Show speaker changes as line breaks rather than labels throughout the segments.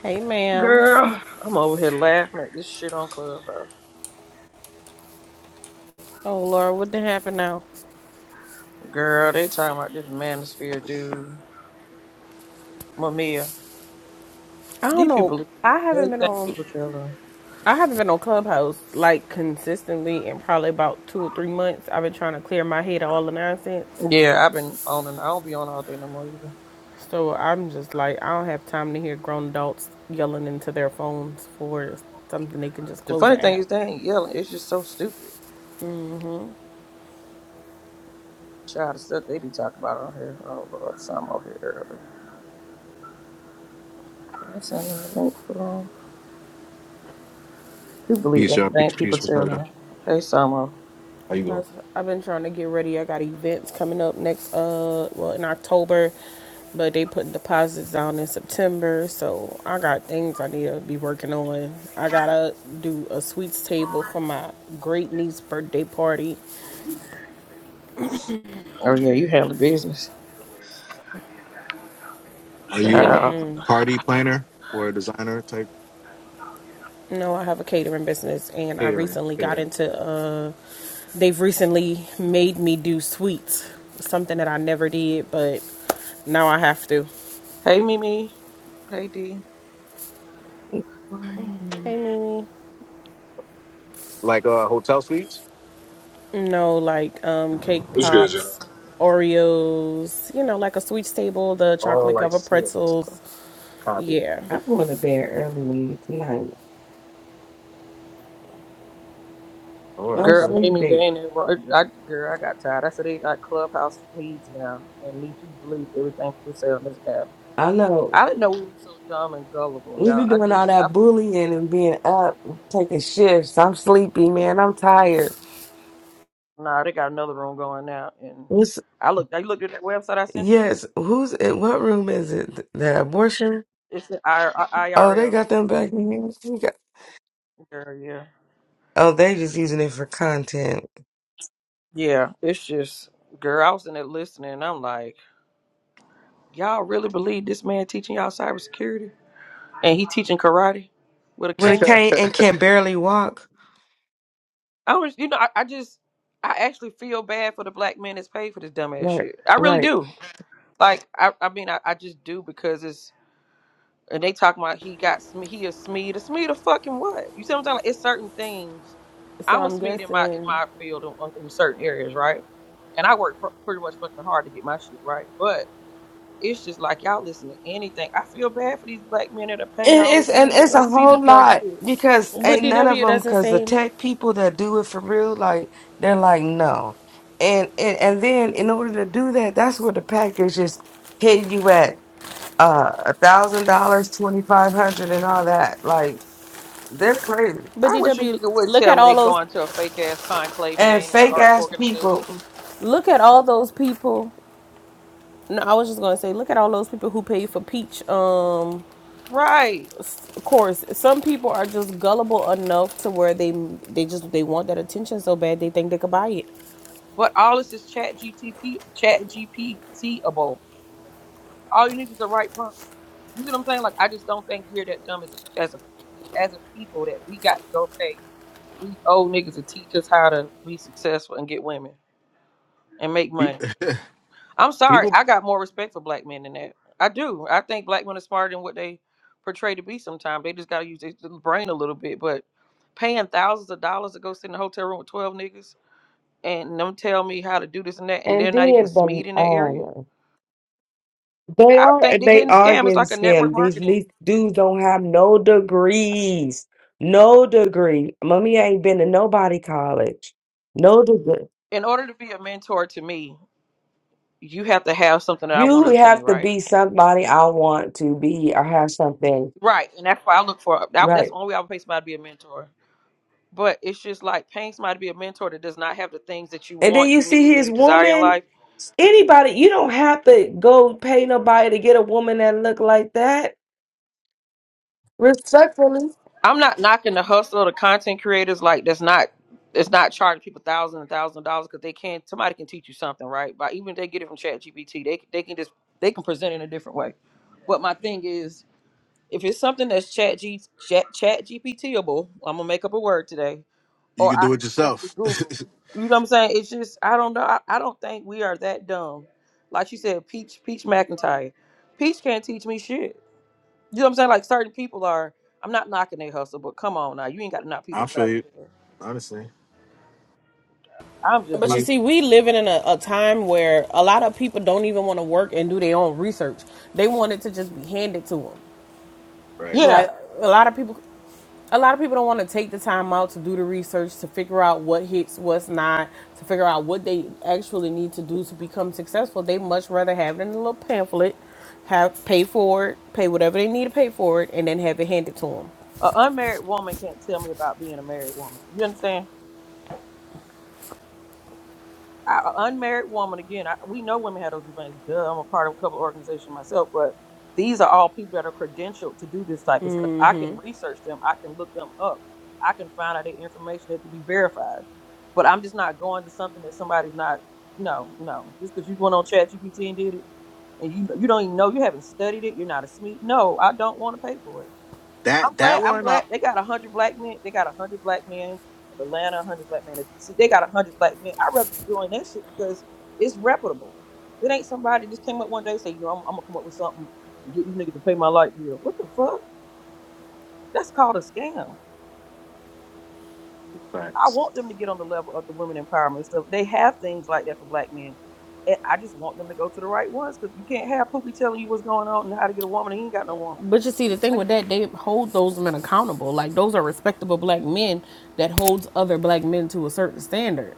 Hey, ma'am.
Girl, I'm over here laughing at this shit on Clubhouse.
Oh, Lord, what did happen now?
Girl, they talking about this manosphere dude, Mamiya.
I don't
These
know.
people,
I haven't been
everything
on.
people tell them.
I haven't been on Clubhouse like consistently in probably about two or three months. I've been trying to clear my head of all the nonsense.
Yeah, I've been on and I don't be on all day no more either.
So I'm just like, I don't have time to hear grown adults yelling into their phones for something they can just
The
close
funny
the
thing
app.
is they ain't yelling. It's just so stupid. Child the stuff they be talking about on here. Oh Lord, some out here early. I'm sending the link for them. People believe
Peace, y'all.
anything
Peace,
people
peace. What's
tell
up,
them.
y'all?
Hey, Samo.
How you doing?
Plus, I've been trying to get ready. I got events coming up next, uh, well, in October, but they put deposits down in September. So I got things I need to be working on. I gotta do a sweets table for my great niece's birthday party.
Oh yeah, you handle business.
Are you a
Child.
party planner or a designer type
You know, I have a catering business, and I
catering?
recently got
Catering.
into, uh, they've recently made me do sweets, something that I never did, but now I have to.
Hey, Mimi. Hey, D.
Hey,
I'm
Mimi.
Like uh, hotel suites?
No, like um, cake
What's good, Joe.
pops, Oreos, you know, like a sweet table, the
Oh,
chocolate
like
covered
suites.
pretzels.
Copy.
Yeah.
going to bed early tonight.
All
I'm
Girl,
right,
Mimi, they
sleepy.
ain't ever, I, girl, I got tired. I said they got clubhouse feeds now, and these people believe everything people say on this app.
I know
I didn't know we were so dumb and gullible,
we've
y'all.
been
I
doing all
just, I,
that bullying and being up, taking shifts. I'm sleepy, man. I'm tired.
nah, they got another room going now, and
What's
I looked, I looked at that website I sent you.
yes? Who's in what room is it? The abortion?
It's the I, I,
Oh, they
IRL,
got them back in here. We got-
girl, yeah,
Oh, they just using it for content.
yeah. It's just, girl, I was in there listening, and I'm like, y'all really believe this man teaching y'all cybersecurity, and he teaching karate with a
When it
cane?
okay.
can't and can barely walk.
I was, you know, I, I just, I actually feel bad for the black man that's paid for this dumbass
Right,
shit. I really
right.
do. Like, I, I mean, I, I just do because it's, and they talking about he got, Sme- he a Smeed, a Smeed a fucking what? You see what I'm talking? About? It's certain things.
So
I'm a
I'm
Smeed in my in
guessing,
my field in, in certain areas, right? And I work pr- pretty much fucking hard to get my shit right, but. It's just like y'all listen to anything. I feel bad for these black men that are paying
It
all
is,
this
and
money to
it's
go
a
see this
whole
dumb
lot
shit.
because
but
ain't none of
DW
them.
doesn't
Because the
seem.
tech people that do it for real, like they're like no, and and and then in order to do that, that's where the package is hitting you at uh a thousand dollars, twenty five hundred, and all that. Like they're crazy
But
I wish a
DW,
nigga would
look at
tell me
all
they
those,
going to a fake ass conclave and they
and
ain't in an
fake
art
ass
organization.
people.
look at all those people. No, I was just gonna say, look at all those people who pay for peach. Um,
Right.
of course, some people are just gullible enough to where they they just they want that attention so bad they think they could buy it.
But all this is chat GTP chat GPTable. All you need is the right prompt. You see what I'm saying? Like I just don't think we're that dumb as a as a as a people that we got to go pay these old niggas to teach us how to be successful and get women and make money.
Pe-
I'm sorry.
People,
I got more respect for black men than that. I do. I think black men are smarter than what they portray to be sometimes. They just got to use their little brain a little bit. But paying thousands of dollars to go sit in a hotel room with 12 niggas and them tell me how to do this and that, and
And
they're not even a
then the
SMED in that area,
um, They
I
are
think
and
they're
they
getting
are
scammed. It's
getting
like a network
scammed. These
marketing.
least dudes don't have no degrees. No degree. Mommy ain't been to nobody college. No degree.
In order to be a mentor to me, you have to have something that I
You
want to attain,
have to
right?
be somebody I want to be or have something.
Right. And that's why I look for, that- that's
Right.
the only way I would pay somebody to be a mentor but it's just like paying somebody to be a mentor that does not have the things that you
And then
want,
you
you
see
need, and
his
you desire in
woman.
life.
Anybody, you don't have to go pay nobody to get a woman that look like that. Respectfully.
I'm not knocking the hustle of the content creators like that's not it's not charging people thousands and thousands of dollars because they can somebody can teach you something, right? But even if they get it from Chat GPT, they they can just they can present it in a different way. But my thing is if it's something that's chat G chat, chat GPTable, I'm gonna make up a word today
you
or
can
I
do it
can simply
yourself.
Google. You know what I'm saying? It's just I don't know. I, I don't think we are that dumb. Like you said, Peach Peach McIntyre. Peach can't teach me shit. You know what I'm saying? Like certain people are. I'm not knocking their hustle, but come on now, you ain't got to knock people
I'll show
upside their
you.
head.
Honestly.
I'm just
But
like,
you
Me.
see, we living in a, a time where a lot of people don't even want to work and do their own research. They want it to just be handed to them.
Right.
yeah,
Like a lot of people, a lot of people don't want to take the time out to do the research to figure out what hits, what's not, to figure out what they actually need to do to become successful. They much rather have it in a little pamphlet, have pay for it, pay whatever they need to pay for it, and then have it handed to them.
an unmarried woman can't tell me about being a married woman. You understand? an unmarried woman again I, we know women have those events duh i'm a part of a couple organizations myself but these are all people that are credentialed to do this type of stuff i can research them i can look them up i can find out the information that can be verified but i'm just not going to something that somebody's not no no just because you went on chat gpt and did it and you you don't even know you haven't studied it you're not a sme no i don't want to pay for it I'm
That that
glad. I'm
one. I-
glad they got a hundred black men. They got a hundred black men of Atlanta, a hundred black men of DC. They got a hundred black men. I'd rather you join that shit because it's reputable. It ain't somebody just came up one day and say, you know, I'm, I'm gonna come up with something and get you niggas to pay my light bill. What the fuck? That's called a scam. I
Facts.
want them to get on the level of the women empowerment stuff. They have things like that for black men. And I just want them to go to the right ones because you can't have Pookie telling you what's going on and how to get a woman and he ain't got no woman.
But you see, the thing with that, they hold those men accountable. Like those are respectable black men that holds other black men to a certain standard.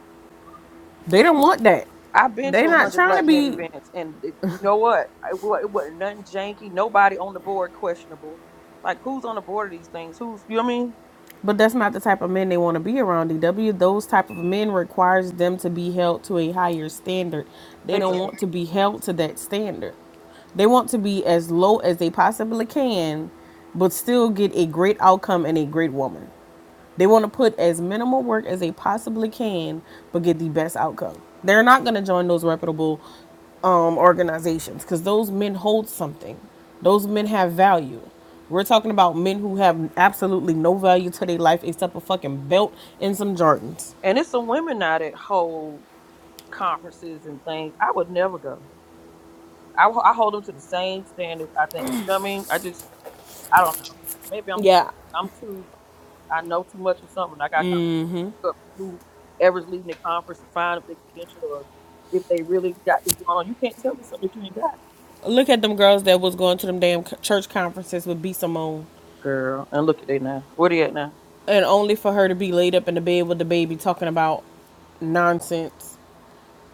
They don't want that.
I've been to
They're
a
not
hundred
trying to
black men
be,
events, and it- you know what? It, wa- it wasn't nothing janky. Nobody on the board questionable. Like who's on the board of these things? Who's you know what I mean?
but that's not the type of men they want to be around. DW, those type of men requires them to be held to a higher standard. They
They
don't
just-
want to be held to that standard. They want to be as low as they possibly can, but still get a great outcome and a great woman. They want to put as minimal work as they possibly can, but get the best outcome. They're not going to join those reputable um, organizations because those men hold something. Those men have value. We're talking about men who have absolutely no value to their life except a fucking belt and some Jordans.
And it's some women now that hold conferences and things. I would never go. I, ho- I hold them to the same standards. I think. You know what I mean? I just I don't know. Maybe I'm too,
Yeah,
I'm too I know too much or something. I got kind of to look up whoever's leading the conference to find if they credentialed or if they really got this going on. You can't tell me something that you ain't got.
look at them girls that was going to them damn church conferences with B Simone,
girl. And look at they now. Where they at now?
and only for her to be laid up in the bed with the baby talking about nonsense.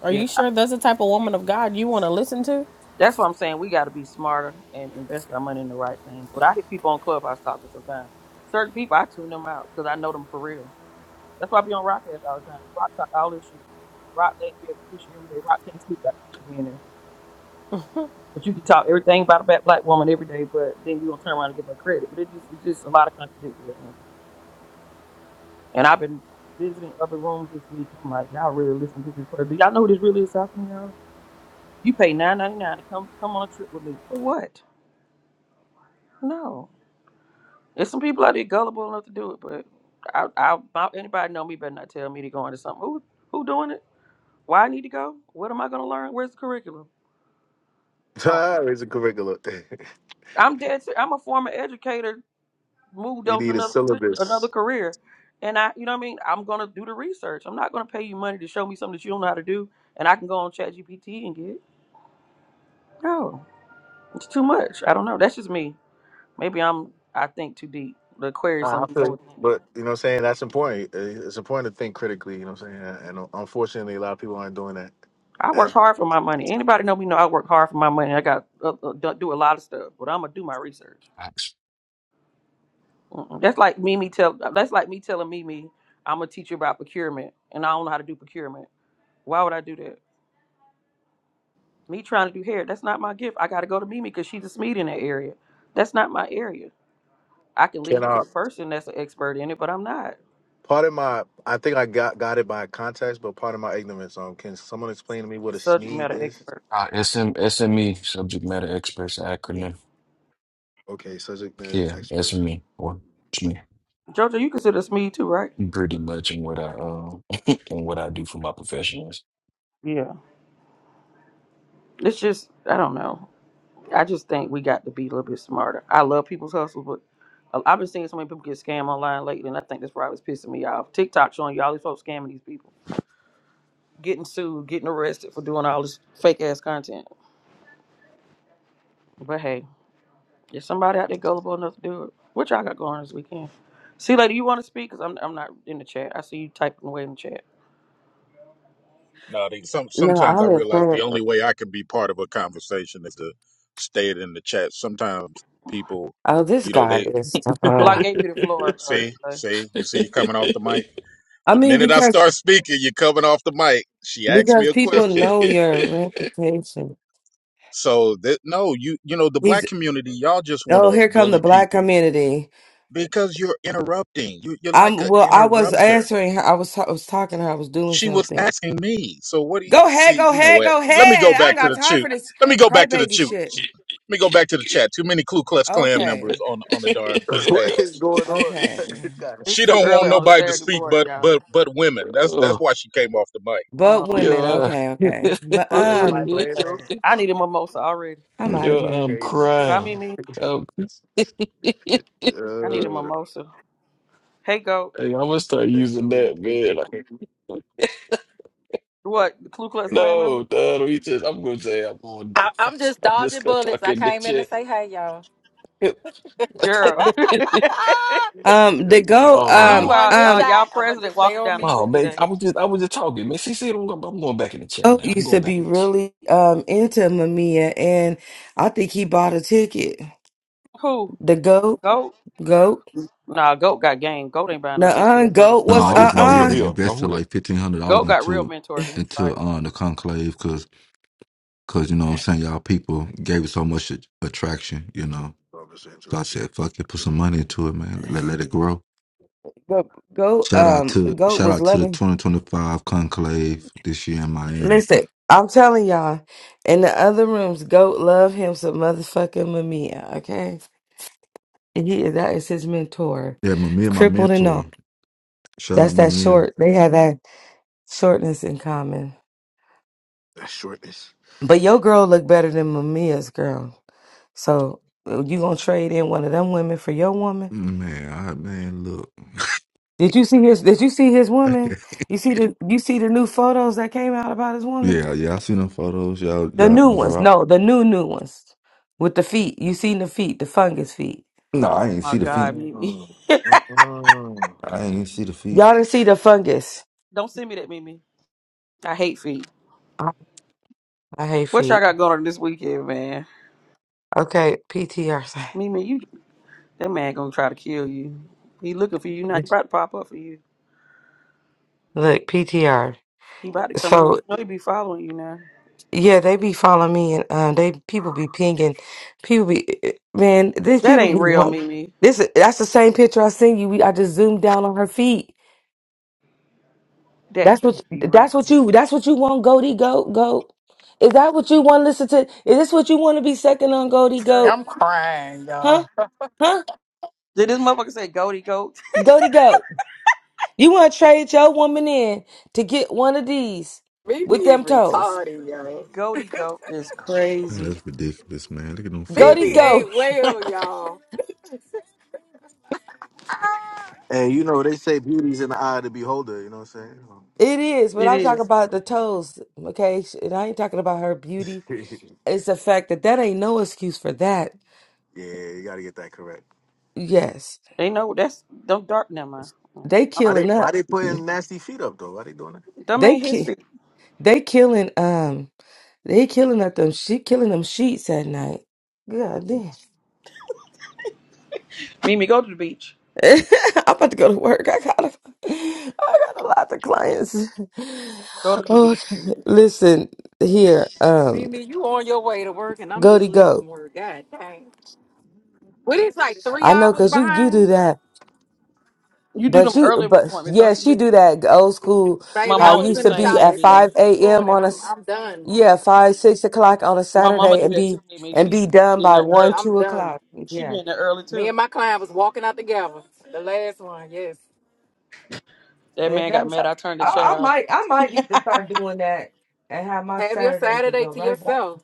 Are
Yeah,
you sure that's the type of woman of God you want to listen to?
that's what I'm saying. We got to be smarter and invest our money in the right things. But I hear people on Clubhouse talking sometimes. Certain people, I tune them out because I know them for real. That's why I be on Rockcast all the time. Rock talk all this shit. Rock letting be able Keisha every day. Rock can't sleep without Keisha being there. But you can talk everything about a black black woman every day, but then you gonna turn around and give her credit. But it just it's just a lot of contradictory. on here. And I've been visiting other rooms this week. I'm like, y'all really listen to this person? Do y'all know who this really is talking to y'all? You pay nine ninety nine to come come on a trip with me for what? No, there's some people out there gullible enough to do it, but I, I about anybody know me better not tell me to go into something. Who who doing it? Why I need to go? What am I going to learn? Where's the curriculum? Oh,
Ah, raise a curriculum.
I'm dead. ser- I'm a former educator, moved
you
on to
need a
another
syllabus.
another career, and I, you know what I mean. I'm going to do the research. I'm not going to pay you money to show me something that you don't know how to do, and I can go on ChatGPT and get. it. No, it's too much. I don't know. That's just me. Maybe I'm I think too deep. The Aquarius
I
and me
feel you.
overthinking.
But you know what I'm saying? That's important. Uh, It's important to think critically, you know what I'm saying? And un- unfortunately a lot of people aren't doing that.
I work
As
hard for my money. Anybody know me know I work hard for my money. I got uh, uh, do do a lot of stuff, but I'm gonna do my research.
Acts.
Mm-mm. That's like Mimi tell. That's like me telling Mimi I'm a teacher about procurement, and I don't know how to do procurement. Why would I do that? Me trying to do hair. That's not my gift. I got to go to Mimi because she's a SMED in that area. That's not my area. I can lead
can
you to
I
the person that's an expert in it, but I'm not
part of my I think I got got it by context, but part of my ignorance. Um can someone explain to me what
a
a
subject
SMED
matter
is?
expert.
Uh, SM, SME, subject matter experts
Yeah,
acronym.
Okay, subject matter
Yeah,
expert.
SME. Or it's me,
Jojo, you consider SMED too, right?
pretty much in what I um in what I do for my profession is.
Yeah. It's just I don't know. I just think we got to be a little bit smarter. I love people's hustles, but I- I've been seeing so many people get scammed online lately, and I think that's probably what's pissing me off. TikTok showing you all these folks scamming these people, getting sued, getting arrested for doing all this fake ass content. But hey, if somebody out there gullible enough to do it, what y'all got going this weekend? See, lady, you want to speak? Cause I'm I'm not in the chat. I see you typing away in the chat.
No, they, some
No,
sometimes
I
I
live
realize the
for
only way I can be part of a conversation is to stay it in the chat. Sometimes people,
oh this
you know,
guy
they
is
Well, I
uh
gave you the floor. Uh,
see,
Celie.
see, you see, you coming off the mic.
I
The
mean
minute I
because
start speaking, you're coming off the mic. She asked me
Because
a
people
question,
know your reputation.
so that no, you, you know, the black
He's
community, y'all just want
oh,
to
here come the
bully
black
people
community.
because you're interrupting. You, you're like
I'm
an
well. I was
interrupter.
answering her. I was I was talking to her. I was doing
She was
something.
asking me. So what do you
Go ahead,
see?
go
You know
ahead,
what?
go
Let me go
ahead. I don't
back to
got
the
time
chute.
for this
Let me go back to the
crybaby
chute.
shit.
Let me go back to the chat. Too many Ku Klux Klan
Okay,
members on on the darn
what
stage.
is going on? This
okay.
guy.
She
it's too
don't want
early on a
nobody to
Saturday
speak
morning,
but
y'all.
but but women. That's that's
oh,
why she came off the mic.
But
Oh
women,
yo,
Lord,
uh,
okay, okay. But
fuck
That's
my
what the
life
um,
on
clan
Saturday.
do?
I need a mimosa already.
I'm
This
out of
thing
yo, I'm
here.
crazy, so
Right,
crying.
me,
I'm Hey,
I need a
uh,
mimosa. Hey, goat.
I'm gonna start
there's too
using
many
that, man. Like,
KKK.
What? The Ku Klux
Okay.
Klan member?
no, dog, we just, I'm gonna say I'm gonna
I, I'm just
I'm just
dodging
gonna
bullets.
talk
I
in the
came in to say
chat.
hey, y'all.
Girl.
I
Um, the go
Oh
don't
um
my.
want
Meanwhile,
to get
uh,
um.
shot.
y'all
I'm gonna
president
just stay
walking
on
down the
me.
Oh
street
man,
today.
I was just I was just talking, man. See, see, I'm going, I'm going back in the chat
Oh,
now. I'm
used to
going back
be
in the chat.
really um into Mamiya, and I think he bought a ticket.
Who?
The goat,
Goat?
goat.
Nah, Goat got game. Goat ain't buying no ticket
Nuh-uh,
at Brewer
goat
Street.
No, I
was
No, who-
just went
no, who the
ahead
uh-uh.
and
hell? No,
invested
who the
like fifteen hundred dollars
Goat got real
into
mentors in his
into
life.
um the conclave because cause you know what I'm saying y'all people gave it so much a- attraction, you know.
Obviously
So I
interrupted.
said, fuck it, put some money into it, man. Let, let it grow.
Goat, goat,
Shout out
um,
to
goat
shout
was
out to the
loving.
2025 conclave this year in Miami.
Listen, I'm telling y'all, in the other rooms, goat love him some motherfucking Mamiya, okay? And he that is his mentor.
Yeah, my and my
Crippled and
mentor.
all.
Shout
That's
out my
that short. They have that shortness in common.
That shortness.
But your girl look better than Mamiya's girl. So uh, you gonna trade in one of them women for your woman?
Man, I man, look.
Did you see his did you see his
Okay.
woman? You see the you see the new photos that came out about his woman?
Yeah, yeah, I seen them photos. Y'all
The
y'all
new
done
ones.
dropped.
No, the new new ones. With the feet. You seen the feet, the fungus feet.
No, I ain't
My
see the
God,
feet.
Mimi.
Mm, mm.
I ain't see the feet.
Y'all didn't see the fungus.
Don't send me that, Mimi. I hate feet.
I, I hate
What y'all
feet.
got going on this weekend, man?
Okay, PTR.
Mimi, you that man gonna try to kill you. He looking for you now. He about to pop up for you.
Look, PTR.
He about to come in here. You
So
know he be following you now.
yeah, they be following me and um they people be pinging. People be eh, eh, man, these
That
people
ain't
be
real,
want
Mimi.
this that's the same picture I seen you. We, I just zoomed down on her feet.
That
That's what
can't be real.
that's what you that's what you want, Goldie Goat Goat. Is that what you want to listen to? Is this what you want to be second on Goldie Goat?
I'm crying,
Huh?
y'all.
Huh?
Did this motherfucker say goaty goat?
Goaty goat. You want to trade your woman in to get one of these
BB
with
is
them toes?
retarded, y'all.
Goaty goat is
Man,
crazy.
that's ridiculous, man. Look at them feet,
Goaty
BB
boy.
goat.
ain't well,
it
y'all.
And you know, they say beauty's in the eye of the beholder, you know what I'm
is, but
It
I'm talking
is.
about the toes, okay? And I ain't talking about her beauty.
saying?
It's the fact that that ain't no excuse for that.
yeah, you gotta get that correct.
Yes,
Ain't no. that's don't dark never. mind.
they
Why they
killing
why
up.
they putting nasty feet up though? Why they doing
Them
They
ain't his
ki-
feet.
they killing um. They
that?
killing up them. She killing them sheets at night. God damn.
Mimi, go to the beach.
I'm about to go to work. I got a, I got a lot of clients.
Go to the beach.
Okay, listen here, um,
BB, you on your way to work, and I'm just
Goaty Go.
leaving work. God dang. What is like three
I know
hours
because you you do
behind?
that,
You do
but
them
you
early
but
appointments, don't you?
yes, you
Vic?
do that old school.
My
Baby,
How
I
it
mama do
was
used
the
in
to
the
same
be
shop
thing,
at
at six
five
Mimi.
this
a.m.
morning.
on a
I'm
s-
I'm done.
yeah five six o'clock on a
My mama
Saturday
do
and
that
be
too, Mimi.
and
She
be
said she
done
be in
by
there
one
early.
I'm
two
done.
o'clock.
She
Yeah,
be in there early
Me
too.
and my client was walking out together. The last one, yes.
That
man,
man got
that's I,
mad. I turned the chat
I
off.
might I might need to start doing that and have my
Have your
Saturday can
Saturday
go
to
right. back.
yourself.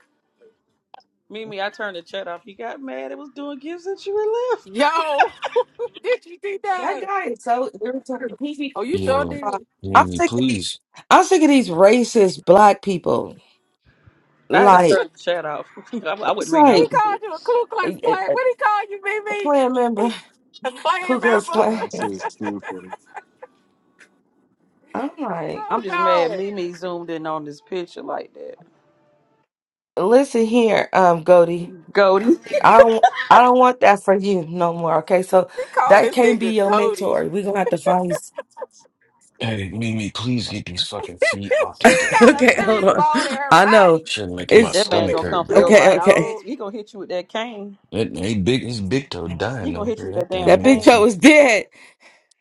Mimi, I turned the chat off. He got mad. It was doing gifts and she left.
Yo, did you do
That
that?
guy is so irritating. He be,
Oh, you
first
sure
yeah,
did.
of all, I'm
Mimi,
sick of these.
please.
I'm sick of these racist black people.
I had to
Like
turn the chat off. I, I
it's
wasn't reading all
He
like
that
called you a
shit.
Ku Klux
a,
Klan.
a,
What he call you,
a
BB?
Klan member,
a Klan
Ku Klux
member?
Klan.
Nah, I see it's too funny.
I'm like,
oh
I'm just mad
God,
Mimi zoomed in on this picture like that.
listen here, um, Goldie.
Goldie,
I don't. I don't want that for you no more. Okay, so
he called
that
this
can't be
nigga
your
Cody.
mentor.
she
We're gonna have to find. you. s-
Hey, Mimi, please get these fucking feet off this
got a
goddamn
okay, hold
thing,
serious
man.
on.
bone in her
I know.
body.
Shit making my
It's
that
What
man
stomach
is
gonna
you
come
hurt,
for
bro.
your
doing,
okay.
life
Okay.
next.
dog?
He gonna hit you with that cane.
That hey, big his big toe
He
dying though,
gonna hit you
bro.
with that
That
damn
thing
That
they
big
got
cane.
toe
some
is dead.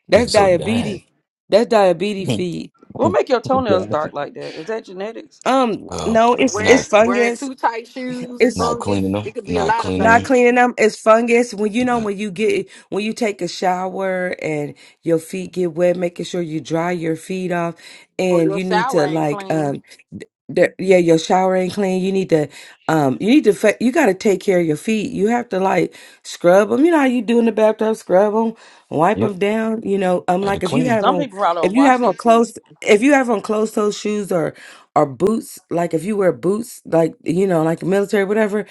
That's
big toe
diabetes.
dying.
That's diabetes feed.
What make your toenails dark like that? Is that genetics?
Um,
uh
no, it's
Wearing
it's
not
wearing
fungus.
too tight shoes,
It's
not
fungus.
cleaning them,
It could be a
not
lot of
cleaning
not
them.
things.
cleaning them. It's fungus. When you know
Not,
when you get when you take a shower and your feet get wet, making sure you dry your feet off,
Or
and
your
you need
shower
to
ain't
like um
clean.
there, yeah, your shower ain't clean. You need to, um, you need to, fa- you got to take care of your feet. You have to like scrub them. You know how you do in the bathtub, scrub them, wipe
yep,
them down. You know, um,
gotta
like if
clean
you
clean them.
have
Some
on,
people probably
if
don't
you
wash
have
their
on
feet.
closed, if you have on closed toe shoes or, or boots, like if you wear boots, like, you know, like military, whatever,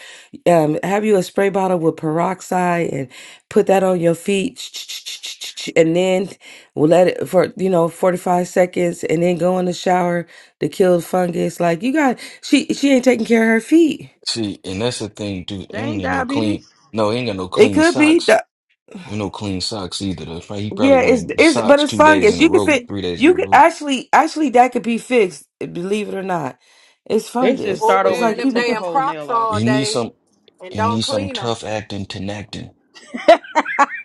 um, have you a spray bottle with peroxide and put that on your feet and then we'll let it for, you know, 45 seconds and then go in the shower the killed fungus. Like you got she she ain't taking care of her feet.
See, and that's the thing too.
They
Him
ain't
ain't no clean.
diabetes.
No, he ain't got no
It
clean
could be
socks.
the
Ain't no clean socks either. That's right. He probably
yeah, it's
wearing
it's but
socks
it's
two days
fungus.
in a
You could
row,
fit
three days in
you
a
could
row.
actually actually that could be fixed, believe it or not. It's
They should
fungus.
Or
start
It's
over and
wearing
like
get
them
people
take the
could
damn
whole
Crocs
nail off.
He
all
needs
day
some.
and
He
don't
needs some
clean 'em.
tough acting, tenactin.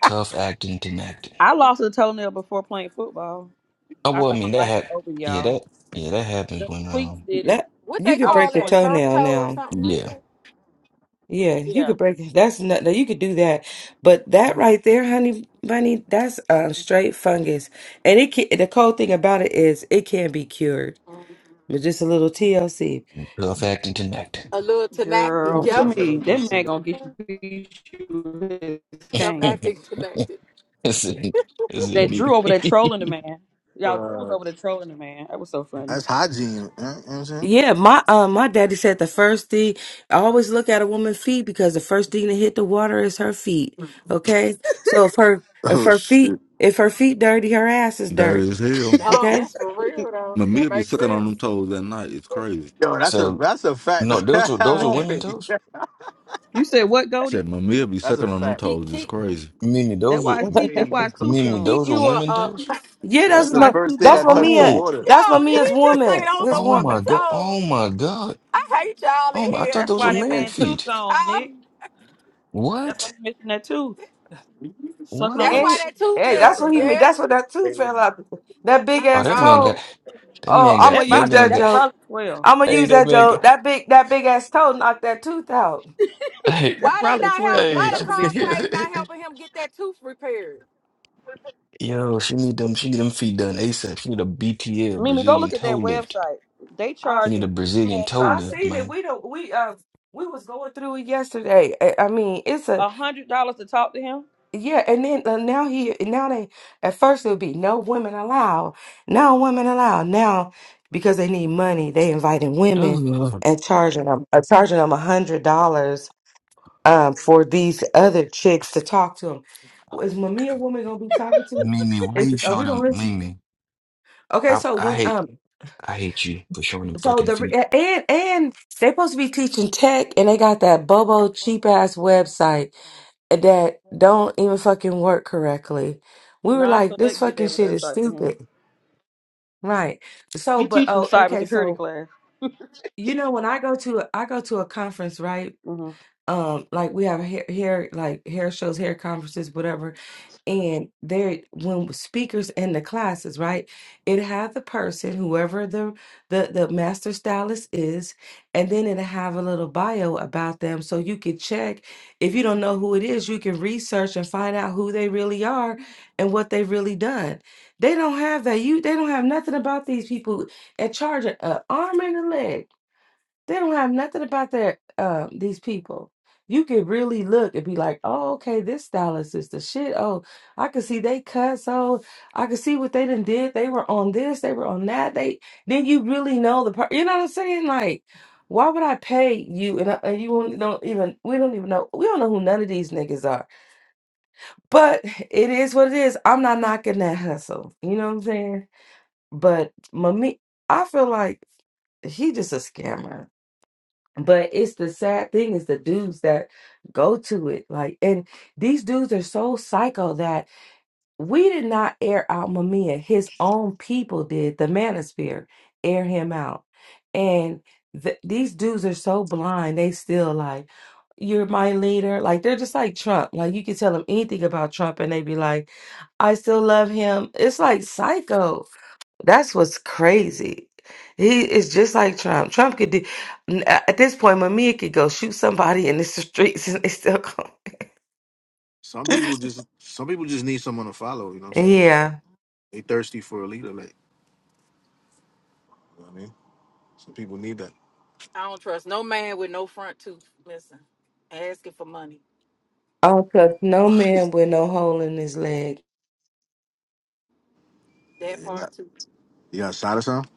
Tough acting, tenactin.
I lost a toenail before playing football.
I
I
well, I
thought my
mean that
life was
hap
over,
Yeah,
y'all.
that. Yeah, that happens
The
when
tweets
um.
did it.
that
what
you
they
could
I was
call
break a
so
that turf
embarrassed.
toenail
toe or
now.
something like
Yeah,
that.
Yeah, you
Yeah,
could break it. that's not you could do that. But that right there, honey bunny, that's um straight fungus. And it can the cold thing about it is it can be cured. But just a little TLC.
tough acting, tenactin.
A little tenacity,
girl,
yeah,
Stuff that I
Mimi,
think
that man
to
gonna get you, beat you with his
self
cane.
acting tenacity.
Is it is it
That Drew over there
neat?
trolling the man.
that,
Y'all, Drew was
uh,
over there trolling the man. That was so funny.
That's hygiene, eh? you know what I'm saying?
Yeah, my uh, my daddy said the first thing I always look at a woman's feet because the first thing to hit the water is her feet. Okay, so if her if
Oh
her
shit.
feet
Yo,
if her feet dirty, her ass is
Dirty
dirty.
as hell.
No,
Okay,
that's for real though. That
Mamia be
makes
sucking on
sense.
them toes at night. It's crazy.
that's a
So
that's a fact.
no, those were those were
that's
right?
women
crazy.
toes?
You said what,
Said
Goldie?
Mamia be
That's a
sucking on them
fact.
Keep
toes. It's
keep
crazy.
Mimi,
That
those were
why his teeth.
hey,
That's why
yo,
his tooth
Mimi,
keep
gone.
those were
you a
women
uh, yo.
toes?
yeah,
So
That's
That's
that's
the
why
my
his
first
tooth
thing
that's
gone,
that
my
Goat.
touched the
Mia.
Oh,
water.
That's my
Did
Mia's
he just say
woman.
those
His
are
oh my
woman.
women
God. Oh
toes?
my God.
I hate y'all
Oh
in
my, I
here.
thought
That's
those were
why
and
that
man
man tooth
feet.
gone,
Uh,
Nick. That's why
What?
you missing that tooth, sucking on
that's
them
why
he-
What?
tooth.
that tooth
hey,
Yeah.
that's what
missing.
he
that's
mean.
Yeah,
That's what that tooth
crazy.
fell out. That big
my
Oh,
ass
that man got
God.
toe.
That
Oh,
man
I'm
got
gonna
That
that
use
about to be.
man
that
got
That's
joke.
probably twelve.
I'm gonna
hey
use
that
that
man
joke.
got
That big that big ass toe knocked that tooth out.
hey
that's
Why they
probably a
not help?
twelve though.
Why the
That was a big foot.
conclave not
hey
helping him get that tooth repaired?
yo she need them she need them feet done ASAP she need a BTL
Mimi, go
Brazilian
look at
toe
that
lift
website. They
she need
charging
a
this
Brazilian
man
toe
I
charging
lift
seen it.
man
We don't. We uh. We was going through it yesterday. I, I mean, it's a
a hundred dollars to talk to him.
yeah. And then uh, now he now they at first it would be no women allowed. No women allowed. Now because they need money, they inviting women
Ugh.
and charging them uh, charging them a hundred dollars um for these other chicks to talk to them. Is Mamiya woman gonna be talking to?
Mimi why
Is,
you
are
show
we
them
gonna listen?
Mimi
Okay,
I
so
I
when
hate
um
I hate you for showing them
So
fucking
the re-
feet
and and they're supposed to be teaching tech, and they got that bobo cheap ass website that don't even fucking work correctly. We were like, this
Non-select did
fucking
that
shit is
website for him.
stupid, right? So,
He
but
teaching the
oh, okay.
cybersecurity
So
class.
you know when I go to a, I go to a conference, right?
hmm
Um, like we have hair, hair like hair shows, hair conferences, whatever. And there, when speakers in the classes, right, it have the person, whoever the the the master stylist is, and then it have a little bio about them, so you can check. If you don't know who it is, you can research and find out who they really are and what they've really done. They don't have that. You they don't have nothing about these people at charge an arm and a leg. They don't have nothing about their um these people. You could really look and be like, oh, okay, this stylist is the shit. Oh, I could see they cuss. Oh, I could see what they done did. They were on this, they were on that. They then you really know the part. You know what I'm saying? Like, why would I pay you? And, I- and you won't- don't even we don't even know we don't know who none of these niggas are. But it is what it is. I'm not knocking that hustle. You know what I'm saying? But Mami, I feel like he just a scammer but it's the sad thing is the dudes that go to it. Like, and these dudes are so psycho that. We did not air out Mamiya. His own people did. The manosphere air him out. And th- these dudes are so blind. They still like, you're my leader. Like they're just like Trump. Like you can tell them anything about Trump and they be like, I still love him. It's like psycho. That's what's crazy. He is just like Trump. Trump could do n- at this point, Mamiya could go shoot somebody in the streets and they still come.
Some people just some people just need someone to follow, you know what I'm saying?
yeah.
They thirsty for a leader, like you know what I mean. Some people need that.
I don't trust no man with no front tooth missing, asking for money.
Oh, because no man with no hole in his leg.
That
Yeah,
part too.
you got a shot or something?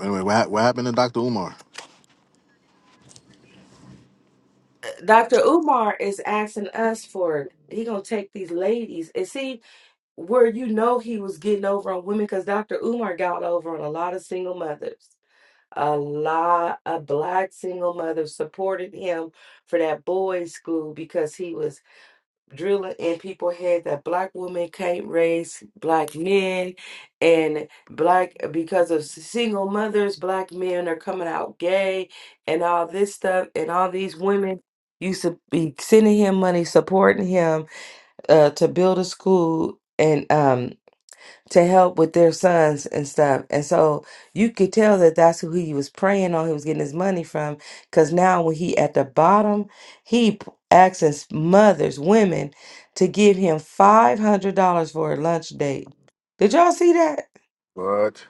Anyway, what, hap- what happened to Doctor Umar?
Dr. Umar is asking us for it. He gonna take these ladies and see where you know he was getting over on women because Dr. Umar got over on a lot of single mothers. A lot of black single mothers supported him for that boys' school because he was drilling in people's head that black women can't raise black men and black because of single mothers black men are coming out gay and all this stuff and all these women used to be sending him money supporting him uh, to build a school and um to help with their sons and stuff. And so you could tell that that's who he was praying on, he was getting his money from. Because now when he at the bottom, he p- asks his mothers, women, to give him $500 for a lunch date. Did y'all see that?
What?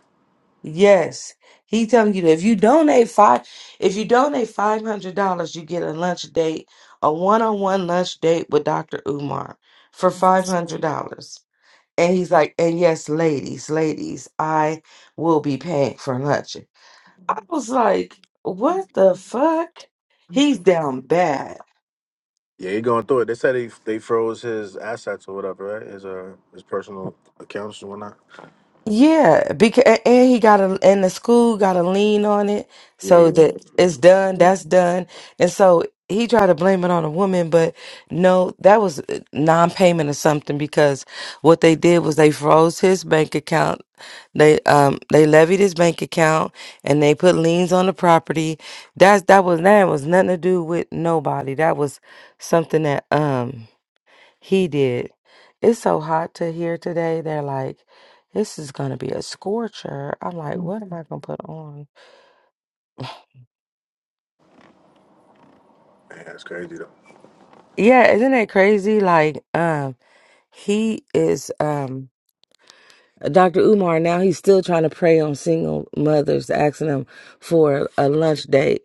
Yes. He telling you that if you donate five, if you donate five hundred dollars, you get a lunch date, a one-on-one lunch date with Dr. Umar for five hundred dollars. And he's like, and yes, ladies, ladies, I will be paying for lunch. I was like, what the fuck? He's down bad.
Yeah, he going through it. They said he they froze his assets or whatever, right? His uh his personal accounts and whatnot.
Yeah, because and he got a and the school got a lien on it,
Yeah,
so that it's done.
man,
That's done, and so he tried to blame it on a woman, but no, that was uh, non-payment or something. Because what they did was they froze his bank account. They um they levied his bank account and they put liens on the property. That's that was that was nothing to do with nobody. That was something that um. He did. It's so hot to here today. They're like, this is gonna be a scorcher. I'm like, what am I gonna put on?
that's crazy though.
Yeah, isn't that crazy? Like, um, he is um Dr. Umar now he's still trying to prey on single mothers, asking them for a lunch date.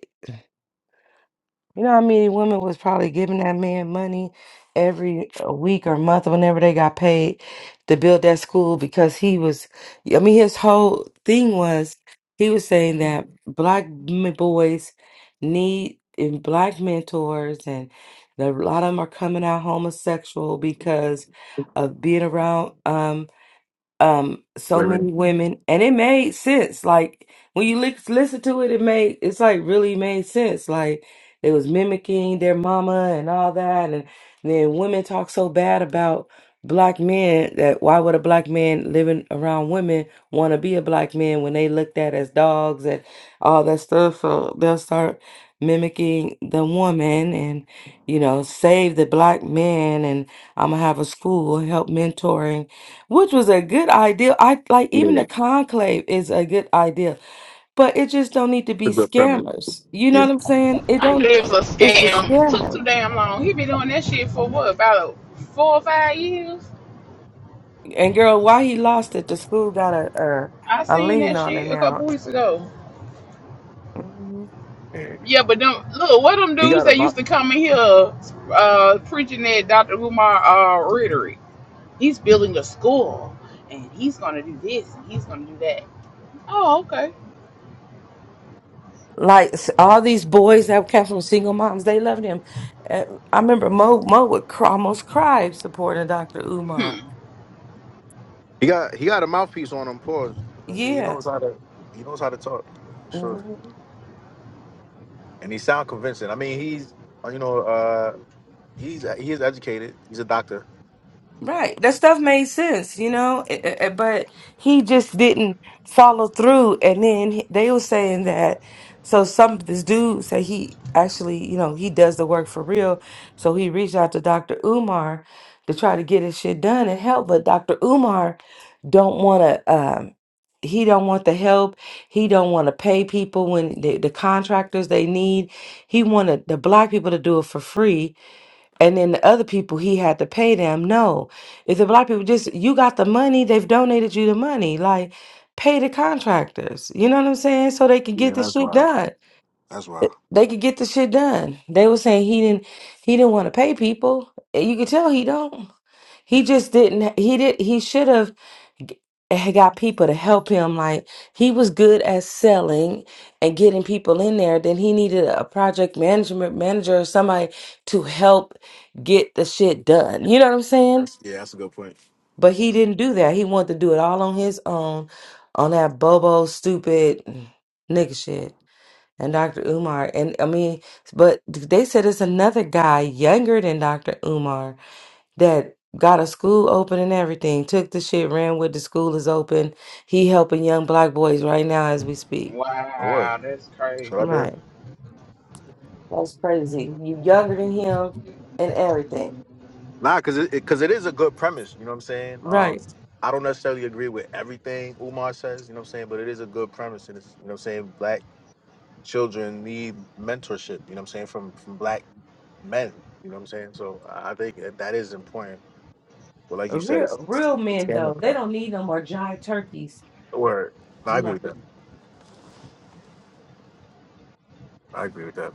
You know how many women was probably giving that man money every uh, week or month whenever they got paid to build that school because he was, I mean, his whole thing was he was saying that black m- boys need and black mentors, and that a lot of them are coming out homosexual because of being around. um, um so
Women,
many women and it made sense like when you li- listen to it it made it's like really made sense like they was mimicking their mama and all that and then women talk so bad about black men that why would a black man living around women want to be a black man when they looked at as dogs and all that stuff so they'll start mimicking the woman and you know save the black man and i'm gonna have a school help mentoring which was a good idea. I like
yeah,
even
yeah.
the
it's
conclave is a good idea, but it just don't need to
a
be
good premise.
scammers. You know
Yeah,
what I'm saying? It
I knew
don't.
it was a
It's the
scam. It Took
scammer.
too damn long. He been doing that shit for what, about four or five years?
And girl, why he lost it? The school got a
I
a, a
seen
lien
that
on it
shit a
now.
couple weeks ago.
Mhm.
yeah.
Yeah, but them look, what them
He
dudes
got a
that
mouth.
used to come in here uh preaching that Dr. Umar uh rhetoric. He's building a school and he's gonna do this and he's gonna do that. Oh, okay.
Like s- all these boys that came from single moms, they loved him. Uh, I remember Mo Mo would cry, almost cry supporting Dr. Umar.
Hmm.
He got he got a mouthpiece on him. Pause. I say he
Yeah.
knows how to he knows how to talk for sure, and he sound convincing. I mean, he's uh, you know uh he's he is educated. He's a doctor.
Right. That stuff made sense, you know, It- it- it- but he just didn't follow through. And then he- they were saying that, so some, this dude said he actually, you know, he does the work for real. So he reached out to Dr. Umar to try to get his shit done and help, but Dr. Umar don't want to, um, he don't want the help. He don't want to pay people when the, the contractors they need. He wanted the black people to do it for free and then the other people he had to pay them. No, if the black people just you got the money, they've donated you the money. Like pay the contractors. You know what I'm saying? So they can
Yeah,
get the
that's
shit
wild.
done.
That's wild.
They could get the shit done. They were saying he didn't he didn't want to pay people. And You could tell he don't. He just didn't. He did. He should have g- eh, got people to help him. Like he was good at selling and getting people in there. Then he needed a project management manager or somebody to help get the shit done. You know what I'm saying?
That's, yeah, that's a good point.
But he didn't do that. He wanted to do it all on his own, on that bobo stupid nigga shit. And Dr. Umar, and I mean, but they said it's another guy younger than Dr. Umar that got a school open and everything, took the shit, ran with the school is open. He helping young black boys right now as we speak.
Oh, word.
Wow, that's
Shout out to
crazy.
Right.
him.
That's crazy. You younger than him and everything.
Nah, cause it, cause it is a good premise. You know what I'm saying? Um,
Right.
I don't necessarily agree with everything Umar says. You know what I'm saying? But it is a good premise, and it's you know what I'm saying. Black children need mentorship. You know what I'm saying? From from black men. You know what I'm saying? So I I think that that is important But like you said, it's,
Real
it's,
real
it's
men
camera
though, they
part.
don't need no more giant turkeys.
Or no, I agree
Right.
with that. I agree with that.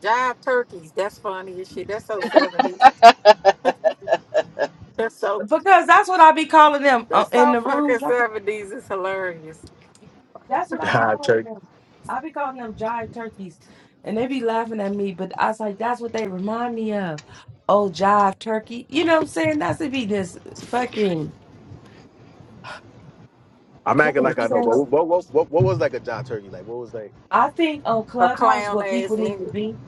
Jive turkeys. That's funny as shit. That's so seventies. That's so
Because that's what I be calling them uh,
that's
in
so
the room.
fucking seventies. It's hilarious.
That's what I be
John
calling
Turkey.
them. I be calling them jive turkeys, and they be laughing at me. But I was like, that's what they remind me of. Oh, jive turkey. You know what I'm saying? That's to be this fucking.
I'm acting
jive.
like I know, but
So
what what what, what was like a John Turkey? Like what was like?
I think on
A
Clubhouse,
clown
what
ass
people need to
nigga.
be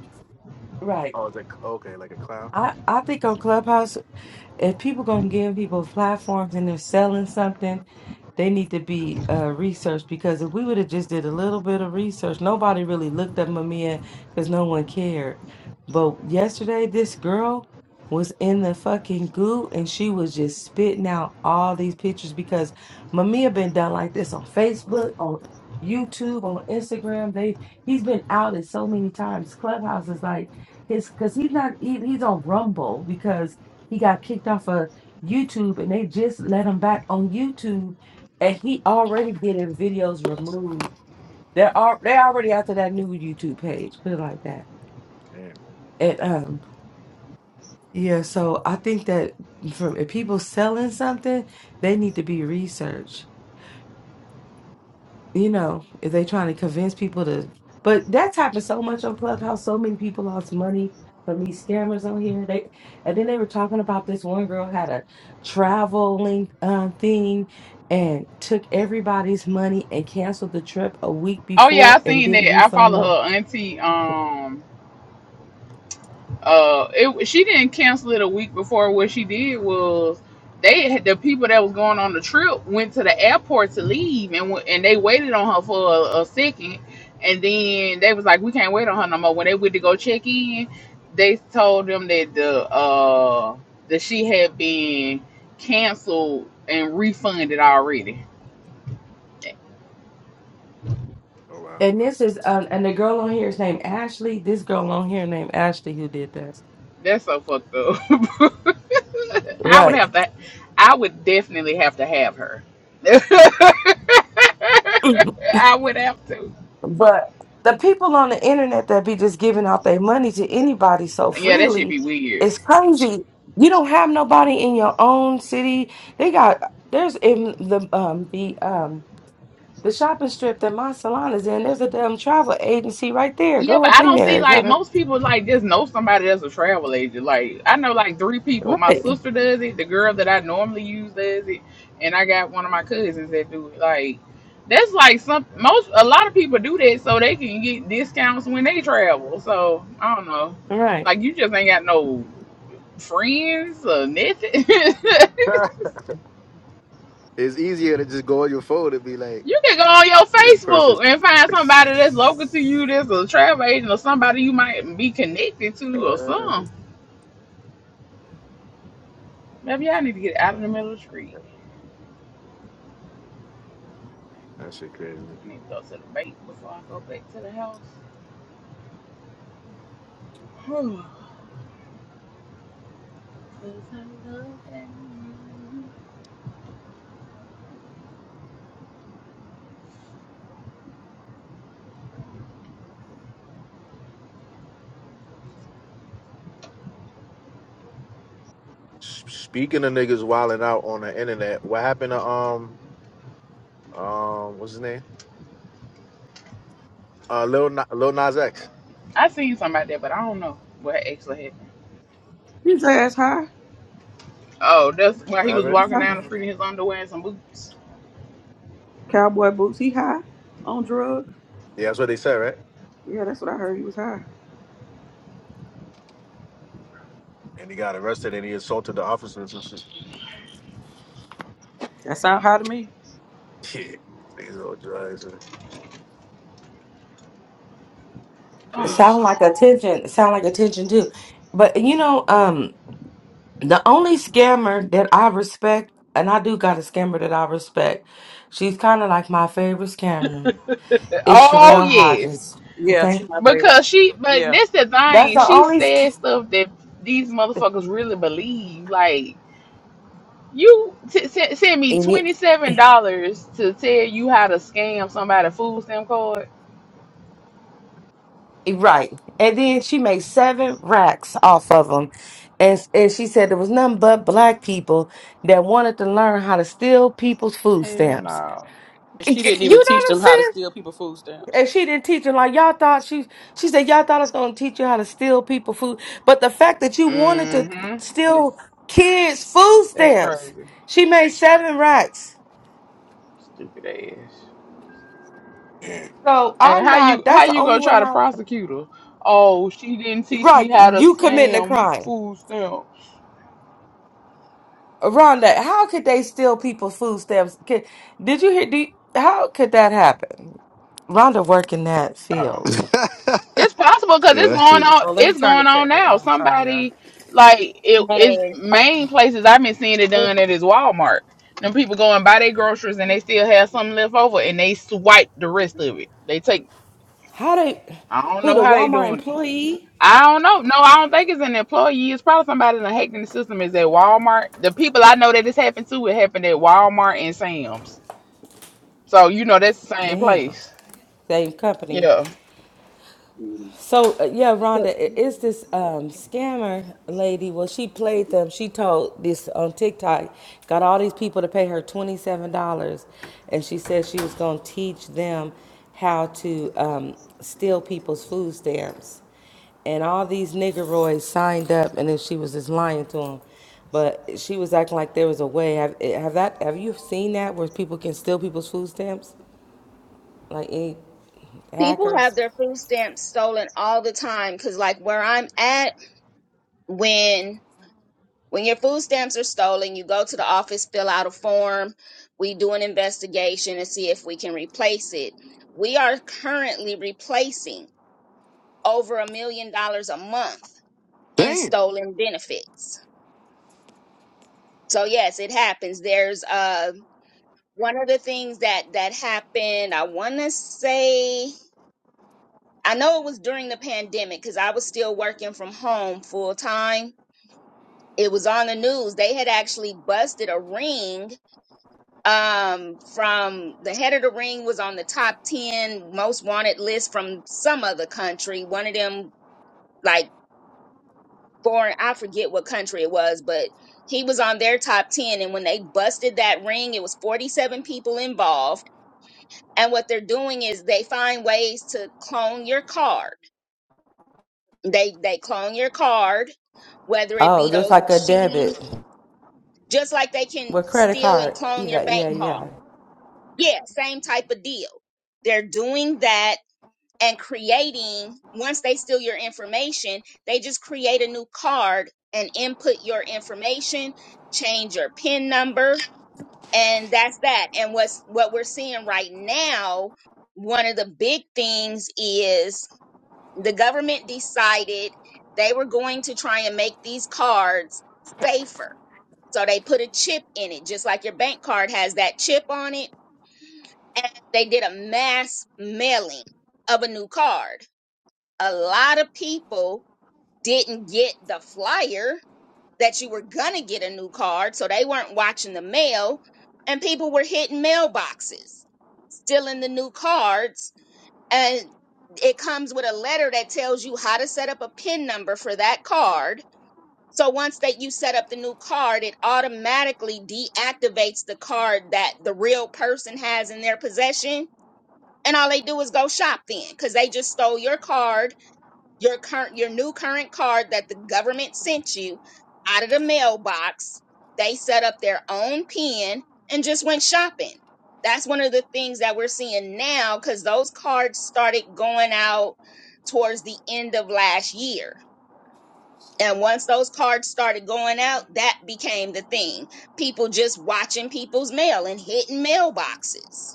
right.
Oh, it's like okay, like a clown.
I I think on Clubhouse. if people gonna give people platforms and they're selling something, they need to be uh, researched because if we would have just did a little bit of research, nobody really looked up Mamiya because no one cared. But yesterday, this girl was in the fucking goo and she was just spitting out all these pictures because Mamiya been done like this on Facebook, on YouTube, on Instagram. They he's been outed so many times. Clubhouse is like his because he's not he, he's on Rumble because he got kicked off of YouTube and they just let him back on YouTube and he already getting videos removed. They're all, they're already after that new YouTube page, put it like that.
Damn.
And um yeah, so I think that from if people selling something, they need to be researched you know, if they trying to convince people to, but that's happened so much on Clubhouse. So many people lost money from these scammers on here. They and then they were talking about this one girl had a traveling um, thing and took everybody's money and canceled the trip a week
Oh yeah, I
before and
seen
didn't
that. I
refund
follow
no
her auntie. Um uh it she didn't cancel it a week before what she did was they the people that was going on the trip went to the airport to leave and wa- and they waited on her for a, a second and then they was like we can't wait on her no more when they went to go check in they told them that the uh that she had been canceled and refunded already
Oh
and
wow.
this is um, and the girl on here is named Ashley. This girl on here named Ashley who did that.
That's so fucked up. I would
Right.
have to. I would definitely have to have her. I would have to.
But the people on the internet that be just giving out their money to anybody so
Yeah, that should
freely,
be weird.
it's crazy. You don't have nobody in your own city. They got there's in the um the um the shopping strip that my salon is in. There's a damn travel agency right there.
Yeah,
Go
but
up
I
in
don't
there.
see
It's
like
got a
most people like just know somebody that's a travel agent. Like I know like three people. My
right,
sister does it, the girl that I normally use does it, and I got one of my cousins that do it. Like that's like some most a lot of people do that so they can get discounts when they travel. So I don't know.
right.
Like you just ain't got no friends or nothing.
it's easier to just go on your phone and be like,
You can go on your
this person.
Facebook and find somebody that's local to you, that's a travel agent, or somebody you might be connected to, or
Uh,
something. Maybe I need to get out of the middle of the street.
That shit crazy.
I need to go to the bank before I go back to the house.
S- Speaking of niggas wilding out on the internet, what happened to um um what's his name? Uh, Lil Na- Lil Nas X.
I seen something out there, but I don't know what actually happened.
His ass high.
Oh, that's why
What
he was
Listen,
happened?
he
walking
high.
down the street in his underwear and some boots.
Cowboy boots, he high on drugs.
Yeah, that's what they said, right?
Yeah, that's what I heard. He was high.
And he got arrested and he assaulted the officers and shit.
That sound high to me.
Yeah. These old drugs and crazy
Sound
shit.
like attention. Sound like attention too. But you know, um, The only scammer that I respect, and I do got a scammer that I respect, she's kind of like my favorite scammer, is
Oh, oh
Sherelle
yes.
Hodges.
Yeah,
Okay.
she's my favorite
Because
too.
she, but
Yeah.
that's the
That's
thing.
the
She
only
said
scammer.
stuff that these motherfuckers really believe. Like, you t- s- send me
And it-
$27 to tell you how to scam somebody food stamp card?
Right. And then she made seven racks off of them. And, and she said there was nothing but black people that wanted to learn how to steal people's food
Hell
stamps.
no.
You
She didn't
know
even teach
what I'm
them how to
saying?
steal people food stamps.
And she didn't teach her like y'all thought she she said y'all thought I was gonna teach you how to steal people food. But the fact that you wanted to
hmm It's
steal kids' food
that's
stamps,
crazy.
she made seven racks.
Stupid ass.
Yeah.
So
And
I'm
how
not
you
that's
how
the
you
only
gonna try
one
to
I
prosecute her? Oh, she didn't teach me
right,
how to
you committing a
scam
crime.
food stamps.
Rhonda, how could they steal people's food stamps? Could- Did you hear do you- how could that happen? Rhonda work in that
Oh.
field.
It's possible because
yeah,
it's
that shit
going on.
is
Oh, let me
It's
turn the
going on
chat back
now.
on. Sorry, y'all.
Somebody like it is
Yes.
Our-
main places I've been seeing it
It,
done at is Walmart. Them people go and buy their groceries and they still have something left over and they swipe the rest of it. They take.
How they?
I don't
Who
know
the
how they
Walmart
doing it.
employee?
I don't know. No, I don't think it's an employee. It's probably somebody that the hacking the system is at Walmart. The people I know that this happened to, it happened at Walmart and Sam's. So you know that's the same
Damn,
place.
same company.
Yeah,
So uh, yeah, Rhonda, i- it's this um, scammer lady. Well, she played them. She told this on TikTok, got all these people to pay her twenty seven dollars, and she said she was gonna teach them how to um, steal people's food stamps. And all these niggeroids signed up, and then she was just lying to them. But she was acting like there was a way. Have, eh, have that? Have you seen that where people can steal people's food stamps? Like any
people
hackers?
have their food stamps stolen all the time because like where i'm at when when your food stamps are stolen you go to the office fill out a form we do an investigation and see if we can replace it we are currently replacing over a million dollars a month in
damn.
stolen benefits so yes it happens there's uh one of the things that that happened i want to say I know it was during the pandemic because I was still working from home full time. It was on the news. They had actually busted a ring. Um, from the head of the ring was on the top 10 most wanted list from some other country. One of them, like foreign, I forget what country it was, but he was on their top 10. And when they busted that ring, it was 47 people involved. And what they're doing is they find ways to clone your card. they they clone your card whether it
Oh,
be
just
those
like a debit.
machines just like they can
With credit
steal and
card.
clone your
Yeah, yeah,
bank card
yeah.
yeah same type of deal they're doing that and creating once they steal your information they just create a new card and input your information change your pin number and that's that and what's what we're seeing right now one of the big things is the government decided they were going to try and make these cards safer. So they put a chip in it, just like your bank card has that chip on it. And they did a mass mailing of a new card. A lot of people didn't get the flyer that you were going to get a new card. So they weren't watching the mail. And people were hitting mailboxes, stealing the new cards and it comes with a letter that tells you how to set up a pin number for that card so once that you set up the new card it automatically deactivates the card that the real person has in their possession and all they do is go shop then because they just stole your card your current your new current card that the government sent you out of the mailbox they set up their own pen and just went shopping that's one of the things that we're seeing now because those cards started going out towards the end of last year and once those cards started going out that became the thing people just watching people's mail and hitting mailboxes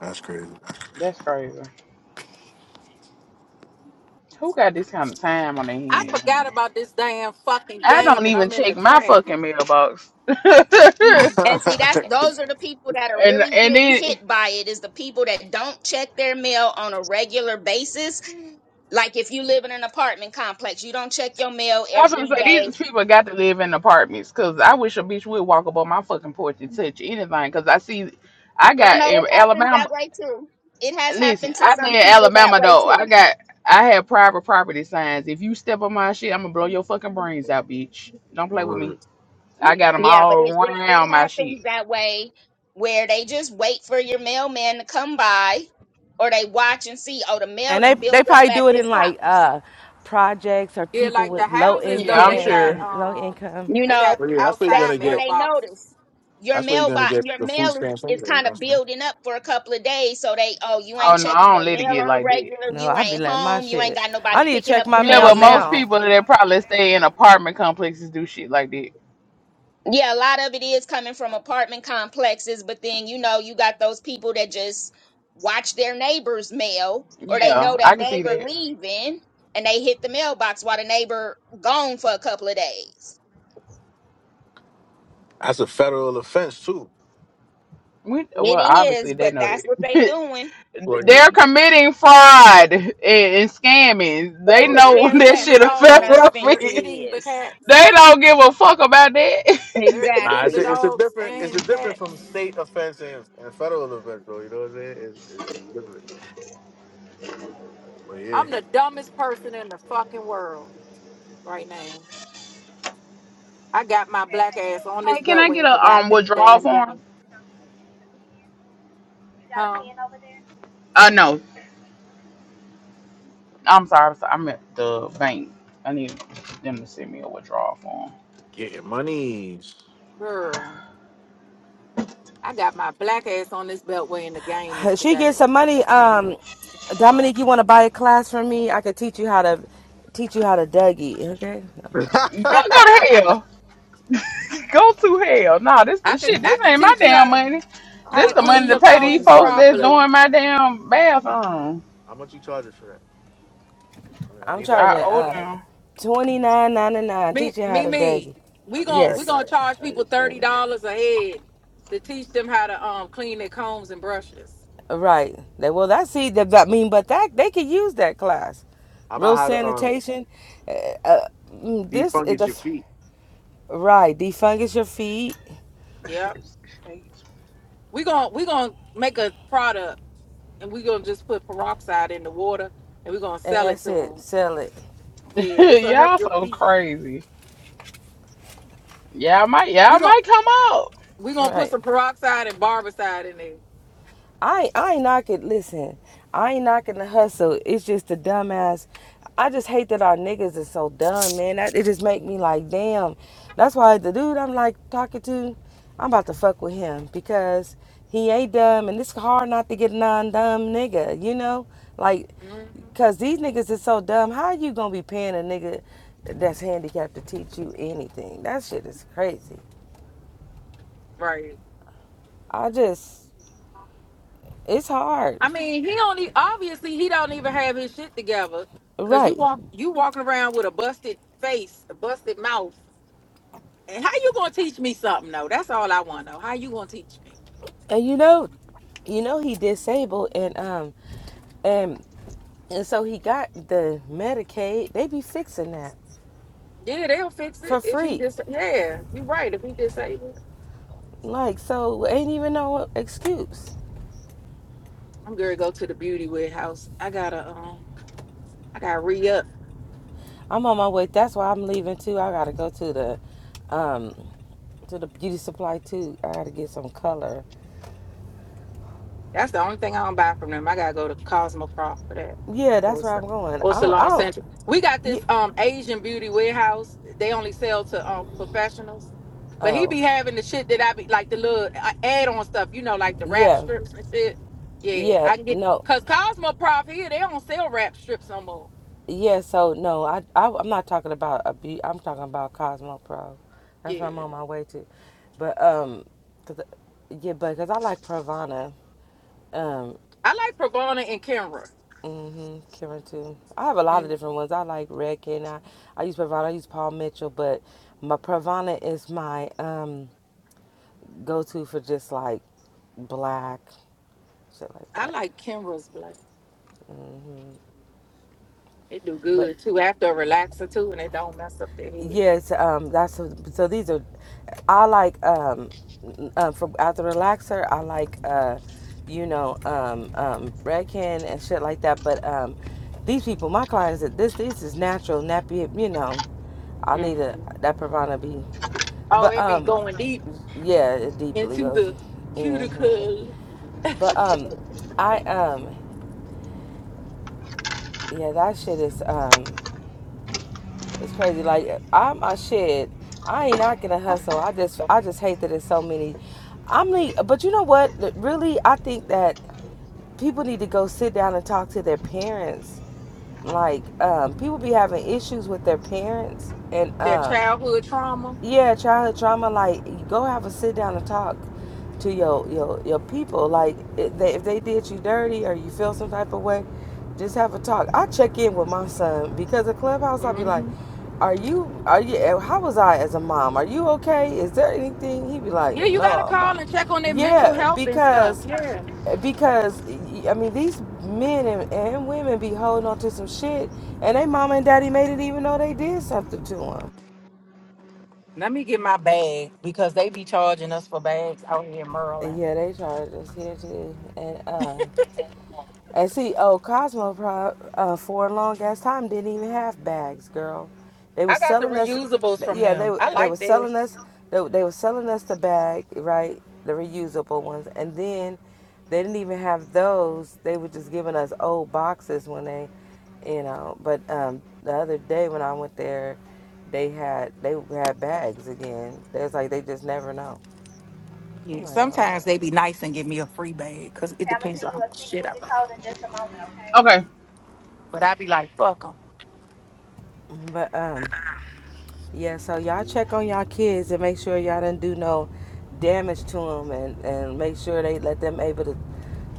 That's crazy.
that's crazy. Who got this kind of time on their
I
hands,
forgot
honey?
about this damn fucking
I don't
game, and
even
I'm in the
check my
traffic.
fucking mailbox. and
And see, that's
Shit.
those are the people that are really
and
getting
then
hit by it. Is the people that don't check their mail on a regular basis. Like if you live in an apartment complex, you don't check your mail
I was gonna
every
say
day.
these people got to live in apartments because I wish a bitch would walk up on my fucking porch and touch anything because I see I
Oh
got
no,
in
it happens
Alabama.
that way too. It has
Listen,
happened to
I say
some
in
people that
Alabama
way
though, I
too.
got I have private property signs. If you step on my shit, I'm gonna blow your fucking brains out, bitch. Don't play with me.
Word.
I got them
Yeah,
all
but it, it, it
around my shit.
happens that way where they just wait for your mailman to come by or they watch and see, oh, the mail
And they
done
they
built up
probably
at
do it in
this
like
house.
uh projects or
Yeah,
people
like the
with low
houses
Yeah,
though,
I'm
they got
sure.
income low
um,
income.
you
they
know
got
But yeah, that's where you're
they
outside
gonna
or
get
they
mailboxes.
notice your
that's where you're gonna
mailbox
get
your
the food
mail is,
stamps
is
anyway, you
kind
know
of
what I'm saying?
building up for a couple of days so they oh you
Oh
ain't
no, I
checking
don't
your
let it
mail
get
on a
like that.
regular
No,
you
i be
ain't
letting my
home you ain't
shit.
got
I
nobody
need to
picking
check
up
my
your
Yeah,
mail
mail
but
for
most
now.
people that probably stay in apartment complexes do shit like that.
you yeah a lot of it is coming from apartment complexes but then you know you got those people that just watch their neighbor's mail or they
Yeah,
know their
I can see
neighbor
that.
leaving and they hit the mailbox while the neighbor gone for a couple of days
That's a federal offense too.
We,
it
well,
is
obviously they
but
know
that's what they
that.
doing
Well, yeah.
They're committing fraud and, and scamming.
Right
They
Well,
to
They're
know
care
that
less
eating the
shit a
what kind of
federal
dogs.
offense
They're
it
offense.
eating the
is.
cats.
They don't give a fuck about that. hey,
They're
Nah,
eating
it's
the
a,
Exactly.
it's a
dogs
different it's a
and
different from
cats.
state offense and, and federal offense though, you know what I'm saying? It's, it's really different. But yeah,
I'm the dumbest person in the fucking world right now. I got my black ass on this
can I
beltway
get
and
a
forgot
um
the
withdrawal
damn
form?
game. Huh?
Uh, no. I'm sorry. I'm sorry. I'm at the bank. I need them to send me a withdrawal form.
getting monies.
Girl, I got my black ass on this beltway and the game is
She
today.
gets some money. Um Dominique, you wanna buy a class from me? I could teach you how to teach you how to Dougie, okay?
Go, go to
I
hell. Go to hell. Nah, this, this
could
shit.
I
This
could
ain't my
teach you
damn
how to
money.
How
how
This
to
much?
the
How much?
money
clean
to
You,
your
how
pay
much
these
you
combs
folks
charging for
that's
that?
properly.
doing my damn bathroom.
How much you charging for that? I, mean, I
I'm
need that
charging
I
class.
owe
uh
them
twenty nine ninety nine,
Me
teach you how
me
to
me.
Dougie.
I
We
need
gon' we
that
Yes.
class.
gonna charge people thirty
thirty-seven.
dollars a head to teach them how to um clean their combs and brushes.
Right. They, well, that's see that. I mean, but that they could use that class.
How about
Real
how to um
sanitation. Uh, uh, mm, this is the
defungus your
f-
feet?
right. Defungus your feet,
Yep. We gon' we gonna make a product and we gonna just put peroxide in the water and we gonna
and
sell it
that's
to them.
it. Sell it.
Yeah, this will help
y'all
your
so
feet.
crazy. Y'all might.
We
Y'all
gon'
might come out.
we gonna put
Right.
some peroxide and barbicide in there.
I I ain't knocking. Listen, I ain't knocking the hustle. It's just the dumbass. I just hate that our niggas is so dumb, man. That it just make me like, damn. That's why the dude I'm like talking to, I'm about to fuck with him because he ain't dumb, and it's hard not to get non-dumb nigga. You know, like,
hmm
cause these niggas is so dumb. How you gonna be paying a nigga that's handicapped to teach you anything? That shit is crazy.
Right.
I just, it's hard,
I mean, he only obviously he don't even have his shit together, cause you
right?
walk you walking around with a busted face, a busted mouth. And how you gonna teach me something though? That's all I want to know. How you gonna teach me?
And you know, you know he disabled and um and and so he got the medicaid they be fixing that
Yeah, they'll fix
for
it if he
free
just. Yeah, you are right. If he disabled,
like so ain't even no excuse
I'm gonna go to the beauty warehouse. I gotta um, I gotta re up.
i'm on my way that's why i'm leaving too i gotta go to the um to the beauty supply too i gotta get some color
That's the only thing I don't buy from them. I gotta go to Cosmoprof for that.
yeah that's
Or,
where
Sa-
i'm going i
or
don't i
Salon
don't
Central. We got
yeah,
this um Asian beauty warehouse. They only sell to um professionals. But he
oh
be having the shit that I be like the little add on stuff, you know, like the wrap
yeah
strips and shit. Yeah,
yeah
I can get
no
cause Cosmoprof here, they don't sell wrap strips no more.
Yeah, so no, I, I I'm not talking about a be I'm talking about Cosmo Pro. That's what
Yeah.
I'm on my way to. But um, 'cause- yeah, but cause I like Pravana. Um,
I like Pravana and Kenra.
hmm Karen too. I have a lot of
Mm,
different ones. I like Redken. I I use Pravana. I use Paul Mitchell, but my Pravana is my um go to for just like black shit like
I
that.
like Kenra's black.
hmm
They do
But
good too after a relaxer too, and they don't mess up their head.
Yes, um, that's so. These are, I like um, uh, for as a relaxer, I like uh, you know, um, um, Redken and shit like that. But um, these people, my clients, that this this is natural nappy. You know, I need a
hmm
that Pravana be,
Oh,
but
it be
um,
going deep.
yeah, it deeply
into
goes.
the
hmm
cuticle,
But um, I um, yeah, that shit is um. It's crazy. Like I'm a shit. I ain't not gonna hustle. I just I just hate that it's so many. I'm like, but you know what? Really, I think that people need to go sit down and talk to their parents. Like um, people be having issues with their parents, and
that
um,
childhood trauma.
yeah, childhood trauma. Like, go have a sit down and talk to your your your people. Like, if they, if they did you dirty or you feel some type of way, just have a talk. I check in with my son because at clubhouse, I'll be like,
hmm
"Are you? Are you? eh, How was I as a mom? Are you okay? Is there anything?" He'd be like,
Yeah, you gotta
"No,
call
mom."
and check on their mental
Yeah,
health and stuff.
because
Yeah.
because I mean these men and, and women be holding on to some shit, and they mama and daddy made it even though they did something to them.
Let me get my bag because they be charging us for bags out here in Maryland.
Yeah, they charged us here too. And uh and see oh Cosmo pro uh for a long ass time didn't even have bags, girl. They was
I got the
selling us
reusables from
yeah, they
them.
were-
I
they were
like this.
selling us they, were- they were selling us the bag, right? The reusable ones. And then they didn't even have those. They were just giving us old boxes when they you know, but um the other day when I went there they had they had bags again. There's like they just never know. I'm
Yeah,
like,
sometimes
okay.
they be nice and give me a free bag because it depends on how much shit I buy.
Okay.
But I be like, fuck them.
But um Yeah, so y'all check on y'all kids and make sure y'all didn't do no damage to them and, and make sure they let them able to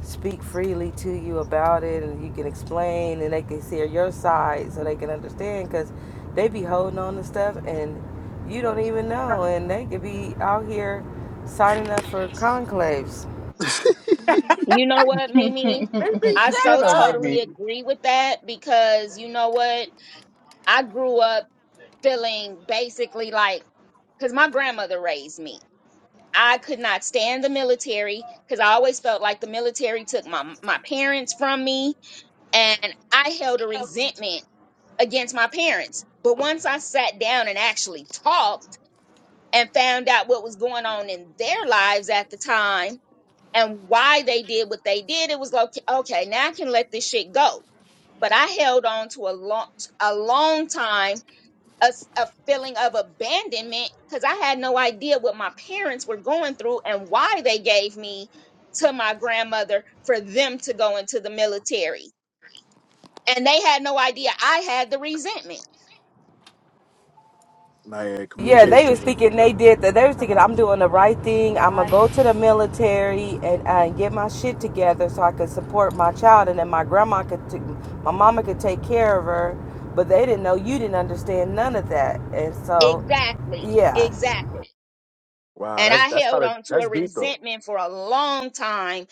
speak freely to you about it and you can explain and they can see your side so they can understand because they be holding on to stuff and you don't even know and they could be out here signing up for conclaves.
You know what, Mimi?
Baby,
I
shut
Shut
so
up,
up.
totally
Mimi.
agree with that because you know what? I grew up feeling basically like, because my grandmother raised me. I could not stand the military because I always felt like the military took my, my parents from me and I held a resentment against my parents. But once I sat down and actually talked, and found out what was going on in their lives at the time and why they did what they did, it was like, okay, now I can let this shit go. But I held on to a long, a long time, a a feeling of abandonment because I had no idea what my parents were going through and why they gave me to my grandmother for them to go into the military. And they had no idea I had the resentment.
Nah, yeah,
Yeah, they
communication
was
is is
thinking
the-
they did that. They was thinking
Hello.
I'm doing the right
Hello.
thing. I'm gonna go to the military and uh, get my shit together so I could support my child, and then my grandma could, t- my mama could take care of her. But they didn't know you didn't understand none of that, and so,
Exactly.
yeah.
Exactly.
Wow,
And
that's
I
that's
held
kind of
on to
that's
a
deep though.
resentment for a long time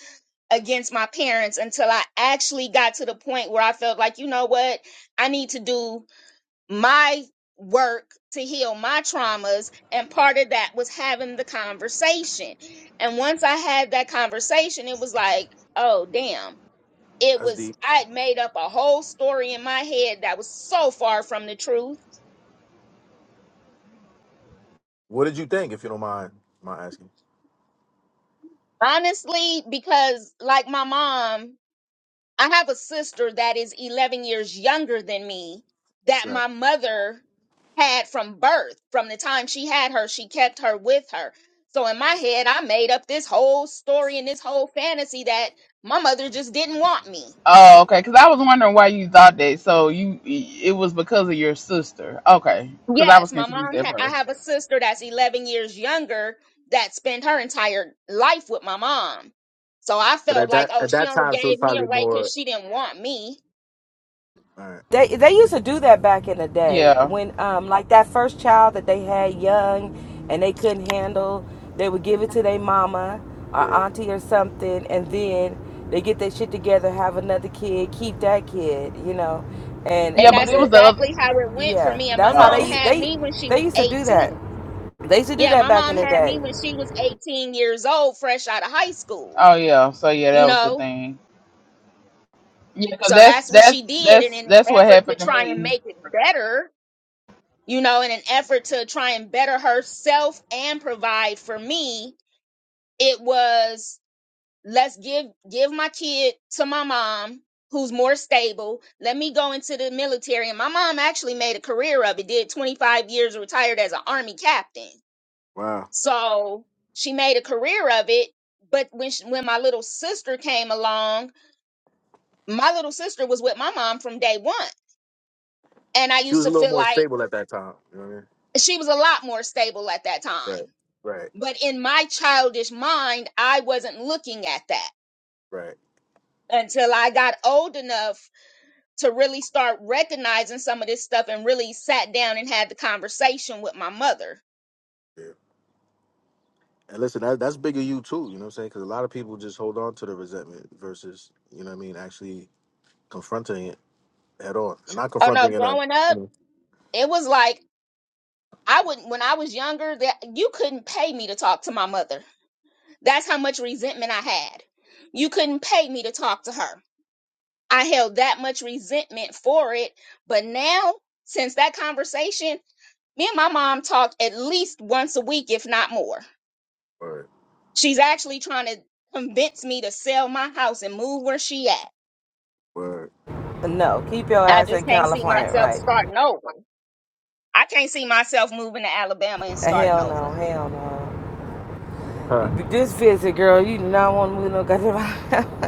against my parents until I actually got to the point where I felt like, you know what? I need to do my work to heal my traumas. And part of that was having the conversation. And once I had that conversation, it was like, oh, damn. It
That's
was,
deep.
I'd made up a whole story in my head that was so far from the truth.
What did you think, if you don't mind my asking?
Honestly, because like my mom, I have a sister that is 11 years younger than me that
Right.
my mother had from birth. From the time she had her, she kept her with her. So in my head, I made up this whole story and this whole fantasy that my mother just didn't want me.
Oh, okay. Because I was wondering why you thought that. So you, it was because of your sister. Okay. Because I was
Yes, my
confused
mom,
at
ha- I
first.
have a sister that's 11 years younger that spent her entire life with my mom. So I
But
felt
at
like,
that
oh,
at
she
that
only
time, she was
gave me
probably
away because
more.
she didn't want me.
All right.
They they used to do that back in the day
Yeah.
when um like that first child that they had young and they couldn't handle, they would give it to their mama or
Yeah.
auntie or something and then they get their shit together, have another kid, keep that kid, you know. And
Yeah,
And
it,
but
that's
it was the
it,
other.
exactly how it went for
yeah,
me. And my
that's how
mom
they
Oh.
had
they
me when she
they
was
used to do that.
18.
They used to do
Yeah,
that
my
back
mom
in the
had me
day.
when she was 18 years old, fresh out of high school,
Oh yeah. So yeah, that
you
was the
know?
thing. Yeah, because
So
that's
that's what
that's
she did. And
that's
in an
that's what
effort to
happened to
try and
me.
make it better, you know, in an effort to try and better herself and provide for me, it was let's give give my kid to my mom who's more stable let me go into the military and my mom actually made a career of it did 25 years retired as an army captain
Wow.
so she made a career of it but when she, when my little sister came along my little sister was with my mom from day one and i
She
used
was a
to
little
feel
more
like
stable at that time. You know what I mean?
she was a lot more stable at that time
Right. Right.
but in my childish mind i wasn't looking at that
Right.
until i got old enough to really start recognizing some of this stuff and really sat down and had the conversation with my mother.
Yeah. And listen, that, that's bigger you too. You know what I'm saying? Because a lot of people just hold on to the resentment versus, you know what I mean, actually confronting it head on and not
Oh no,
confronting it. A,
growing
you
up,
know,
it was like I wouldn't when I was younger that you couldn't pay me to talk to my mother. That's how much resentment I had. You couldn't pay me to talk to her. I held that much resentment for it, but now since that conversation, me and my mom talk at least once a week if not more.
word,
She's actually trying to convince me to sell my house and move where she at
word.
No, keep your
I
ass
just
in
can't see
California,
myself
right?
starting over. I can't see myself moving to Alabama and
Uh,
starting
Hell no,
over.
hell no.
Huh.
This visit, girl, you do not want to move no goddamn.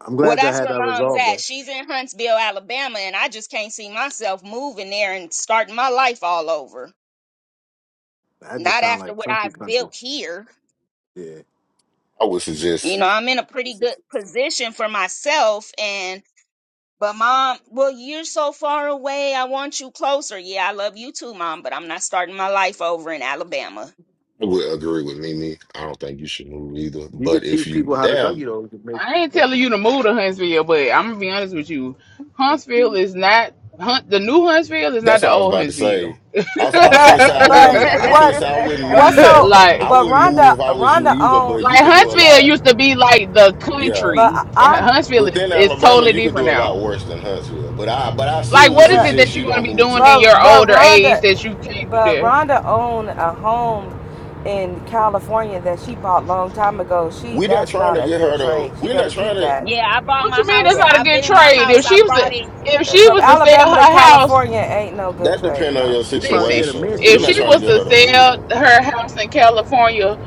I'm
Well,
glad y'all
that's
had
where
that
mom's
resolved
at.
though.
She's in Huntsville, Alabama, and I just can't see myself moving there and starting my life all over.
That just
Not
sound
after
like
what
country,
I've
country.
built here.
Yeah,
I would
You
suggest,
know, I'm in a pretty good position for myself and but mom, well, you're so far away. I want you closer. Yeah, I love you too, mom, but I'm not starting my life over in Alabama.
I would agree with Mimi. I don't think you should move either.
you could
But if
teach people
you,
how to dug
damn,
you though. You could make.
I ain't telling you to move to Huntsville, but I'm gonna be honest with you. Huntsville is not Hunt. The new Huntsville is not
that's
the
what I was
old
about to
Huntsville.
say. I was, I was finna say I
But
wouldn't.
but
I was
what
finna say I wouldn't
what
move.
so
like.
I
but
wouldn't move
Rhonda
if I was you
Rhonda
either. But you
owned
Like
could do a
Huntsville
lot.
used to be like the
Yeah,
but
country.
I
Huntsville is,
within
is
Alabama,
totally
you could
different
do a
now.
lot worse than Huntsville. But I, but I
Like,
still would
what is
but
it
suggest
that you're
you
gonna
don't
be
move
doing
too.
in
but
your
but
older
Rhonda
age that you can't do
but
there?
Rhonda owned a home in California that she bought long time ago. She
We're not
that's
trying to
not a
get
good
her to.
trade. She
We're
better
not trying
keep
to.
that.
Yeah, I bought
What
my
you mean that's
house.
Yeah.
not a
I've
good
been in my
trade? If
house. I
she was
bought
to,
it
if she
From
was to
Alabama
sell
to
her house,
California ain't no good
That
trade.
depend
She,
on
No.
your
she probably got a
listen.
situation.
mansion
If
We're
over
not
she
trying
there.
to
was
get
to
her to move
sell
though.
her house in California,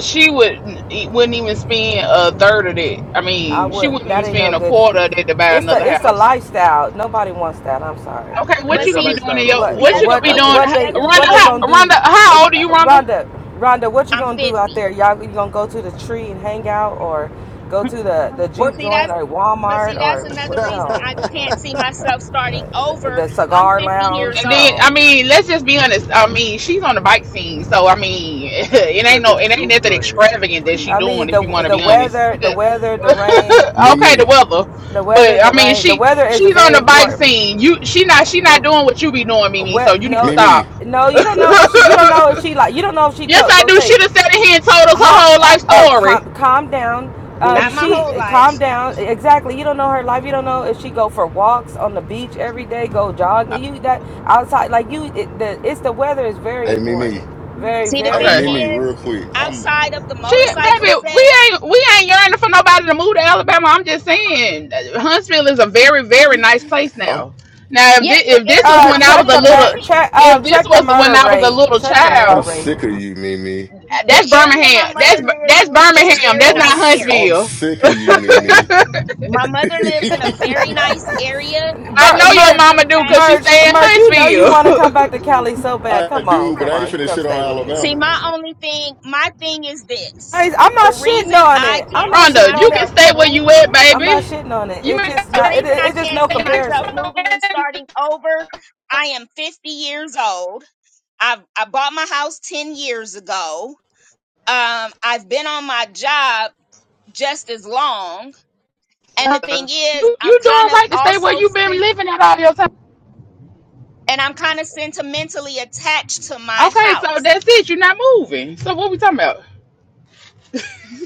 she would wouldn't even spend a third of that. I
I
mean, she
would
wouldn't
that
even
ain't no
spend a
good
quarter
trade.
of that to buy
It's the
another
it's the
house.
lifestyle. Nobody wants that. I'm sorry.
Okay,
And
what
but
you gonna be
see,
doing in your?
also-
The
What
What
you
other
gonna be
what
thing,
doing,
what
the
they
other
Rhonda?
what they
How,
thing,
gonna do?
Rhonda,
Uh,
how old are you, Rhonda?
Rhonda, Rhonda, what you
I'm
gonna do out
50.
there? Y'all you gonna go to the tree and hang out, or go to the the
Well,
juke
see,
joint,
that's,
or
but see,
Walmart,
that's
or
another
what?
reason I can't see
No,
myself starting
mm-mm. Uh,
over.
the
I'm
cigar
50
lounge.
years
And then,
old.
I
No,
mean, let's just be honest. I mean, she's on the bike scene, so I mean, it ain't no, it ain't nothing extravagant that she
I
doing.
mean the
If you want to
the
be honest,
weather, the
okay,
weather, the rain,
the
Mimi,
weather,
the
but
weather,
I
the
mean,
rain. The
she
weather is
she's on
very
the bike
important.
scene. You, she not, she
The
not doing what you be doing, Mimi. So
wet
you need to
no,
Mimi,
stop.
no, you don't know what she. You don't know if she like. You don't know if she
yes,
to,
I
go
do.
take
She done sat in here and told us her
Huh,
whole
uh,
life
oh,
story.
calm, calm down. Um,
Not my
she
whole life.
calm down. Exactly. You don't know her life. You don't know if she go for walks on the beach every day, go jogging. You that outside like you. It, the it's the weather is very
hey Mimi,
important. Very
See, the
Hey
very
thing
Okay.
Mimi,
important.
is,
real quick. I'm
outside of the
She,
motorcycle
baby,
set,
we ain't we ain't yearning for nobody to move to Alabama. I'm just saying, uh, Huntsville is a very very nice place
I'm
now. Now, if
yeah,
this,
the
if this
area
was
Uh,
my
when I was
check
mother
a
the
lives
mur-
little,
check uh
if this
check the
was when
murder
I was a
rate.
little
Check the murder
I'm
child,
rate.
sick of you, Mimi.
uh,
in,
that's
the area my
Birmingham. That's
mother
B-
lives
that's
in is a
Birmingham.
very
That's
I'm
not
nice
s-
area.
I'm
Huntsville.
sick of you, Mimi.
My mother lives in a very nice area.
I
Mer-
know
It's
your
just
merch
the
mama do because
fact.
she
merch
stay in
merch. You know you
Huntsville.
want to come back to Cali so bad.
I
Come
do,
on,
but
come
I ain't
on. You
finna
come
shit on
stay with me.
See,
Alabama.
my only thing, my thing is this.
Guys, I'm
The
not shitting
reason
on
I
it. I'm
can't
not
see
shitting
Rhonda,
on
you
it.
can
myself
stay where you at,
moving,
I'm not
baby.
shitting on it.
You
It's just
the
not. It,
reason I
it's just
can't
no
see
ain't.
myself
comparison.
moving and
got
starting over, I am 50 years old. I've, I bought my house 10 years ago. Um, I've been on my job just as long. And the
Uh,
thing is,
You
I'm
you doing
kind of
right to stay where
also,
you've been
sen-
living at all your time.
and I'm kind of sentimentally attached to my
Okay, so
house.
that's it. You're not moving. So what we talking about?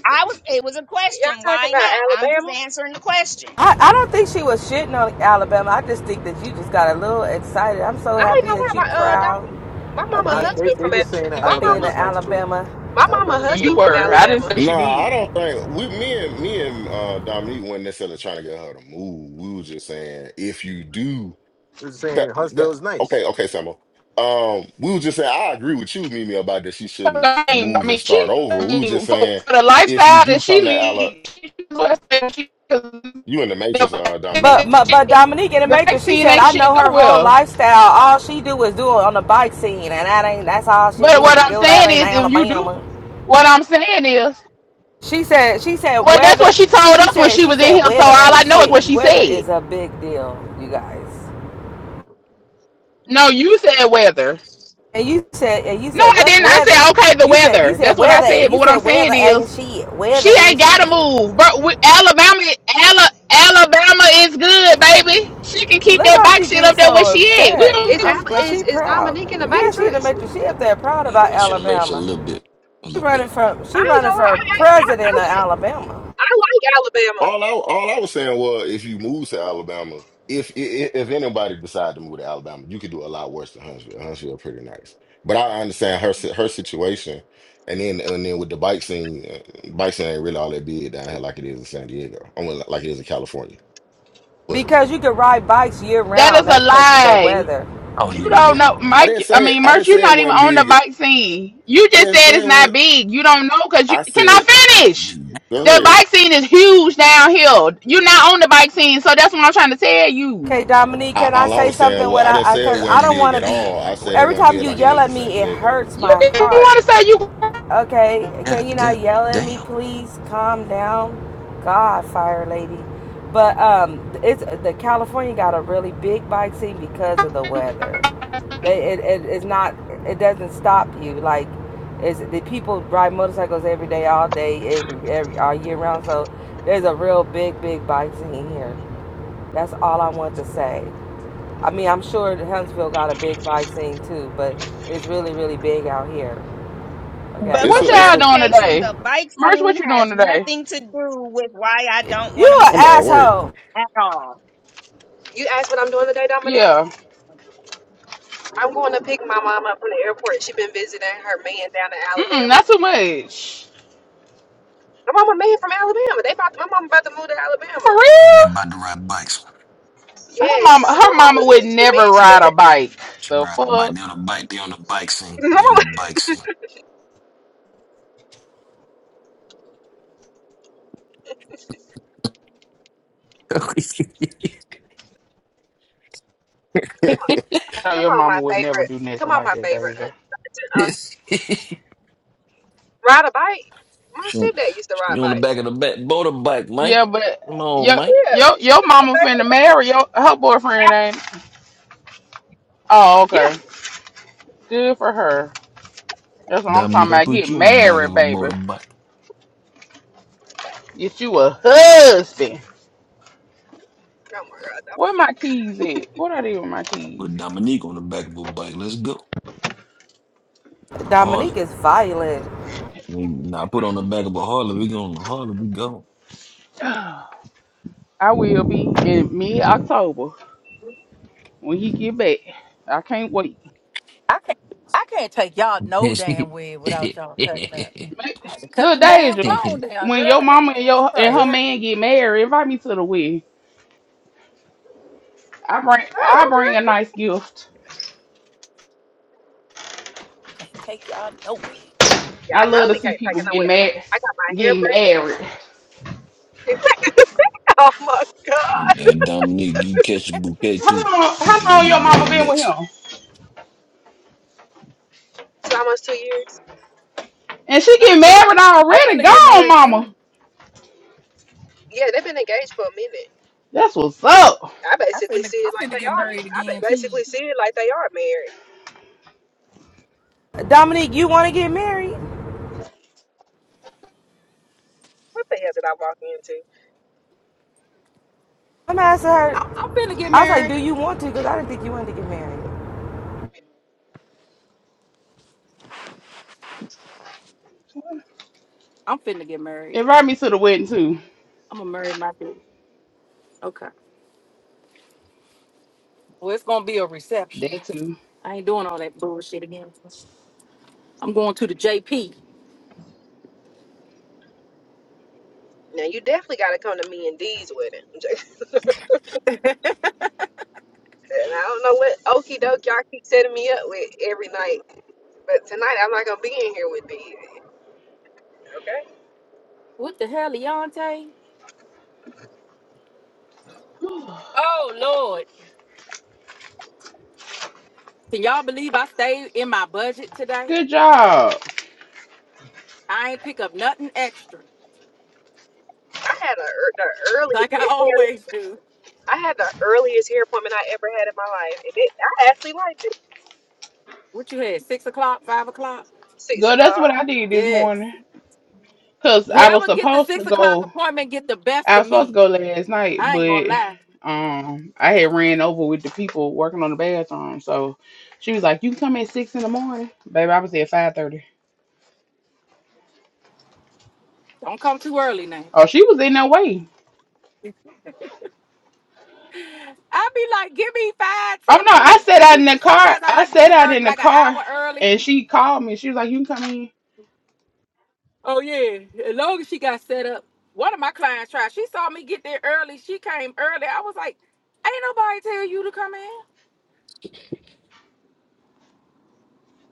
I was, it was a question.
Y'all talking
Why
about
not? I'm just
Alabama?
answering the question.
I, I don't think she was shitting on Alabama. I just think that you just got a little excited. I'm so
I ain't
happy
gonna
that
lie.
you
My uh,
proud
dom-
yeah.
my
of
mama
Nah,
being
they
husband
they
from
just
Al-
saying that
my
of being an
mama
Alabama's nice too.
Alabama.
my mama
Alabama's
husband
You
cool too.
from
You
were.
know
I
what I'm
didn't
Alabama.
say
saying?
she
Nah, I
did.
don't think we me and me and uh Dominique weren't necessarily trying to get her to move. We was just saying if you do
They're just
that,
saying Huntsville
that-
is nice.
okay, okay, Samo. Um, we was just saying I agree with you, Mimi, about that she shouldn't
I mean, I
move and
mean,
start
she
over.
I
We was
mean,
just
for,
saying
for the
if you
lifestyle
do
that she
come to Ala
leads, she was she the
you in the matrix,
the
uh Dominique.
But but Dominique in the Matrix, she
vaccine
said,
ain't
I
shit
know
no
her whole
well.
lifestyle. All she do is do it on the bike scene, and that ain't that's all she
But
do
what
to
I'm
go that
saying
in
is, if you
Alabama.
do, what I'm saying is,
She said she said
well, that's
weather.
what she told
She
us when
said
she
she
was in
said
here. So all
weather ain't
I know is
shit.
what she
Weather
said.
is a big deal, you guys.
No, you said whether.
And you said, and you
No,
said,
I
what's
didn't. I
weather?
said, okay, the
You said, you
weather.
said
That's what I
weather.
said. But
You
what
said
I'm
weather
saying
ain't
is,
shit. Weather
she
ain't
ain't got to
shit.
move. But we, Alabama, Ala, Alabama is good, baby. She can keep
Look
that
how
bike
she
shit up
gets
there where
so
she at. We
upset.
don't
Is
give a
I'm
Al-
glad
fuck.
is
she
is
proud.
Dominique in the
Yeah, she in the
Matrix?
matrix. She up there proud
and
about
and should have you a
Alabama.
little bit a
She
little bit
running for, she
I ain't
running
gonna lie.
for
I I, I, I,
president of
like,
Alabama
I like Alabama.
All I all I was saying was, if you move to Alabama, if if, if anybody decide to move to Alabama, you could do a lot worse than Huntsville. Huntsville pretty nice, but I understand her si- her situation, and then and then with the bike scene, uh, bike scene ain't really all that big down here like it is in San Diego. I mean, like it is in California. But
because you can ride bikes year
That is
round.
a
That's because of the
lie.
weather.
oh
You
yeah yeah
don't
yeah
know,
I didn't
Mike. I
say
mean,
I
Merch,
didn't
you're
say it
not even
wasn't
on the
big.
bike scene. You
I
just
didn't
said
say
it's
it was.
not big. You don't know because you
I
can I
said
finish.
go
The
damn
ahead.
bike scene is huge down here. You're not on the bike scene, so that's what I'm trying to tell you.
Okay, Dominique,
I,
can I
all I
say
was saying
something
was I didn't
without?
say it
Because I, 'cause
god
I
wasn't
don't
damn
big
want to
at
be.
all.
yeah
I said it
Every
wasn't
time
big
you
like it
yell
is in
at
San
me, it
Diego.
hurts
You
my
can you
heart.
want to say you
Okay, can
god
you not
god
yell at
damn
me, please? Calm down. God, fire lady. But um, it's the California got a really big bike scene because of the weather. They it, it it's not it doesn't stop you like it's the people ride motorcycles every day, all day, every every all year round. So there's a real big big bike scene here. That's all I want to say. I mean, I'm sure that Huntsville got a big bike scene too, but it's really really big out here. Okay,
But
It's
for
What
I'm
a it's
y'all
a
doing
clarification,
today?
the bike
Merch,
scene
what you doing
has
today?
nothing to do with why I don't
You
want to
an
I'm at
move
work.
asshole.
at all.
You asked what I'm doing today, Dominique.
Yeah.
I'm going to pick my mom up from the airport. She been visiting her man down in
Mm-mm,
Alabama.
not too much.
My mama man from Alabama. They about to, my mama about to move to
For
Alabama.
I mean, they about
real?
to ride bikes.
Her
Yeah,
mama,
she's my
her mama
mama's
would
Mitch. The
never
man she been.
ride a bike.
She
The
ride the bike.
fuck?
They on the bike. They on the bike scene.
Come
They on the
on,
bike scene. you
No,
come
your
on,
mama
my
would never
favorite.
do nothing
Come on,
like
my
that,
favorite
Deja.
aunt. Uh, Ride a bike? My stepdad used to ride
you on the
bikes.
back of the back motorbike, Mike.
Yeah, but
Come on,
your
Mike.
Yeah,
your
you should
your
put it in the
mama
back of the
finna
bike.
marry your her boyfriend ain't. Oh,
Yeah.
okay. Good for her. That's what I'm
Dominique,
talking
I
about.
put
Get
you on the back of
married,
a
baby.
motorbike.
Get you a husband.
Oh my god, that
Where
would be.
my keys at? What are they with my keys?
Put Dominique on the back of a bike. Let's go. No
Dominique
Harley.
is violent.
We- Nah, I put on the back of a Harley. We go on the Harley. We go.
I will be in mid October. when he get back. I can't wait.
I can't I can't take y'all no damn way without y'all cutting up.
Ma-
I had to cut
Look,
the damn
Deja,
phone down,
when
girl.
your
That
mama
that
and
was
your and her
crazy.
Mhm.
man get married, invite me to the wedding. I bring
Oh,
I
okay.
bring a nice gift.
Can't take y'all nowhere.
Yeah,
I
I know
love to
we
see
can't take
people
it
getting
nowhere.
mad
I got my hair
getting
braided.
married.
oh my god.
and Dominique, you catch a bouquet too,
How long
'cause you
how
gonna
long your
get
mama
married
been with
next.
him?
So almost two years.
And she get
Not too
married
long.
I'm
already?
finna get
Gone,
married
mama.
too.
Yeah, they've been engaged for a minute.
That's what's up.
I
I'm
basically
finna
see
I'm
it like
finna
they
get
are.
married
ma- I ba-
again
basically
too.
see it like they are married.
Dominique, you want to get married?
What the hell did I walk into?
I'm asking
I'm,
her.
I'm finna get
I was like, do
married.
you want to? Because I didn't think you wanted to get married.
I'm finna get married.
Invite me to the wedding too.
I'm gonna marry my baby. Okay. Well, it's gonna be a reception.
That too.
I ain't doing all that bullshit again. I'm going to the JP.
Now you definitely got to come to me and D's wedding. And I don't know what okie doke y'all keep setting me up with every night. But tonight I'm not gonna be in here with these. Okay.
what the hell, Leontay? Oh Lord. Can y'all believe I stayed in my budget today?
Good job.
I ain't pick up nothing extra
I had a ear- the earliest
like I
hair-
always do.
I had the earliest hair appointment I ever had in my life, and it, I actually liked it.
What you had? Six o'clock, five o'clock?
Six
Girl, that's what
o'clock.
I did this
Yes.
morning. Cause I was
Whoever get the
supposed to
six o'clock
go.
appointment get the best
I
of
was supposed to
me.
go last night,
I ain't
but
gonna lie.
um, I had ran over with the people working on the bathroom. So she was like, "You can come at six in the morning, baby." I was there at five thirty.
Don't come too early now.
Oh, she was in that way.
I be like, give me five,
Oh
ten
no, I
minutes.
sat
Let
out in
me.
the car.
Sometimes I
I
like to get
sat
to
out in
work
the
like an
car,
hour early.
and she called me. She was like, "You can come in."
Oh yeah, as long as she got set up. One of my clients tried. She saw me get there early. She came early. I was like, ain't nobody tell you to come in.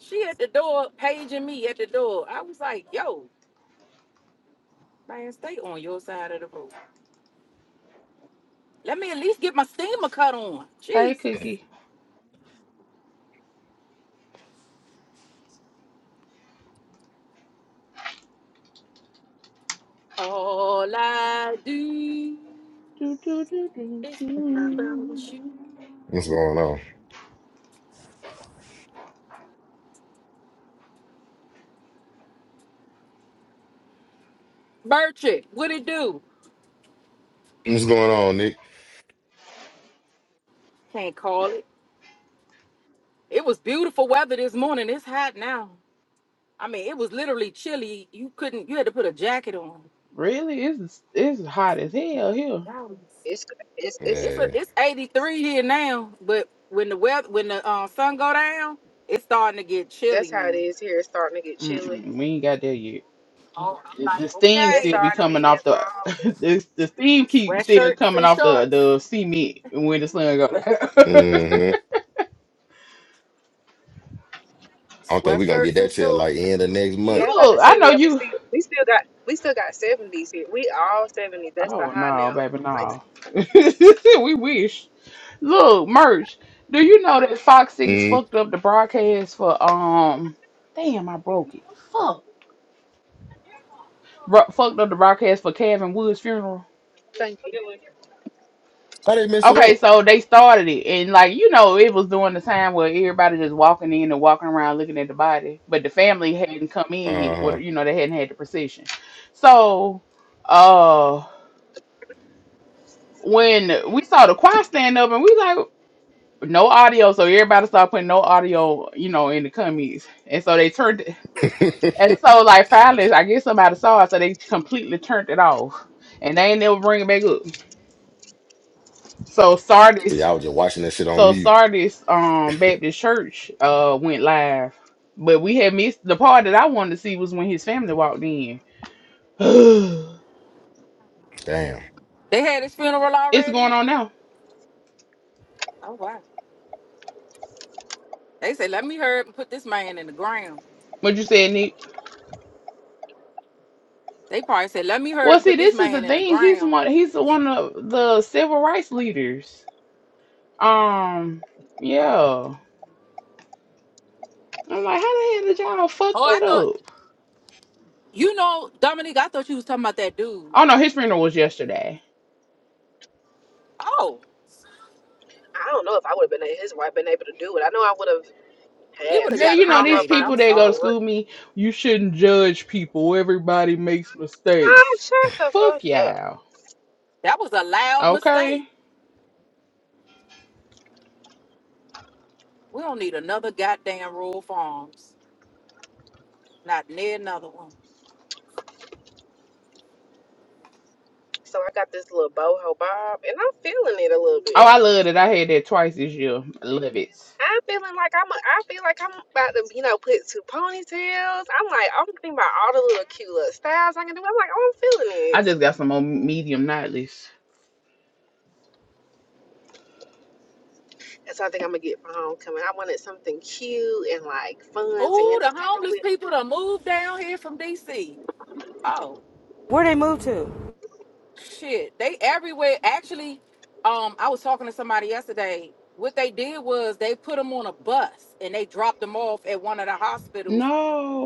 She at the door paging me at the door. I was like, yo, Man, stay on your side of the road. Let me at least get my steamer cut on.
Hey,
Jesus.
Cookie.
All I do
Do, do, do, do,
is think
do.
about you.
What's going on?
Birchie, what it do?
What's going on, Nick?
Can't call it. It was beautiful weather this morning. It's hot now. I mean, it was literally chilly. You couldn't. You had to put a jacket on.
Really, it's it's hot as hell here.
Dallas.
It's it's it's
It's a,
Yeah.
it's 83 here now, but when the weather when the uh, sun go down, it's starting to get chilly
that's how it
now.
is here. It's starting to get chilly.
Mm-mm, we ain't got there yet.
Oh,
The
I'm like,
the steam
It's
still
okay.
be
starting to be
coming off
that
the
fall.
the, the steam keep still
Sweatshirts
coming
and
off the
shorts.
the cement when the sun go down.
Mm-hmm. I don't think we're gonna get
Sweatshirts and
that till like
shorts.
end of next
Yeah,
month.
I'm about
Look,
to
I
say,
know
well, we
you.
still we still got we still got seventies here. We all seventies. That's the
Oh
high
no,
now.
baby,
Like,
no. we wish. Look, merch. Do you know that Fox Six
Mm.
fucked up the broadcast for um? Damn, I broke it. Bro- fucked up the broadcast for Kevin Woods' funeral.
thank you.
How they mess it
Okay,
up?
so they started it, and like you know, it was during the time where everybody just walking in and walking around looking at the body, but the family hadn't come in yet.
Uh-huh.
What you know, they hadn't had the procession. So, uh, when we saw the choir stand up, and we like no audio, so everybody started putting no audio, you know, in the comments, and so they turned, and so like finally, I guess somebody saw it, so they completely turned it off, and they ain't never bring it back up. So
so
Sardis
y'all was just watching that shit on
So
mute.
Sardis um Baptist Church uh went live. But we had missed the part that I wanted to see was when his family walked in. it's
Damn.
They had his funeral already.
going on now.
Oh wow. They said, "Let me hurry up and put this man in the ground."
What you said, Nick?
They probably said, "Let me hurry
Well,
up and
see,
put this
this is
man
the
in the
thing. He's
ground."
one he's one of the civil rights leaders. Um,
Oh.
yeah. I'm like, how the hell did y'all fuck
Oh, I
that
thought
up?
you know, Dominique. I thought you was talking about that dude.
Oh no, his funeral was yesterday.
Oh,
I don't know if I would have been his wife been able to do it. I know I would have.
he would
had
have
Girl,
to,
got
but
you
I
know
don't know
these
if
cremated.
I
I'm
people that
can
go to
sorry.
do it.
school me, you shouldn't judge people. Everybody makes
Oh,
mistakes.
shut the
Fuck
fuck up.
y'all.
That was a loud
Okay.
mistake. We don't need another goddamn rural farms. Not near another one.
So I got this little boho bob, and I'm feeling it a little
Oh,
bit.
I love it. I had that twice this year. I love it.
I'm feeling like I'm. A, I feel like I'm about to, you know, put two ponytails. I'm like, I'm thinking about all the little cute little styles I can do. I'm like, oh, I'm feeling
I
this.
just got some more medium nightlies.
And so I think I'm gonna get for homecoming. I wanted something cute and like fun to
Oh,
end the
the
summer
homeless
with.
people to moved down here from DC.
Where they move to?
Shit, they everywhere. Actually, um, I was talking to somebody yesterday. What they did was they put them on a bus and they dropped them off at one of the hospitals.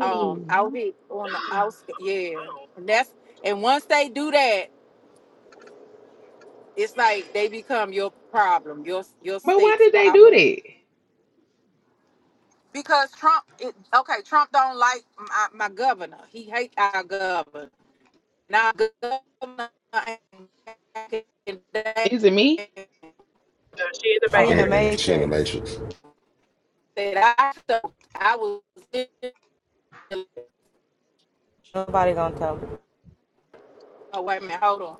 Um, out here on the outskirts. Yeah,
Oh,
and that's and once they do that, it's like they become your problem, your your
But why
state's
did they do
problem.
that?
Because Trump, it, okay, Trump don't like my, my governor. He hate our governor. Now governor ain't back in the
Is it
day.
me?
no, she in the
She in the
Oh,
bakery.
Mm-mm. She in the
Matrix.
matrix.
that I felt I was. in-
Nobody gonna tell her.
Oh wait a minute, hold on.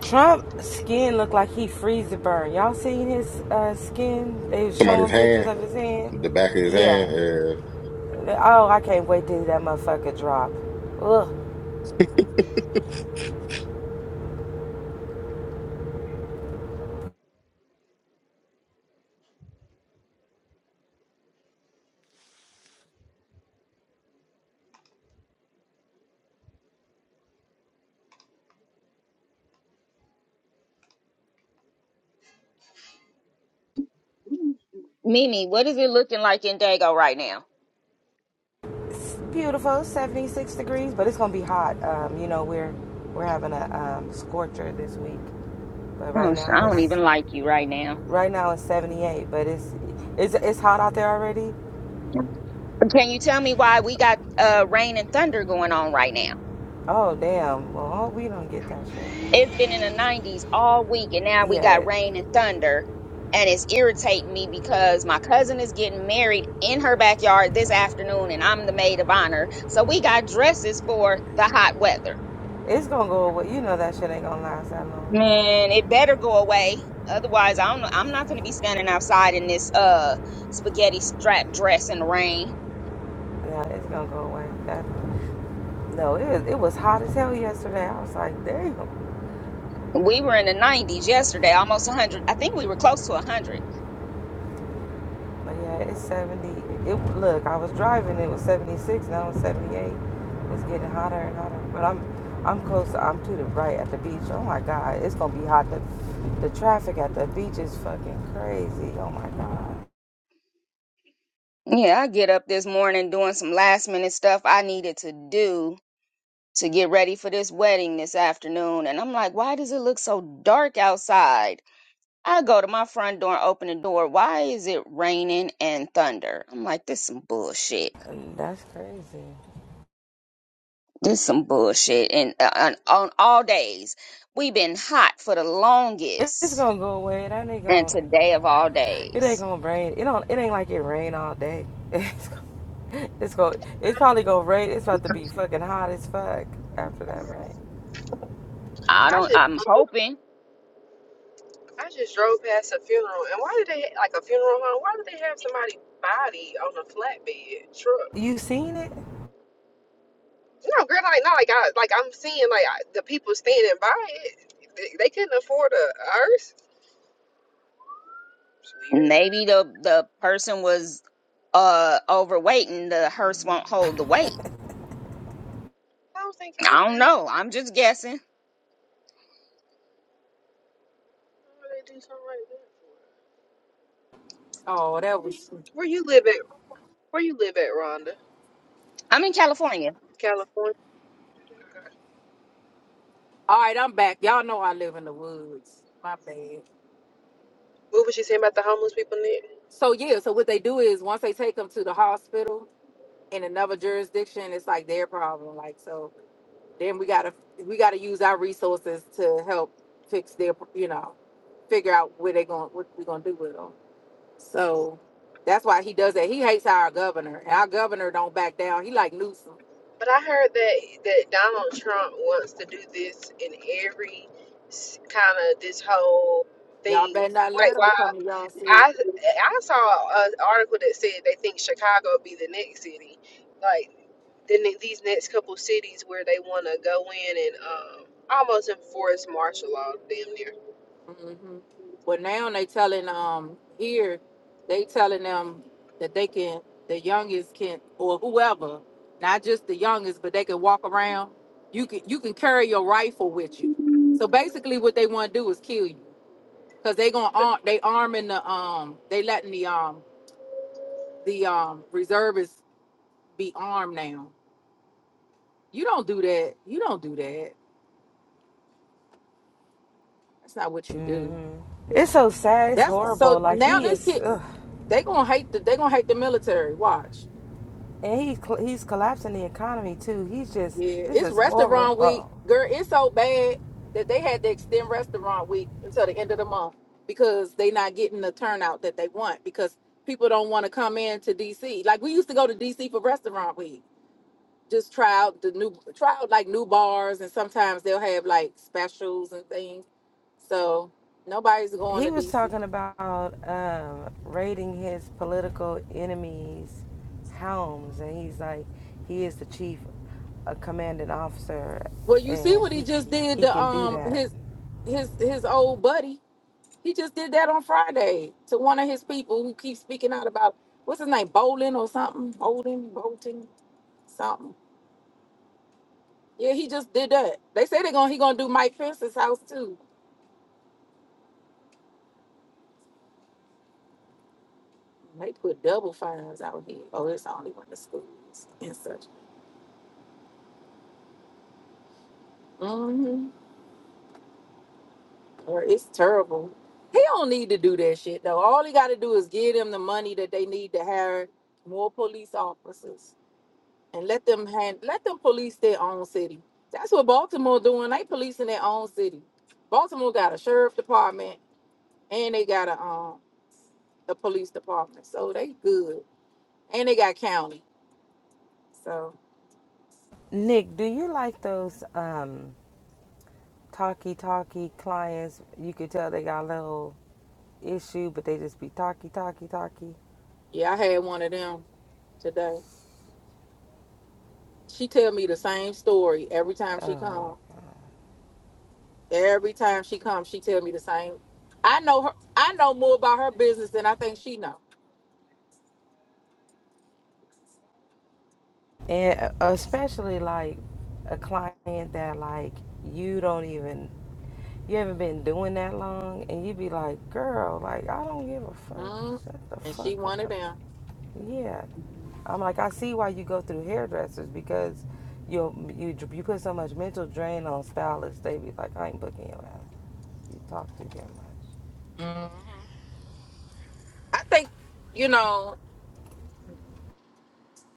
Trump skin looked like he freeze to burn. Y'all seen his uh, skin? They was
Somebody's
showing pictures
hand,
of his hand.
the back of his
Yeah.
hand, uh,
Oh, I can't wait till that motherfucker drop. Ugh.
Mimi, what is it looking like in Dago right now?
Beautiful, 76 degrees, but it's gonna be hot. Um, you know, we're we're having a um, scorcher this week, but right
Oh, sh- I
now
don't
it's
even like you right now.
right now it's 78, but it's it's it's hot out there already.
Can you tell me why we got uh, rain and thunder going on right now?
Oh damn! Well, I hope we don't get that shit.
It's been in the 90s all week, and now we got
Yeah,
rain and thunder, and it's irritating me because my cousin is getting married in her backyard this afternoon, and I'm the maid of honor. So we got dresses for the hot weather.
it's gonna go away. You know that shit ain't gonna last that long.
Man, it better go away. Otherwise, I don't know. I'm not going to be standing outside in this uh spaghetti strap dress in the rain.
Yeah, it's gonna go away. That no, it was, it was hot as hell yesterday. I was like, damn.
We were in the 90s yesterday, almost 100. I think we were close to 100.
But yeah, it's 70. It look, I was driving. It was 76. Now it's 78. It's getting hotter and hotter. But I'm, I'm close. I'm to the right at the beach. Oh my God, it's gonna be hot. The, the traffic at the beach is fucking crazy. Oh my God,
Yeah, I get up this morning doing some last minute stuff I needed to do to get ready for this wedding this afternoon. And I'm like, why does it look so dark outside? I go to my front door, open the door. Why is it raining and thunder? I'm like, this some bullshit.
that's crazy.
This some bullshit. And uh, on, on all days, we've been hot for the
It- It's
longest,
gonna go away. It ain't
and
gonna.
today of all
It ain't
days.
gonna rain. It don't. It ain't like it rain all day. It's gonna. It's gonna. It's probably gonna rain. It's about to be fucking hot as fuck after that rain.
I
I
don't.
just
I'm hoping
I just drove past a funeral, and why did they like a funeral home? Why did they have somebody body on a flatbed truck?
You seen it?
No, girl, like not like I like I'm seeing like I, the people standing by it. They, they couldn't afford a hearse. It's weird.
maybe the the person was uh overweight and the hearse won't hold the weight.
I was thinking, what
I
the
don't
hell
know. I'm just guessing.
would they do something like that for?
Oh, that was.
Where you live at? Where you live at, Rhonda?
I'm in California.
California. Okay.
All right, I'm back. Y'all know I live in the woods. My bad.
What was she saying about the homeless people, Nick?
So yeah, so what they do is once they take them to the hospital in another jurisdiction, it's like their problem. Like so, then we gotta we gotta use our resources to help fix their you know figure out where they going what we gonna do with them. So that's why he does that. He hates our governor, and our governor don't back down. He like Newsom.
But I heard that that Donald Trump wants to do this in every kind of this whole
Y'all
thing.
better not
Like,
let them
why
come to y'all city.
I I saw an article that said they think Chicago would be the next city, like the, ne- these next couple cities where they want to go in and um, almost enforce martial law, damn near.
hmm Well, now they telling um here, they telling them that they can, the youngest can, or whoever, not just the youngest, but they can walk around. You can you can carry your rifle with you. So basically, what they want to do is kill you, cause they gonna arm, they arming the um, they letting the um the um reservists be armed now. You don't do that. You don't do that. That's not what you do.
Mm-hmm. It's so sad. It's
That's so
horrible. Like
now
he
this
is,
kid
ugh.
they gonna hate the they gonna hate the military. Watch.
and he he's collapsing the economy too. He's just
Yeah,
this
it's
is
restaurant week,
horrible.
girl. It's so bad that they had to extend restaurant week until the end of the month because they not getting the turnout that they want because people don't want to come in to DC. Like we used to go to DC for restaurant week, just try out the new try out like new bars and sometimes they'll have like specials and things. So nobody's going
He
to
was
DC.
talking about um, raiding his political enemies' homes, and he's like, he is the chief, a commanding officer,
Well, you see
and
what he
he
just did
he
to
can do
um
that.
his his his old buddy. He just did that on Friday to one of his people who keeps speaking out about what's his name, Bolin or something, Bolin, Bolton, something. Yeah, he just did that. They say they're gonna he gonna do Mike Pence's house too. They put double fines out here. Oh, it's only when the schools and such. Mm-hmm. Or it's terrible. He don't need to do that shit though. All he got to do is give them the money that they need to hire more police officers and let them hand, let them police their own city. That's what Baltimore doing. They policing their own city. Baltimore got a sheriff department and they got a um a police department, so they good. And they got county. So
Nick, do you like those um, talky talkie clients? You could tell they got a little issue, but they just be talky talky talky.
yeah, I had one of them today. She tell me the same story every time she
Oh my
come. Every time she comes, she tell me the same. I know her. I know more about her business than I think she know.
god. And uh, especially like a client that like you don't even you haven't been doing that long and you be like, girl, like I don't give a fuck.
Mm,
Shut the
and
fuck
she one of
up.
them.
Yeah. I'm like, I see why you go through hairdressers because you you you put so much mental drain on stylists. They be like, I ain't booking your ass. You talk too damn much.
Mhm. I think you know.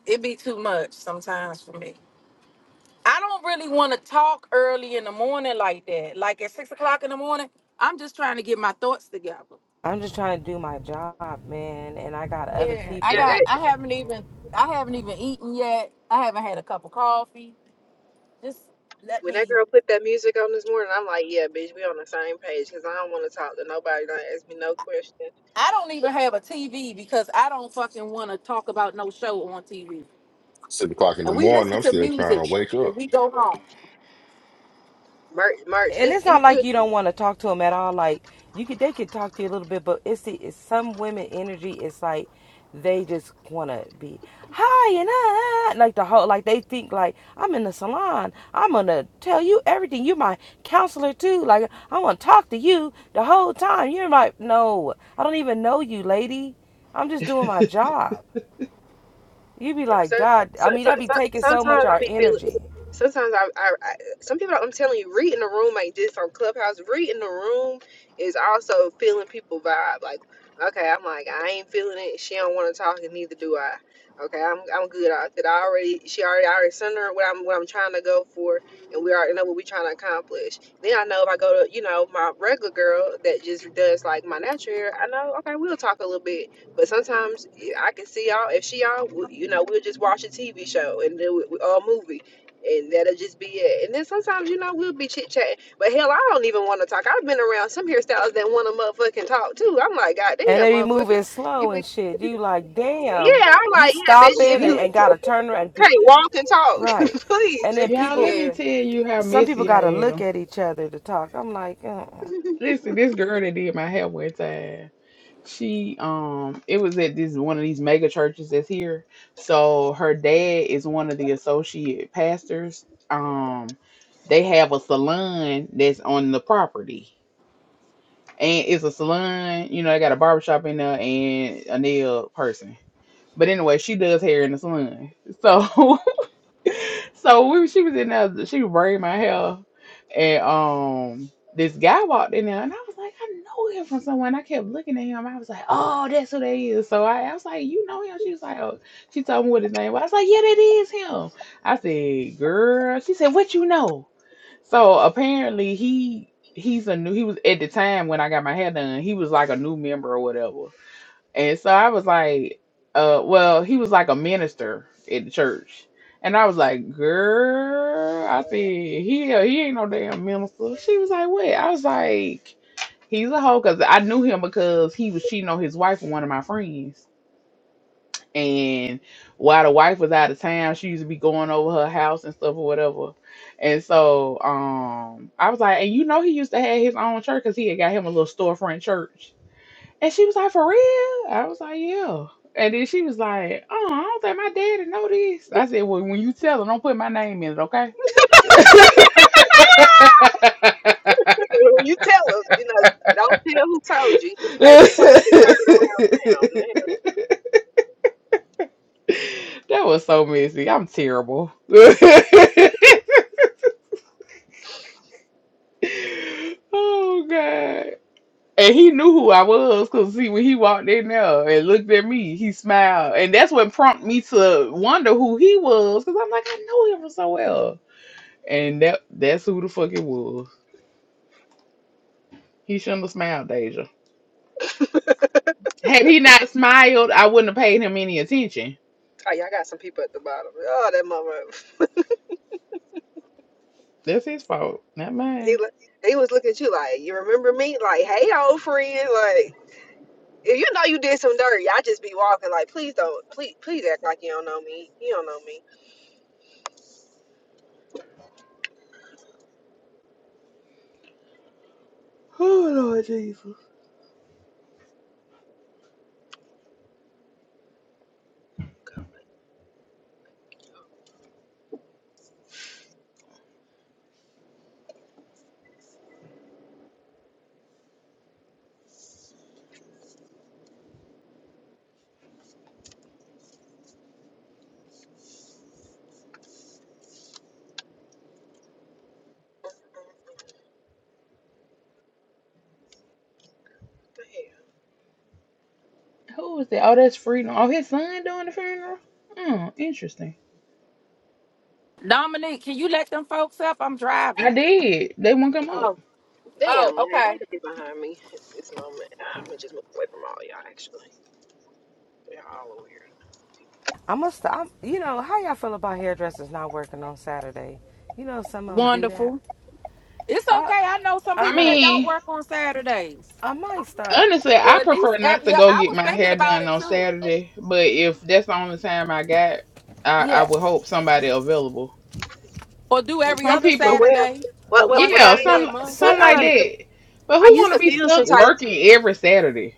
it be too much sometimes for me. I don't really want to talk early in the morning like that. Like at six o'clock in the morning, I'm just trying to get my thoughts together.
I'm just trying to do my job, man, and I got other
Yeah, I
Yeah.
people
got.
it-
I haven't even. I haven't even eaten yet. I haven't had a cup of coffee. Just let
When that
me.
girl put that music on this morning, I'm like, yeah, bitch, we on the same page because I don't want to talk to nobody. Don't ask me no questions
I don't even have a TV because I don't fucking want to talk about no show on TV.
six o'clock in the
And we
morning.
listen
I'm
to
still trying
music
to wake
and
up.
we go home.
merch, merch.
and
This
it's
you,
not
you
like you don't want to talk to them at all. Like you could, they could talk to you a little bit, but it's the it's some women energy. It's like they just want to be hi and ah, like the whole like they think like I'm in the salon. I'm gonna tell you everything. You're my counselor too. Like I want to talk to you the whole time. You're like no, I don't even know you, lady. I'm just doing my job. You be like
So,
God.
so,
I mean,
so,
that be
so
taking so much
sometimes
of
I
our
be feeling.
energy.
Sometimes I, I, I, some people. I'm telling you, reading the room like this on Clubhouse. Reading the room is also feeling people vibe. Like, okay, I'm like, I ain't feeling it. She don't want to talk, and neither do I. Okay, I'm, I'm good. I that I already, she already, I already sent her what I'm, what I'm trying to go for, and we already know what we trying to accomplish. Then I know if I go to, you know, my regular girl that just does like my natural hair, I know, okay, we'll talk a little bit but sometimes yeah, I can see y'all. If she y'all, we- you know, we'll just watch a TV show and do it or a movie, and that'll just be it. And then sometimes, you know, we'll be chit chatting. But hell, I don't even want to talk. I've been around some hairstylists that want to motherfucking talk too. I'm like,
and
goddamn,
they be
motherfucker,
moving
you
slow
be.
and shit. You like, damn,
Yeah, I'm
you
like, yeah,
stopping
bitch. If
and,
let
you
me,
and
t-
gotta turn around and be
can't walk and talk,
right.
please
And then
just
y'all,
people,
let me
Yeah.
tell you how
some people
messy I
gotta look
am.
at each other to talk. I'm like, uh-uh.
Listen, this girl that did my hair one time, she, um, it was at this one of these mega churches that's here. So her dad is one of the associate pastors. Um, they have a salon that's on the property. and it's a salon. You know, they got a barbershop in there and a nail person. But anyway, she does hair in the salon. So, so we she was in there. She was braiding my hair, and um, this guy walked in there, and I was like, I know him from someone. I kept looking at him. I was like, oh, that's who that is. So I, I was like, you know him? She was like, oh, she told me what his name was. I was like, yeah, that is him. I said, girl. She said, what you know? So apparently he he's a new he was at the time when I got my hair done, he was like a new member or whatever. And so I was like, uh well, he was like a minister at the church. And I was like, girl, I said, he he ain't no damn minister. She was like, what? I was like, he's a hoe because I knew him because he was cheating on his wife with one of my friends and while the wife was out of town, she used to be going over her house and stuff or whatever. And so um I was like, and you know he used to have his own church because he had got him a little storefront church. And she was like, for real? I was like, yeah. And then she was like, oh, I don't think my daddy know this. I said, well, when you tell him, don't put my name in it, okay? that
you tell them. You know, don't tell who told you. Just say that you just heard around town. Man,
was so messy. I'm terrible. Oh God. And he knew who I was because see when he walked in there and looked at me, he smiled. And that's what prompted me to wonder who he was. Cause I'm like, I know him from somewhere. And that that's who the fuck it was. He shouldn't have smiled, Deja. Had he not smiled, I wouldn't have paid him any attention.
I tell you, I got some people at the bottom. Oh, that mother.
That's his fault, not
He
mine.
li- he was looking at you like, you remember me? Like, hey, old friend. Like, if you know you did some dirty, I just be walking. Like, please don't, please, please act like you don't know me. You don't know me.
Oh Lord Jesus.
The
Who was that? Oh, that's Freedom. Oh, his son doing the funeral? Oh, interesting.
Dominique, can you let them folks up? I'm
I
driving.
did. They won't come up.
Oh.
hell?
Oh.
Damn, like, why
Okay.
you get behind me at this moment? I'm gonna just move away from all y'all. Actually, y'all all are weird.
I must, i you know, how y'all feel about hairdressers not working on Saturday? You know, some of them do
Wonderful.
that.
It's
I,
okay. I know some
I
I
people that
know.
don't
mean,
work on Saturdays.
I might start.
Honestly,
Or
I
at least
prefer not to
every
go
I
get
was
my
thinking
hair
about
done
it
on
too.
Saturday, but if that's the only time I got, I, I
Yeah,
would hope somebody available.
Or do
But
every
some
other
Well,
people,
Saturday
well, well,
or
well,
one
well I,
yeah,
Saturday a
some
month.
ain't- well,
some
I
like
used
sometime
to.
that. But who
I used
want to
to
s-
be
feel
stuck
some type.
working every Saturday?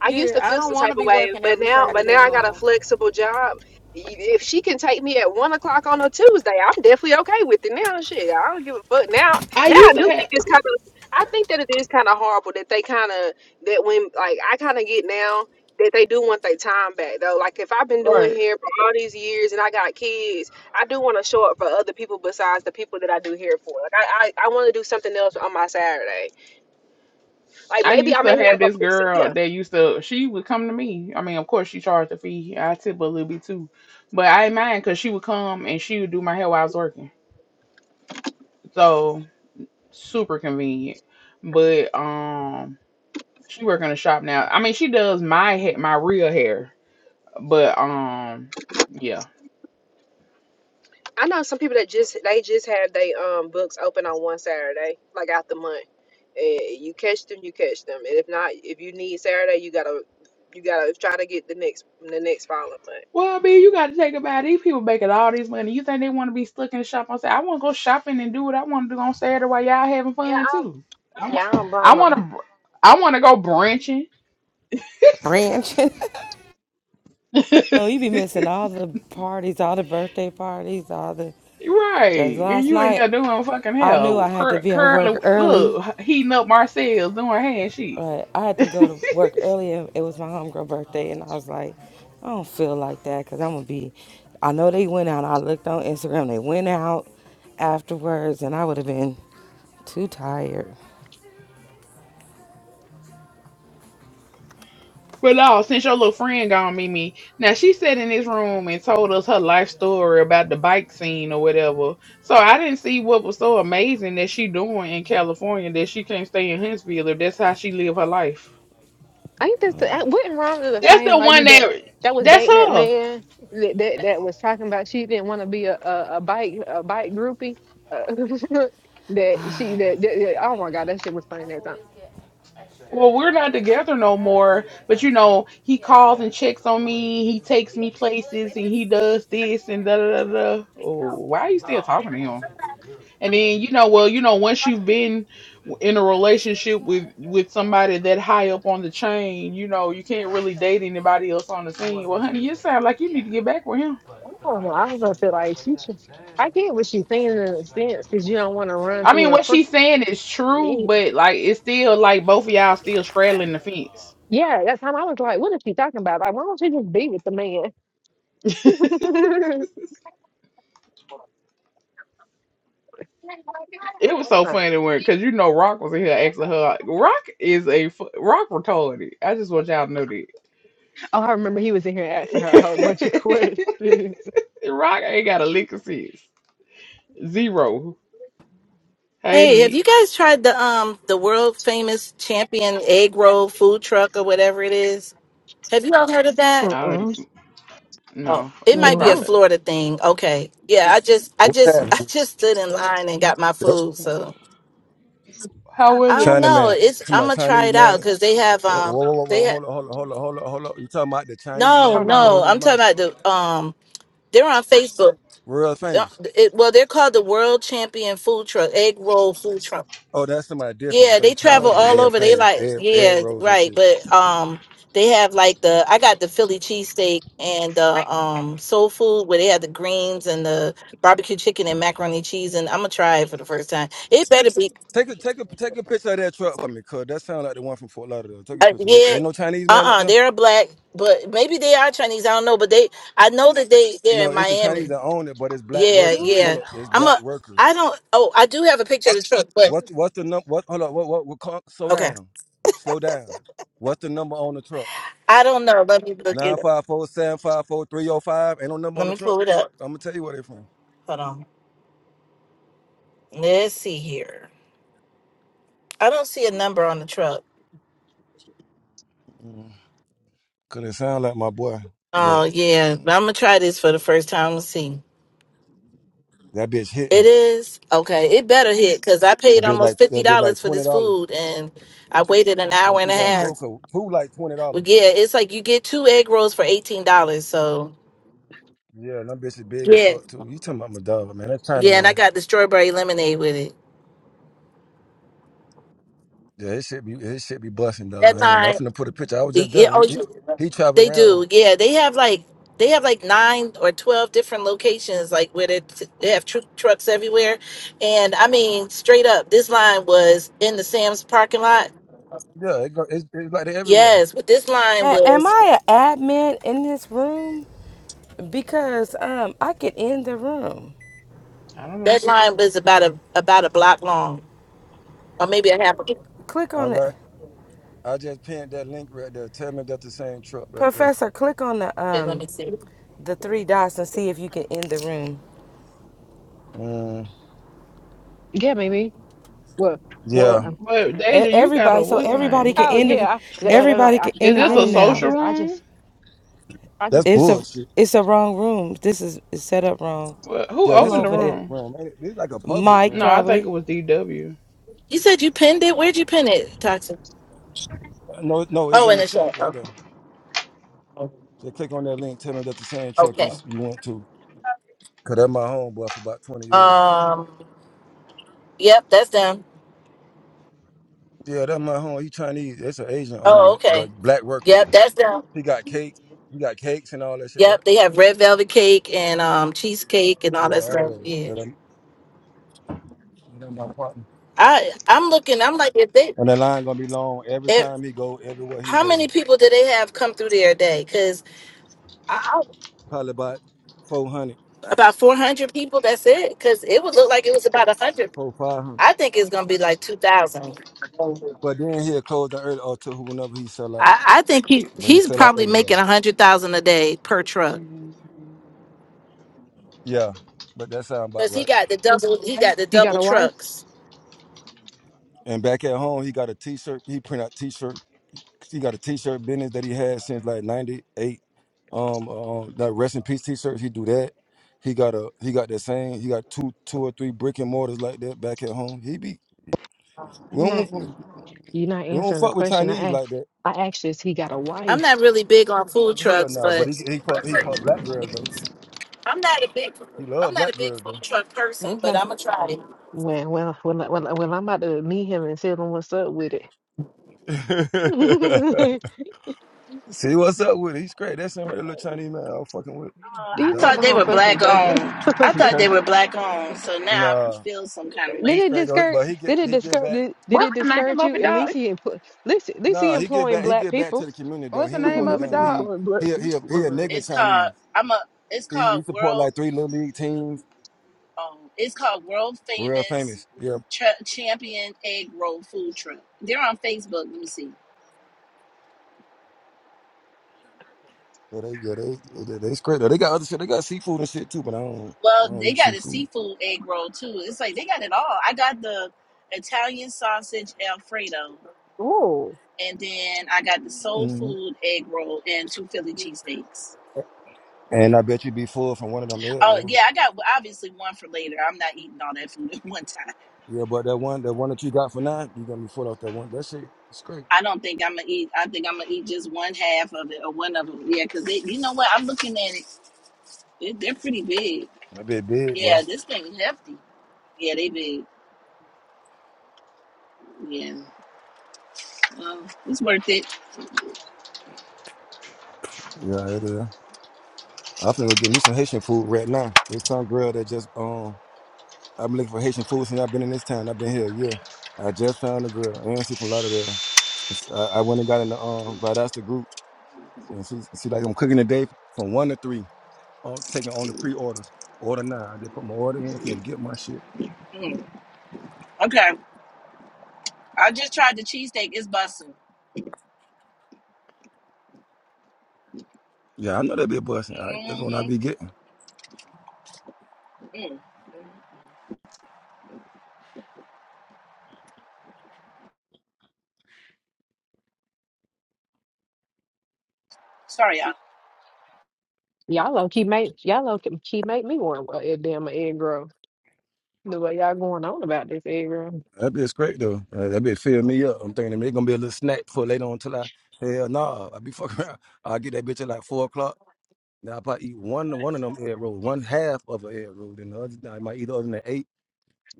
I used
Yeah,
to
I
feel
don't
some
want
type
to
of
be
way,
working
but
every
now, but now
Saturday
I
no
got a
more.
flexible job. If she can take me at one o'clock on a Tuesday, I'm definitely okay with it now. Shit, I don't give a fuck now.
I
Now I
used to
do think
have
it's kind of, I think that it is kind of horrible that they kind of that when like I kind of get now that they do want their time back though. Like if I've been doing
right.
hair for all these years and I got kids, I do want to show up for other people besides the people that I do hair for. Like I, I, I want to do something else on my Saturday. Like
I
maybe I
used
may
to have
have
this
a yeah.
girl that used to. She would come to me. I mean, of course, she charged a fee. I tip a little bit too, but I ain't mind because she would come and she would do my hair while I was working. So super convenient. But um. She work in a shop now. I mean, she does my hair, my real hair, but um, yeah.
I know some people that just they just have their um books open on one Saturday, like out the month. And you catch them, you catch them. And if not, if you need Saturday, you gotta you gotta try to get the next the next following month.
Well, I mean, you got to take about it. these people making all this money. You think they want to be stuck in the shop on Saturday? I want to go shopping and do what I want to do on Saturday while y'all having fun too. I want, I want to, I want to go branching.
branching. oh, you be missing all the parties, all the birthday parties, all the. Cause
Right, and
last
you in
night
there doing fucking
I knew I
hell,
had to
cur-
be at work
curling,
early,
look, heating up Marcel's doing hand shit.
but I had to go to work early. And it was my homegirl birthday, and I was like, I don't feel like that because I'm gonna be. I know they went out. I looked on Instagram. They went out afterwards, and I would have been too tired.
But no, since your little friend gone, Mimi. Now she sat in this room and told us her life story about the bike scene or whatever. So I didn't see what was so amazing that she doing in California that she can't stay in Huntsville if that's how she live her life.
I think that's the,
Um,
I wasn't wrong with the
That's
same
the one
lady that
that
that was
that's
dating that
her.
man that that, that was talking about she didn't want to be a, a a bike a bike groupie. Uh, that she that, that that- oh my god that shit was funny that time.
Well, we're not together no more, but you know, he calls and checks on me, he takes me places and he does this and da da da da. Oh,
Oh.
why are you still talking to him? And then you know, well, you know, once you've been in a relationship with with somebody that high up on the chain, you know, you can't really date anybody else on the scene. Well, honey, you sound like you need to get back with him.
I don't know. I was gonna say like she should, I get what she's saying in a sense because you don't want to run
I mean,
through a
what
frick-
she's saying is true,
e-
but like it's still like both of y'all still straddling the fence.
yeah. That time I was like, what is she talking about? Like, why don't she just be with the man?
It was so funny when, cause you know, Rock was in here asking her. like, Rock is a fu- Rock retarded. I just want y'all to know that.
oh, I remember he was in here asking her a whole bunch of questions.
Rock ain't got a lick of sense. Zero. Hey,
Hey, have you
Mitch.
guys tried the um the world famous champion egg roll food truck or whatever it is? Have you all heard of that?
I don't.
Mm-mm.
Oh,
No,
it
they
might be a
No.
probably.
Florida thing. Okay. Yeah, I just I
What's
just I
happening?
just stood in line and got my
Yep.
food, so
How was
I don't
it?
China
know.
man.
It's
To
I'm
my
gonna try
Chinese
it out
man.
cuz they have
Whoa,
um
whoa, whoa, whoa,
they ha-
hold on, hold on, hold on, hold on, hold on. You talking about the Chinese
No,
man
Hold
with the goals
no.
on.
in his
I'm
mouth?
talking about the um they're on Facebook.
World
Uh,
famous.
It, well, they're called the World Champion Food Truck, Egg Roll Food Truck
Oh, that's somebody different. I
Yeah,
thought
they
you talking about
Oh
travel
um,
Jesus.
all
world
over. They
famous.
like,
Ed, Ed
yeah,
Rose and
right.
shit.
But um, they have like the I got the Philly cheesesteak and the um soul food where they have the greens and the barbecue chicken and macaroni cheese. And I'm gonna try it for the first time. It better be,
Take a take a take a picture of that truck for me, cuz that sounds like the one from Fort Lauderdale. Take a
uh,
picture. Ain't
yeah.
ain't no Chinese
Uh
man up
uh
there?
they are black, but maybe they are Chinese. I don't know, but they I know that they they're
No,
in
it's the Chinese
Miami.
that own it, but it's black
Yeah,
workers.
Ooh,
Hold
yeah.
up, it's
I'm a
black
I
workers.
don't. Oh, I do have a picture of the truck, but
What what's the number what hold up, what what what call, slow
okay.
down. Slow down. What's the number on the truck?
I don't know. Let me look
Nine
it. up.
five four seven five four three zero five. Ain't no number on
Let
the
me
truck.
pull it up.
I'm gonna tell you where they from.
Hold on. Let's see here. I don't see a number on the truck.
Mm. Cause it sound like my boy, but
Oh yeah,
mm,
I'm gonna try this for the first time. Let's see.
that bitch
It
hitting.
is okay. It better hit because I
That
paid
bitch
almost
like
fifty
that bitch like
dollars for
twenty
this
dollars.
food and I waited an hour
What
and
you
a
got? Four
half.
coat. Food like twenty dollars.
But yeah, it's like you get two egg rolls for eighteen dollars. So
Yeah, and that bitch is big as
yeah,
fuck too. You talking about my dog, man? That's China,
yeah, and I
man.
got the strawberry lemonade with it.
Yeah, his shit be his shit be busting,
That
dog. I ain't gonna
time
nothing to put a picture. I was just
Yeah, oh,
there. He,
you-
he, he travel
they
around.
do. Yeah, they have like they have like nine or twelve different locations, like where they, they have tr- trucks everywhere. And I mean, straight up, this line was in the Sam's parking lot.
Yeah, it go, it's, it's like they everywhere.
Yes, but this line
a- am
was
I an admin in this room? Because um, I could end the room.
I don't
that
know.
line was about a about a block long, or maybe a half. A block.
Click
All
on it,
right, I just pinned that link right there. Tell me if that's the same truck right there.
Professor. Click on the
Okay, let
um,
me see.
the three dots and see if you can end the room.
Mm,
Yeah, maybe. Well, well.
yeah,
um,
But
E-
Deja, you got a
Everybody, so
what's her
everybody
name?
can
Oh
in the
yeah. I, I,
everybody
I,
can
I
in
Is
the
this
I
a
room
just, I
now.
social
just, I just
room?
I
That's
just,
It's a
bullshit.
it's a wrong room. This is, is set up wrong.
What, who
Yeah,
Who
this
opened
a
the
opened it?
public
room?
room. ain't it? This like a public
Mike
No,
room. Or
I think
probably.
it was DW.
You said you pinned it. Where'd you pin it, Toxin?
something. No, no, it's
Oh,
in
in
the
the
chat
chat.
right there.
Okay.
Just click on that link. Tell me that the same truck you
Okay.
you went to. Cause that's my homeboy for about twenty years.
Um. Yep, that's them.
Yeah, that's my home. He Chinese. That's an Asian on
Oh,
it,
okay.
but black workers.
Yep, that's them.
He got cake. He got cakes and all that shit, right?
Yep, they have red velvet cake and um cheesecake and all
Yeah,
that
all
stuff.
that.
Yeah.
And, I'm- and that's my partner.
I I'm looking. I'm like, if they,
And the line gonna be long every
if
time he go, everywhere he
how
go.
many people do they have come through there a day? Because
Probably about 400,
about 400 people. That's it. Because it would look like it was about 100.
400, 500.
I think it's gonna be like 2,000.
But then he'll close the early or to whenever he sell out.
I, I think he
But he
he's
sell out
probably
everywhere.
making a hundred thousand a day per
What's
truck
Yeah, but that sound about
because he
right.
got the double he got the
he got
double
a wife?
trucks.
And back at home, he got a T-shirt. He print out T-shirt. He got a T-shirt business that he had since like '98. Um, um, like rest in peace T-shirts. He do that. He got a. He got that same. He got two, two or three brick and mortars like that back at home. He be. We
You're not, uh,
don't. We
you're not
don't
answering the
fuck with
question
Chinese
I
like
asked.
that.
I asked you, is he got a
I'm
wife?
not really big on food
Hell
trucks,
no. but
but
he he fuck he fuck black girls though.
I'm not a big
He
I'm
love
not
black
a big
girls
food
though.
truck person, but
Okay.
I'ma try it.
Well, well, well, uh, well, I- well, I'm about to meet him and tell him what's up with it.
See what's up with it. He's great. That's him right, that little Chinese man. I was fucking with
Uh,
Do
I
you not
thought
dog.
know
they
I'm
were
fucking
black
joking?
owned. I
Did
thought they were black owned. So now I
Nah,
feel some kind of
he's
way.
it
straight though.
discourage?
But he get
Did it
he get
discourage?
back.
Did, did it
the name
discourage
of
you?
it,
At least
dog?
he, empl- at least, at least he
Nah, he get
employing
back. He
black
get back to
people.
the community though.
What's
He
the
at
ain't
name
one of
of it,
least he
them.
dog?
He
employing black
he a-
people.
he a, he a
Right.
nigga
It's called
Chinese.
I'm a. It's
He, he
called
support
world.
like three little league teams.
Um, it's called world
Real
famous
famous. Yeah,
Tr- champion egg roll food truck. They're on Facebook. Let me see.
yeah, they yeah they they, they straight though. They got other shit. They got seafood and shit too. But I don't I
Well,
don't
they
eat
got a
seafood.
seafood egg roll too. It's like they got it all. I got the Italian sausage Alfredo,
Oh,
and then I got the soul
hmm
food egg roll and two Philly cheesesteaks.
And I bet you be full from one of them head
Oh
bro.
yeah, I got obviously one for later. I'm not eating all that food at one time.
Yeah, but that one that one that you got for nine, you gonna be full off that one. That shit is great.
I don't think I'm gonna eat. I think I'm gonna eat just one half of it or one of them. Yeah, because you know what? I'm looking at it. They, they're pretty big.
That bit big, boy.
Yeah, this thing is hefty. Yeah, they big. Yeah, um, it's worth it.
Yeah, it is. I finna go get me some Haitian food right now. There's some girl that just um I've been looking for Haitian food since I've been in this town. I've been here a year. I just found the girl, and she from Lauderdale. And she- I, I went and got in the um, but that's the group, and she she like I'm cooking today from one to three. I'm taking on the pre-orders. Order now. I just put my order in for get my shit.
Mm. Okay, I just tried the cheesesteak. It's busting.
Yeah, I know that'd be a busting. All right, that's what I
hmm
be getting.
Mm. Sorry, y'all.
y'all low key make y'all low key make me want a damn egg roll the way y'all going on about this egg roll.
That be great though. Uh, that be fill me up. I'm thinking it's gonna be a little snack for later on until I hell nah. I be fucking around. I get that bitch at like four o'clock. Now I probably eat one one of them egg rolls, one half of an egg roll, then the other I might eat the other than eight.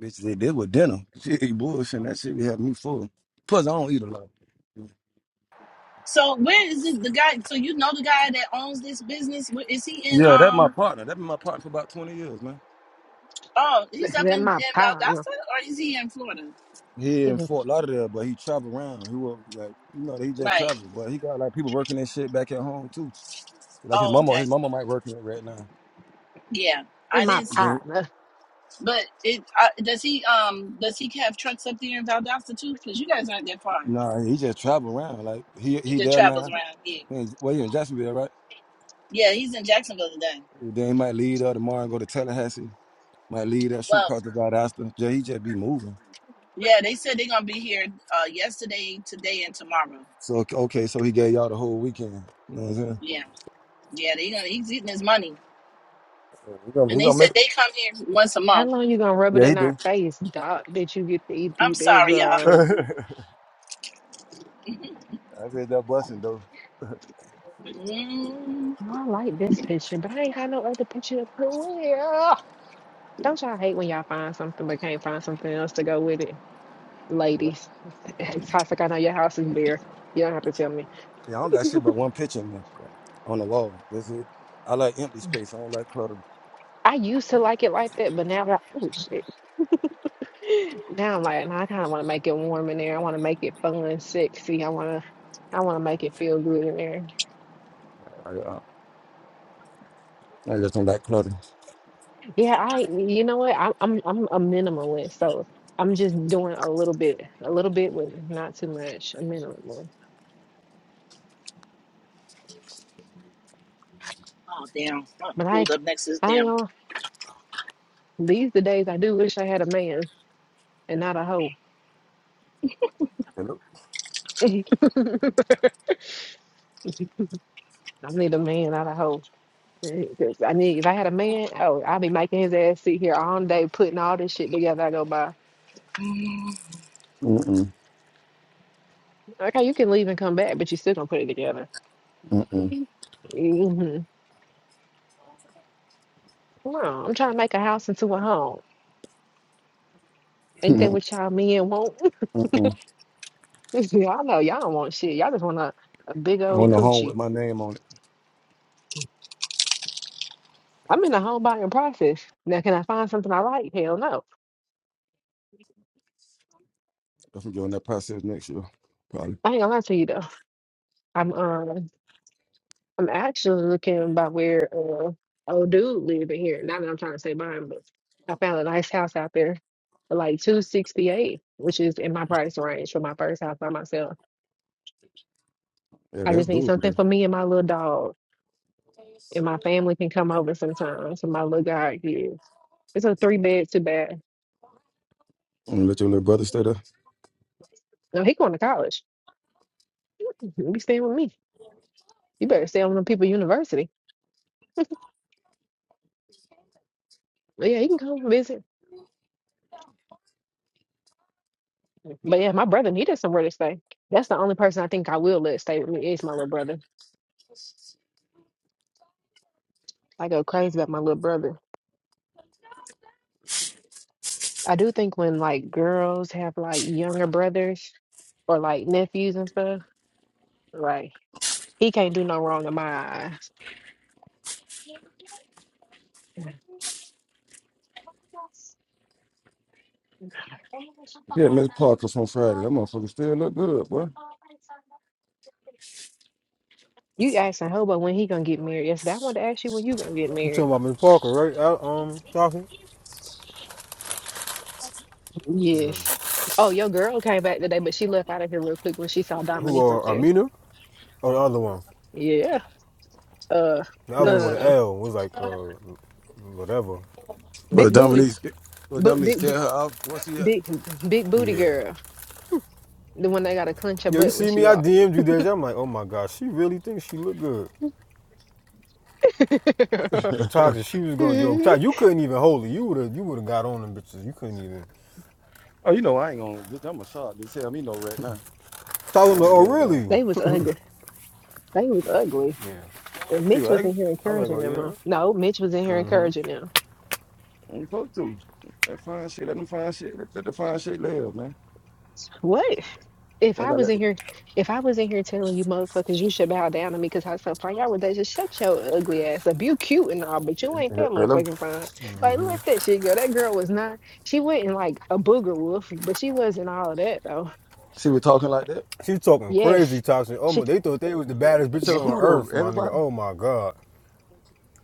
Bitch, they did with dinner. She ate bullshit. and That shit had me full. Plus, I don't eat a lot.
So where is it, the guy? So you know the guy that owns this business? Where- Is he in?
Yeah, that my
Um.
partner. That been my partner for about twenty years, man.
Oh, he's
That's
up in, in
my partner.
Valdosta, or is he in Florida?
He in Fort Lauderdale, but he travel around. He was like, you know, he just
Right.
traveled, but he got like people working and shit back at home too. Like his
Oh,
mama,
okay.
his mama might working it right now.
Yeah,
He
I
my
didn't see.
Then,
partner.
But it uh, does he um does he have trucks up there in Valdosta too? Because you guys aren't that far.
nah, he just travel around. Like he
He
he
just
there
travels
now.
around. Yeah.
He in- Well, he in Jacksonville, right?
Yeah, he's in Jacksonville today.
Then he might leave there tomorrow and go to Tallahassee. Might leave that shoot
Well,
across the Valdosta. Yeah, he just be moving.
yeah, they said they're gonna be here uh yesterday, today, and tomorrow.
So okay, so he gave y'all the whole weekend. You know what I'm saying?
Yeah, yeah, they gonna he's eating his money,
Yeah, he gonna,
and
he
they
gonna
said
make.
they come here once a
How
month.
long you gonna rub it
Yeah, he
in our
do.
face, dog? that you get to eat
I'm
these egg
sorry, y'all.
rolls?
I read that busting though.
Oh,
mm.
I like this picture, but I ain't got no other picture to put with it. Ugh. Don't y'all hate when y'all find something but can't find something else to go with it?
Yeah,
Ladies, it's toxic. I know your house is bare. You don't have to tell me.
Yeah, I don't got shit but one picture in the, on the wall. That's it. I like empty space. I don't like clutter.
I used to like it like that, but now I, oh shit. Now I'm like, nah, I kind of want to make it warm in there. I want to make it fun, sexy. I want to, I want to make it feel good in there.
I, uh, I just don't like clutter.
Yeah, I you know what? I'm I'm I'm a minimalist, so I'm just doing a little bit, a little bit with not too much, a minimalist.
Oh damn! I
But I
pulled up next to this
I ain't
damn.
gonna these the days I do wish I had a man and not a hoe.
Hello?
I need a man, not a hoe. hoe. 'Cause I need if I had a man, oh, I'd be making his ass sit here all day putting all this shit together. I go by.
Mm-mm.
Okay, you can leave and come back, but you still gonna put it together.
Mm-mm.
hmm No, I'm trying to make a house into a home. Ain't that what y'all men want?
Mm-mm.
Y'all know y'all don't want shit. Y'all just want a, a big
I
old
want a home with
coochie.
my name on it.
I'm in the home buying process. Now, can I find something I like? Hell no.
That's gonna that process next year, probably.
I ain't gonna lie to you though. I'm um I'm actually looking by where uh old dude living here. Not that I'm trying to say buying, but I found a nice house out there for like two sixty eight, which is in my price range for my first house by myself.
Yeah,
I
that's
just need
doable.
something
Bro.
for me and my little dog. And my family can come over sometimes. So my little guy is. It's a three bed, two bath.
I'm gonna let your little brother stay there.
No, he going to college. You be staying with me. You better stay on the people university. But yeah, you can come visit. But yeah, my brother needed somewhere to stay. That's the only person I think I will let stay with me is my little brother. I go crazy about my little brother. I do think when like girls have like younger brothers or like nephews and stuff, like he can't do no wrong in my eyes.
Yeah, Miss Parker from Friday. That motherfucker still look good, boy.
You asking Hobo when he gonna get married? Yes, I wanted to ask you when you gonna get
You talking
married.
about Miss Parker, right? Al- Um, Johnson,
Yes. Oh, your girl came back today, but she left out of here real quick when she saw
who
Dominique up
are uh,
there.
Amina, or the other one?
Yeah. Uh,
The other
no,
one
no,
with the
no.
L was like uh, whatever.
Well,
Big booty,
Dominique, well,
Bo-
Dominique
big,
scared
big,
her off. What's he
big, big booty
Yeah.
girl. The one that gotta clench her
Yo, you
butt when
see
she
me? I
walked.
DM'd you that. I'm like, oh my gosh, she really thinks she look good. Yo,
at?
toxic. She was going. Yo, toxic. You couldn't even hold it. You would have. You would have got on them bitches. You couldn't even.
Oh, you know I ain't gonna. Just, I'm a shark. Just tell me no right now. I
Toxic. Like,
don't
oh
give a damn.
really?
They was ugly. They was ugly.
Yeah.
And
See
Mitch
what I
was in here
I was like,
encouraging
oh
them. huh?
yeah.
No, Mitch was in here
Mm-hmm.
encouraging them.
I'm supposed to. That fine shit. Let them fine shit. Let, let the fine shit live, man.
What? If
I
I
gotta
was
let.
in here, if I was in here telling you motherfuckers you should bow down to me because I'm so fine, y'all would they just shut your ugly ass up. You cute and all, but you ain't that
Hello.
motherfucking fine. Like let that shit go. That girl was not. She wasn't like a booger wolf, but she wasn't all of that though.
See, we talking like that.
She was talking crazy
Yes.
toxic. Oh my,
She
they thought they was the baddest bitches
To
on
who though?
earth, my nigga.
Everybody.
Oh my god.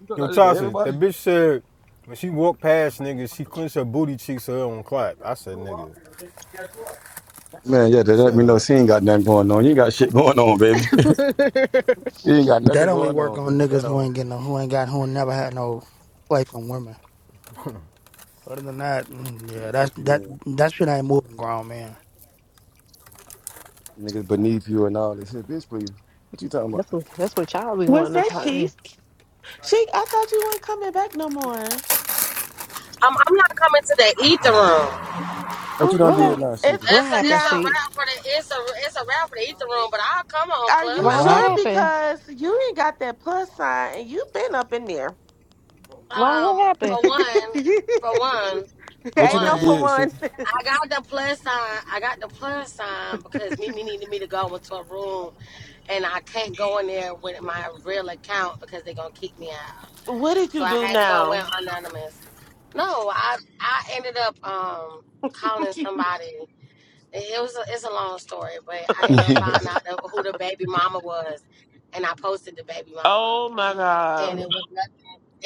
You talking
Yo,
like that to
Tasha, that
everybody?
bitch said when she walked past niggas, she clenched her booty cheeks so her own clap. I said, nigga,
Man, yeah. They let
shut
me know
up.
she ain't got nothing going on. You ain't got shit going on, baby. You ain't got
That
nothing
only
going
work
on,
on
baby, at
niggas who
all.
ain't getting no, who ain't got who ain't never had no play from women. Other than that, mm,
What
yeah,
the
that's
fuck you
that
mean?
that shit ain't moving, grown man.
Niggas beneath you and all this shit, bitch. Please. What you talking about?
that's what that's what y'all be
Was
wanting to
that
talk.
she?
is,
She, I thought you weren't coming back no more.
I'm, I'm not coming to the ether
Oh my god.
room.
What you done
What
did
happened?
Mm,
now,
it's
Seeker?
What
It's a
happened,
it's a
now.
she?
wrap for the it's a it's a wrap for the ether room. But I'll come on
Are you
Yeah,
Why
what
Clubhouse.
what
sure?
happened?
happened?
Because you ain't got that plus sign, and you've been up in there.
Why what
Um,
happened?
for one,
ain't
for one, for
What you done
no
one,
for
did,
one.
Seeker?
I got the plus sign. I got the plus sign because Mimi needed me to go into a room, and I can't go in there with my real account because they're gonna kick me out.
what did
So
you
I
do
had to go in
now?
anonymous. No, I I ended up um calling somebody. It was a, it's a long story, but I ended up finding out that- who the baby mama was, and I posted the baby mama,
Oh my god!
and it
Um,
was not,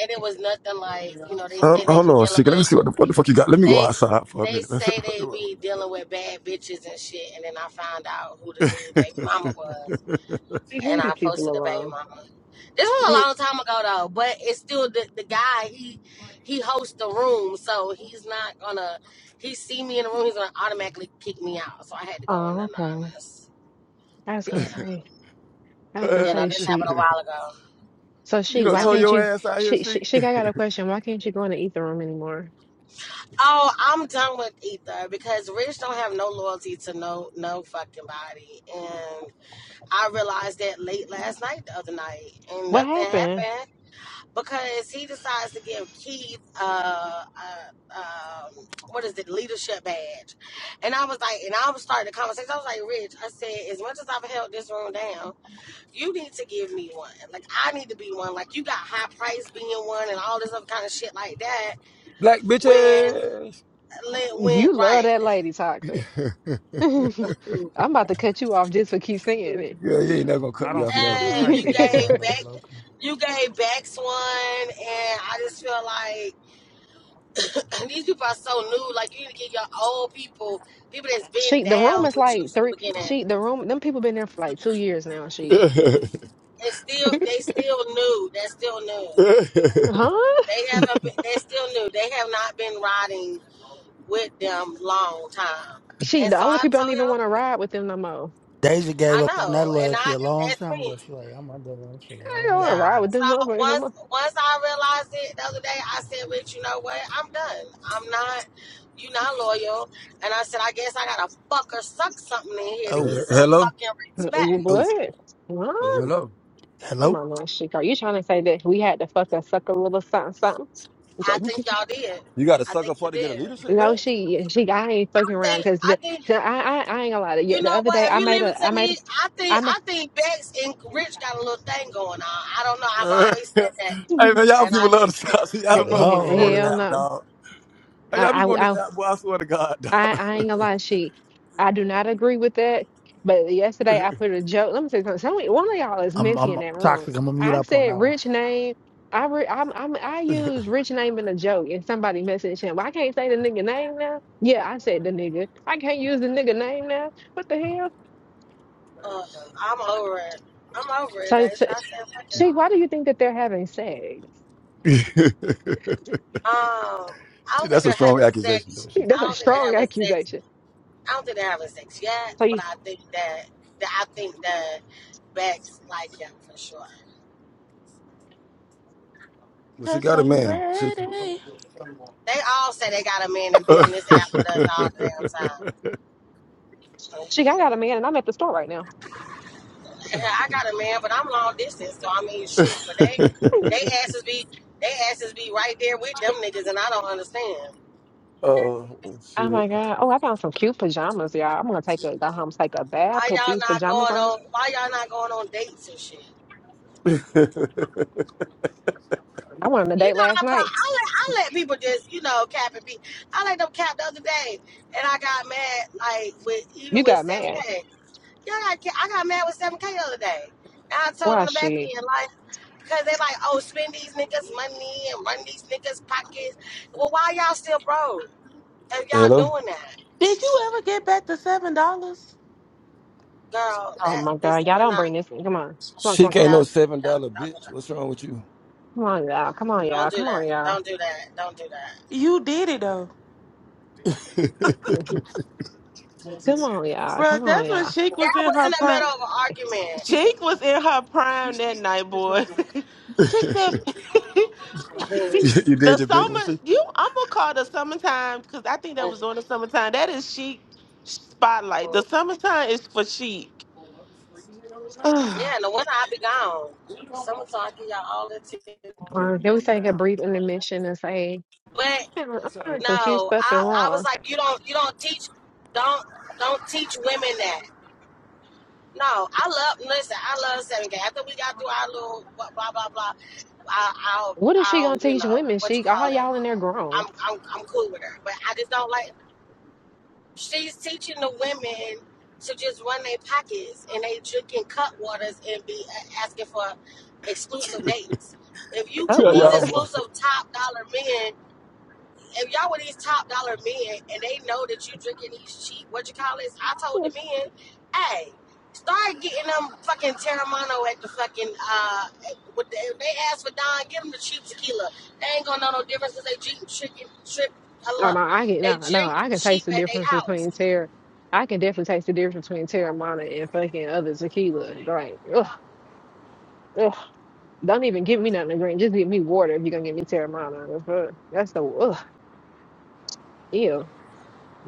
and it was nothing like you know they
Hold
say they
hold
be
on a
dealing
second. Let me
with
see what the, what the fuck you got. Let me go
they
outside for a
they
minute.
say they be dealing with bad bitches and shit, and then I found out who the dude baby mama was,
she
and
leave these
I
people
posted the baby
alone.
mama. This was a long time ago though, but it's still the, the guy he he hosts the room, so he's not gonna he see me in the room, he's gonna automatically kick me out, so I had to go in
Oh, okay.
anonymous.
I was
Yeah.
gonna say I was gonna
You
Uh,
know,
say
this happened
she.
a while ago.
So
you
she,
This
don't
why
tow
happened a
can't
while
your
ago.
you
ass out here,
she she
she
she I got a question. Why can't you go in the ether room anymore?
Oh, I'm done with Ether because Rich don't have no loyalty to no no fucking body. And I realized that late last night the other night and
What
nothing
happened?
happened because he decides to give Keith uh, uh um what is it, leadership badge. And I was like and I was starting the conversation. I was like, Rich, I said, as much as I've held this room down you need to give me one. Like I need to be one. Like you got high price being one and all this other kind of shit like that.
black
When
bitches.
Lent went
You love
right,
that lady toxic.
Girl,
I'm about to cut you off just for keep saying
you ain't never gonna
I
cut me
don't
off,
see what
never.
the
and
hype
you
is
it.
gave
about it,
back,
but okay.
you gave Bex one, and I just feel like these people are so new. Like you need to get your old people, people that's been
She the room
down
is
with you
like
from the
three.
beginning,
She the room. Them people been there for like two years now. She
and still they still new. They're still new.
huh?
They
Hmm.
haven't. Been, they're still new. They have not been riding with them long time.
She
And
the
so
older
I
people don't
told him.
even want to ride with them no more.
Deja
I
gave up on that
know, and
loyalty
I
a
and
long
that's
time
me.
ago. She like, I'm not dealing with that shit a
I don't
long
want to
time
Yeah.
ride
ago.
with them
So
motherfuckers no
once
more.
once I realized it the other day, I said, "Rich, you know what? I'm done. I'm not. you not loyal." And I said, "I guess I gotta fuck or suck something in here to
Oh,
Uh,
get some
hello,
fucking respect."
oh,
What? Huh?
oh,
hello.
hello,
Mama, she are you trying to say that we had to fuck a suck a little something something? It's
I
like,
think y'all did.
You got a
I
sucker
think you
for to get a
did.
leadership
No,
badge?
she she I ain't
I
fucking around
think
because
I
the,
think
so I, I I ain't gonna lie to you.
you
The
know
other
what?
day
If
I
you
made
leave it
a I
to
made a
me, I think
I made
I think Bex and Rich got a little thing going on. I don't know. I've
Uh,
always said that,
hey man, y'all
and I
people love
just
the
said.
shots. Y'all
hell,
motherfuckers people on this
hell
hello.
app,
no.
dog. Hey, y'all
I,
people on
I
this
I
app, boy. I swear to God,
I,
dog.
I ain't gonna lie, she. I do not agree with that. But yesterday I put a joke. Let me say something. Some, one of y'all is
I'm
messy
I'm
in that room.
toxic. I'm gonna mute
I
up on
said
that one.
rich name. I re, I'm, I'm I use rich name in a joke, and somebody messaged him. I can't say the nigga name now. Yeah, I said the nigga. I can't use the nigga name now. What the hell?
Ugh, I'm over it. I'm over it,
So, so
Aisha. I said fucking.
she, why do you think that they're having sex?
Um, I
See,
don't think
that's a
they're
strong
having
accusation,
sex.
though.
That's
I
a
don't think they're
strong
having sex.
accusation.
I don't think they're having sex yet,
So
but
you,
I think that, that I think that Bex like him for sure.
Well, she
Cause
got a
I'm
man. She,
ready.
They all say they got a man and be on this app with us all the damn time.
she, I got a man, and I'm at the store right now.
I got a man, but I'm long distance, so I mean shit. But they they asses be they asses be right there with them niggas, and I don't understand
oh,
Oh
shit.
my God. Oh, I found some cute pajamas, y'all. I'm gonna take a go home, take a bath,
why
put
y'all
these
not
pajamas
going
on.
on why y'all not going on dates and shit.
I went on a
You
date
know, I
last
I, let,
night.
I let people just, you know, cap and be. I let them cap the other day, and I got mad, like, with even
You got
with
mad.
7K. Y'all got, ca- I got mad with 7K the other day. And I told on
Why
the back
she?
end, like, because they like, oh, spend these niggas' money and run these niggas' pockets. Well, why y'all still broke if y'all
Hello?
doing that?
Did you ever get back the seven dollars?
Girl,
Oh
that,
my God.
listen,
Y'all
we're
don't
not,
bring this. Come on. Come on,
She
come on, come on,
ain't
come
no
that,
on.
$7
that, that, that,
bitch. What's wrong with you?
Come on, y'all. Come on,
don't
y'all.
do
Come
that.
on, y'all.
Don't do that. Don't do that.
You did it though,
you,
Mhm. Come on, y'all.
bro.
Come on,
That's when
y'all.
Sheik was
That
in
was in
her
the
prime.
middle of
Chick was in her prime that night, boy. she said,
you did
"The
your big
an
one,
summer,
she.
you, I'm gonna call the summertime because I think that was
argument.
on the summertime. That is chic spotlight. The summertime is for chic.
Yeah,
Ugh.
in the winter i be gone. Summertime I give y'all all the attention.
Or they would take a brief intermission and say,
But
"Man, I'm finding some cute
no,
stuff in
I, I was
Ross.
like, you don't you don't teach don't don't teach women that. No, I love listen, I love seven K. After we got through our little blah blah blah blah, I I'll
What is she gonna
I'll you
teach
know,
women?
what you
She all
call it.
y'all in there
I'm
grown.
I'm I'm cool with her. But I just don't like She's teaching the women to just run their pockets and they drinking cut waters and be uh, asking for exclusive dates. If you
Cut
with
Tell
these
water.
y'all, mo.
exclusive top dollar men, if y'all with these top dollar men and they know that you drinking these cheap, what you call this? I told the men, hey, start getting them fucking Terramano at the fucking, uh, with the, if they ask for Don, give them the cheap tequila. They ain't gonna know no difference because they drink, drinking, trip, a
Oh no,
lot.
I can
They
no, no,
drink
I can
cheap
taste the
at their
difference
house.
between Terra. I can definitely taste the difference between Terramana and fucking other tequila. Like, ugh, ugh. Don't even give me nothing to drink. Just give me water if you're gonna give me Terramana. The fuck? That's the ugh, ew,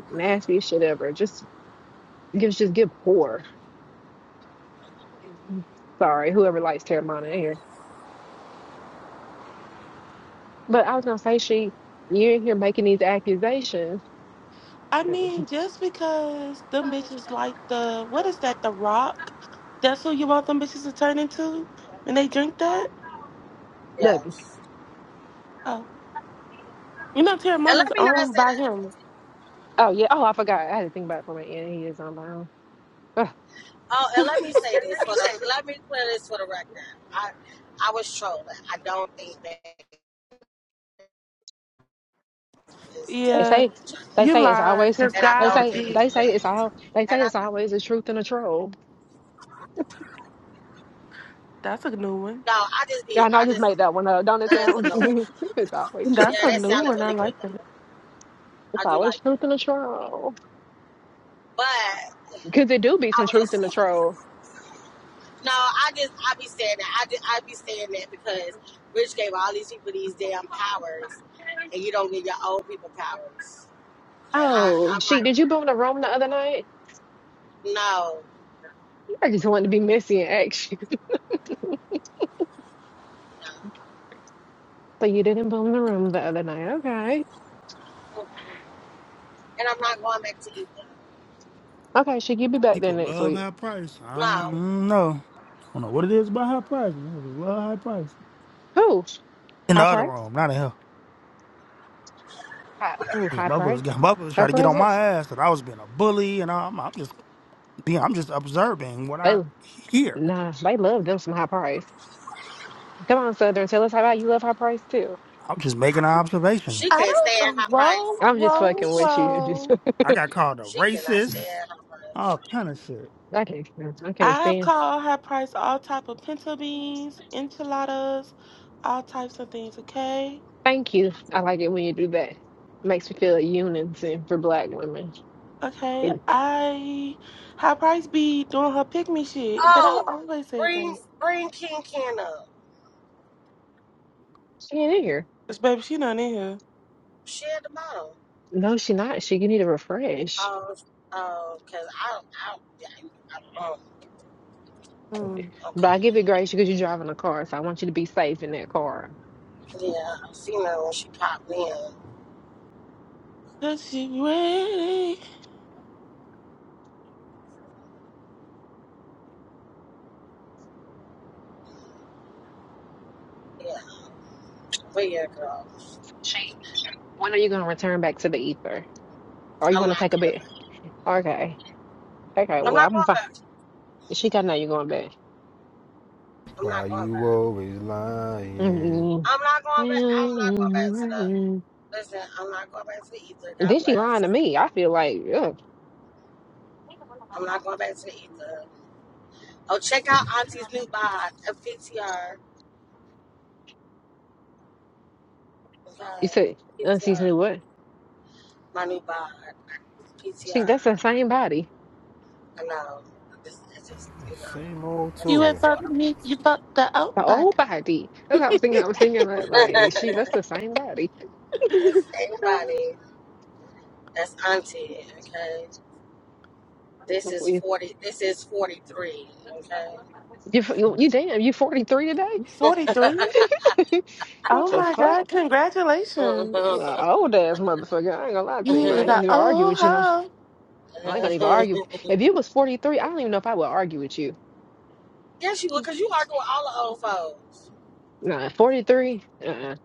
nastiest shit ever. Just gives just give poor. Sorry, whoever likes Terramana in here. But I was gonna say, she, you're in here making these accusations.
I mean, just because them bitches like the what is that? The Rock. That's who you want them bitches to turn into when they drink that.
Look,
Yes.
Oh, you know,
And
Terramona
let
is
me not
owned
say
by
that.
him.
oh yeah, oh I forgot. I had to think about it from my end. He is on my own.
Oh, and let me say this for the. Let me clear this for the record. I, I was trolling. I don't think they're that is
They
dealing
Yeah,
with
say
each other,
they
you
say it's
lied.
always
Cause
and I
they
God,
don't
say
think
they say it's
that.
all they
And
say
I,
it's always a truth and a troll.
that's a new one.
no, I just
Yeah,
be,
I know I
I
just
just
made that one up. Don't it
guns and
sound?
noise.
it's always
Yeah,
That's
truth
a
and
that
a
new
troll.
sounded
one. I
really good
like that.
though.
It's
I do like
always
it,
truth and a troll.
But
Because it do be
I
some
was
truth in
just
the
no,
troll.
I just I be saying that. I just, I be saying that because Rich gave all these people these damn powers, and you don't give your old people powers. And I,
Oh,
I'm
she
like.
did you boom the room the other night?
No,
I just wanted to be messy and action.
no.
So you didn't boom the room the other night. Okay.
And I'm not going back to either.
Okay, she you be back there
People
next
love
week.
high price. I
No,
don't know. I don't know what it is about high price. People just love high price.
Who?
In the
High
other
price?
room, not in here.
High, ooh,
Yeah,
high
motherfuckers,
price?
yeah, motherfuckers try
Her
to get on my
presence?
ass that I was being a bully, and I'm, I'm just, being, I'm just observing what
They
I hear.
nah, they love them some high price. Come on, Southern, tell us how about you love high price too.
I'm just making an observation.
she
I
can't
don't.
stay at
um,
high
Whoa,
price.
I'm just
whoa,
fucking with you. I'm Just
whoa!
I got called a
She cannot stay
racist,
at high price.
all kind of shit.
I can't stand. I can't
I have
stand.
called high price all type of pinto beans, enchiladas, all types of things. Okay,
Thank you. I like it when you do that. Makes me feel a unison for black women.
okay.
And
I high price be doing her pick me shit, but I
Oh,
always said
bring
that.
bring King Ken up.
she ain't in here.
This baby, she not in here.
She at the bottom.
No, she not. She you need to refresh.
Oh, oh, cause I, I, I, I um,
Hmm.
But
okay.
I give it grace because you're driving a car, so I want you to be safe in that car.
Yeah, I seen her when she popped in.
Cause she ready.
Yeah, but yeah, girl,
So She, when are you gonna return back to the ether? Or you
I'm
want to
not
take a
going
bit?
back.
Okay. Okay.
I'm
Well,
not
I'm
going
fine.
back.
She gotta know you're going back.
I'm
Why
not going
you
back.
always lying?
Mm-mm.
I'm not going back. I'm not going back to the. Listen, I'm not going back to the ether. God
Then she lying
bless.
to me. I feel like, ugh.
I'm not going back to the ether. Oh, check out Auntie's new bod, a PTR. Yeah,
You said, Auntie's
PTR.
new what?
My new bod,
See,
PTR.
that's the same body.
I know. This is just, you know,
Same old
I just
You
had
toy.
ain't
to do
fucked me. You fucked the out
The
body.
old body. That's what I was thinking. I was thinking
it.
that, like, she, that's the same body.
it's anybody. That's Auntie, okay? This is
you,
40. This is 43, okay?
you, you damn, you 43 today?
Forty three.
what
Oh
the
my god!
fuck?
Congratulations.
you an old ass motherfucker. I ain't gonna lie to
You
you. I
is
ain't
an
gonna even argue
old
with you. No.
hoe.
I ain't gonna even argue. If you was 43, I don't even know if I would argue with you.
yes, you would, because you argue with all the old folks.
Nah, 43? Uh-uh.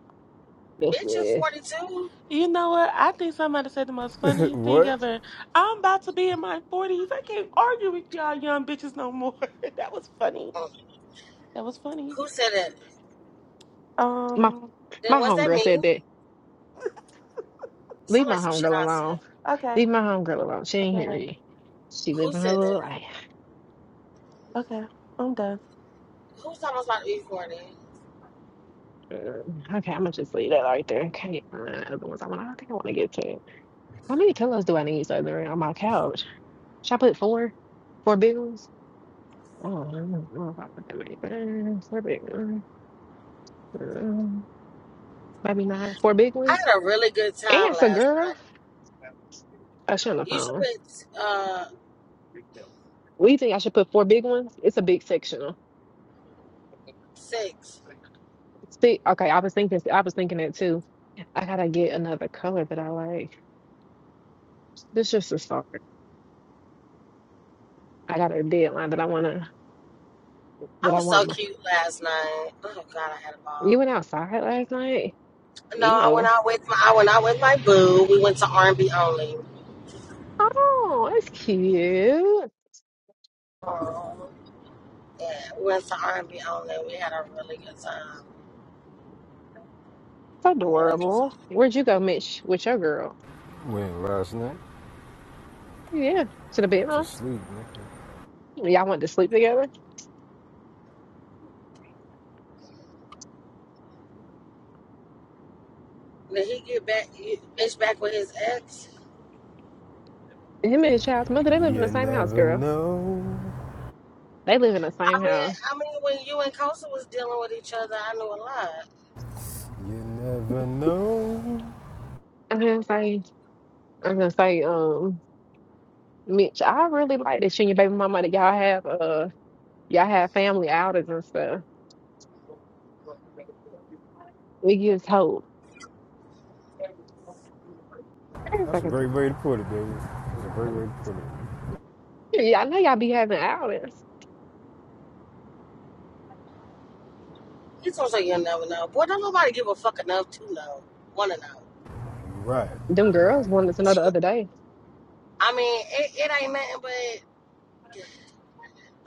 That's,
Bitch is
uh,
42.
You know what? I think somebody said the most funniest thing
what?
ever. I'm about to be in my 40s. I can't argue with y'all young bitches no more. that was funny. That was funny.
Who said it?
my,
Um,
Then
my
was that
homegirl
me?
said that. Leave
Sound
my
like some shit
homegirl
I said.
alone.
okay.
Leave my homegirl alone. She ain't here
Okay.
yet. She
Who
living her
said
little
that?
life.
Okay. I'm done.
Who said I was about to be 40?
Uh, okay, I'm gonna just leave that right there. Okay, uh, other ones I want. I don't think I want to get to. it. How many pillows do I need so they're on my couch? Should I put four? Four big ones? Oh, I don't know if I put that many. But uh, four big ones. Um, maybe not. Four big
I
ones.
had a really good time
Answer,
last
girl.
night.
Oh, she on the
You should
phone.
put uh,
We think I should put four big ones. It's a big sectional.
six.
See, okay, I was thinking, I was thinking it too. I gotta get another color that I like. This just a start. I got a deadline that I wanna,
I
that I
was so
want my.
cute last night. Oh God, I had a ball.
You went outside last night?
No, I
Ew.
went out with my I went out with my boo. We went to R and B only.
Oh, that's cute.
Oh. Yeah, we went to R and B only. We had a really good time.
It's
Really good time.
adorable. Where'd you go, Mitch, with your girl?
Went last night
Yeah, to the
to
bedroom.
sleep, nigga.
Y'all went to sleep together.
Did he get back? he- Bitch, back with his ex?
Him and his child's mother, they live in the
You
same house,
never
girl.
know.
They live in the
I
same
mean,
house.
I mean, when you and Kosa was dealing with each other, I knew a lot.
You never know.
I'm gonna say, I'm gonna say, um, Mitch, I really like this you and your baby mama that y'all have. Uh. Y'all have family outings and stuff. It gives hope. Wait a
That's a great
second.
way to put it, baby. That's a great way to put it.
Yeah, I know y'all be having outings.
You gonna say you'll never know. Boy, don't nobody give a fuck enough to know. Wanna know.
You right.
Them
You right.
girls wanted to know the other day.
I mean, it, it ain't nothing but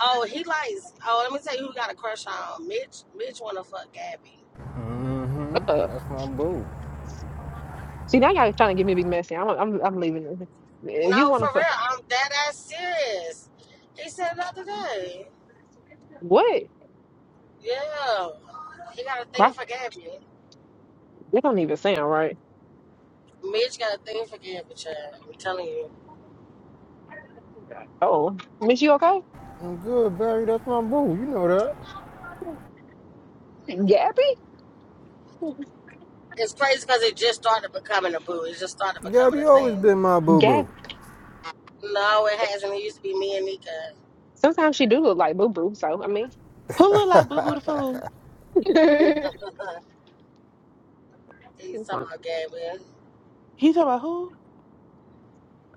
oh, he likes oh, let me tell you who got a crush on. Mitch Mitch wanna fuck Gabby.
Mm-hmm.
Uh,
That's my boo.
see, now y'all trying to get me to be messy. I'm, I'm, I'm leaving. this. If you
No, for
want to,
real. I'm that ass serious. He said it the other day.
what?
Yeah. He got a thing
My,
for Gabby.
that don't even sound right.
Mitch got a thing for Gabby, child. I'm telling you.
Oh, Miss, you okay?
I'm good, Barry. That's my boo. You know that.
Gabby?
It's crazy because it just started becoming a boo. It just started
Gab,
becoming a
you always
thing.
been my boo
Gab.
boo.
No, it hasn't. It used to be me and Nika.
Sometimes she do look like Boo Boo. So I mean,
Who look like Boo
Oh
Boo the
my god.
Fool?
He's talking about Gabby.
He talking about who?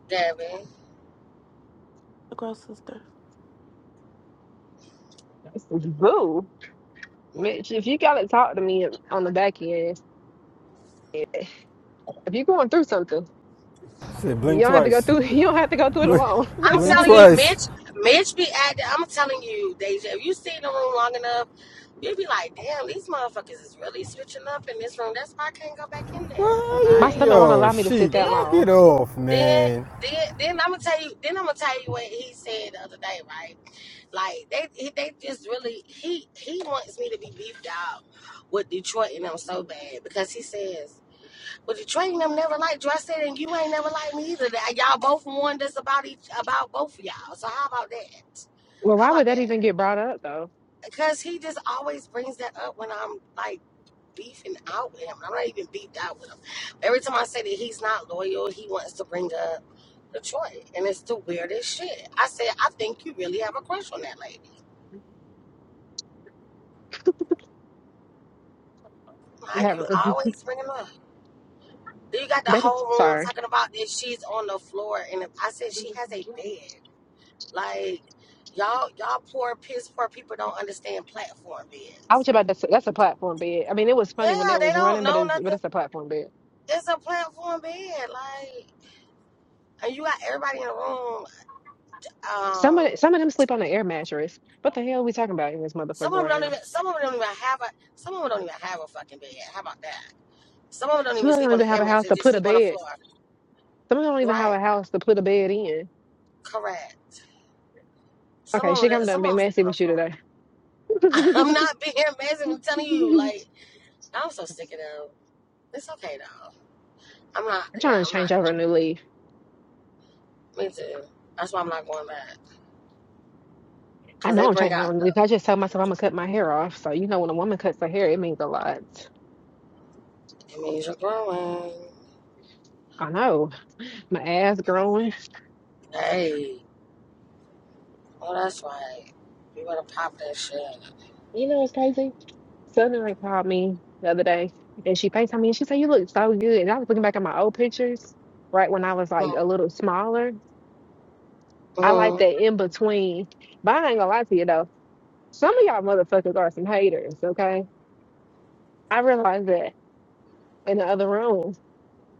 Devin.
The girl's sister.
Boo. Mitch, if you gotta talk to me on the back end, if you're going through something.
Shit,
You
blink
don't have to go
twice.
through. You don't have to go through it
Blink,
alone.
I'm
blink
telling you,
twice.
Mitch, Mitch be acting. I'm telling you, Deja, if you stay in the room long enough, you'll be like, damn, these motherfuckers is really switching up in this room. That's why I can't go back in there.
Well,
My
you,
Like,
stomach won't
yo,
allow me to sit
Sheik,
that
then,
knock
long.
it off,
then,
man.
then, then I'm gonna tell you. Then I'm gonna tell you what he said the other day, right? Like they, he- they just really he he wants me to be beefed out with Detroit and them so bad because he says But the train them never liked you. I said, and you ain't never liked me either. That y'all both warned us about each about both of y'all. So how about that?
Well,
How
why
about
would that
that?
even get brought up though?
Because he just always brings that up when I'm like beefing out with him. I'm not even beefed out with him. Every time I say that he's not loyal, he wants to bring up Detroit, and it's the weirdest shit. I said, I think you really have a crush on that lady. Like you
Have-
always bringing her up. Then You got the
That is
whole room
sorry.
talking about that she's on the floor, and I said she has a bed. Like y'all, y'all poor piss poor people don't understand platform
I
beds.
was about to say that's a platform bed. I mean, it was funny when
Yeah,
it
they
was
don't
running, but
know
it's but
nothing.
it's a platform bed.
It's a platform bed. Like, and you got everybody in the room.
Some
Um,
of some of them sleep on an air mattress. What the hell are we talking about in this motherfucker
some of them
right
don't
now?
even. Some of them don't even have a. Some of them don't even have a fucking bed. How about that? Some of them don't
Some
even
of them
sleep
don't
on
even
the air
have a
mattress.
house
They
to
just
put a
sleep on the
bed.
floor.
Some of them don't even have
Right.
a house to put a bed in.
Correct. Some
Okay,
of
she
them.
come done
Some of
being
them sleep
messy
on
with
the
you
floor.
today.
I'm not being amazing. I'm telling you. Like, I'm so sick of them. It's okay though. I'm not.
I'm
Yeah,
trying to
I'm
change
not.
over a new leaf.
Me too. That's why I'm not going back.
I
Cause they
know I'm
bring
changing.
out
I'm
the,
leave. I just tell myself I'm gonna cut my hair off. So you know, when a woman cuts her hair, it means a lot.
it means you're growing.
I know my ass growing.
Hey, oh that's right. You better pop that shit.
You know, it's crazy. Southern like called me the other day, and she FaceTimed me, and she said, "You look so good." And I was looking back at my old pictures, right when I was like a
Mm-hmm.
little smaller. I like
Mm-hmm.
that in between. But I ain't gonna lie to you though, some of y'all motherfuckers are some haters. Okay, I realized that in the other room.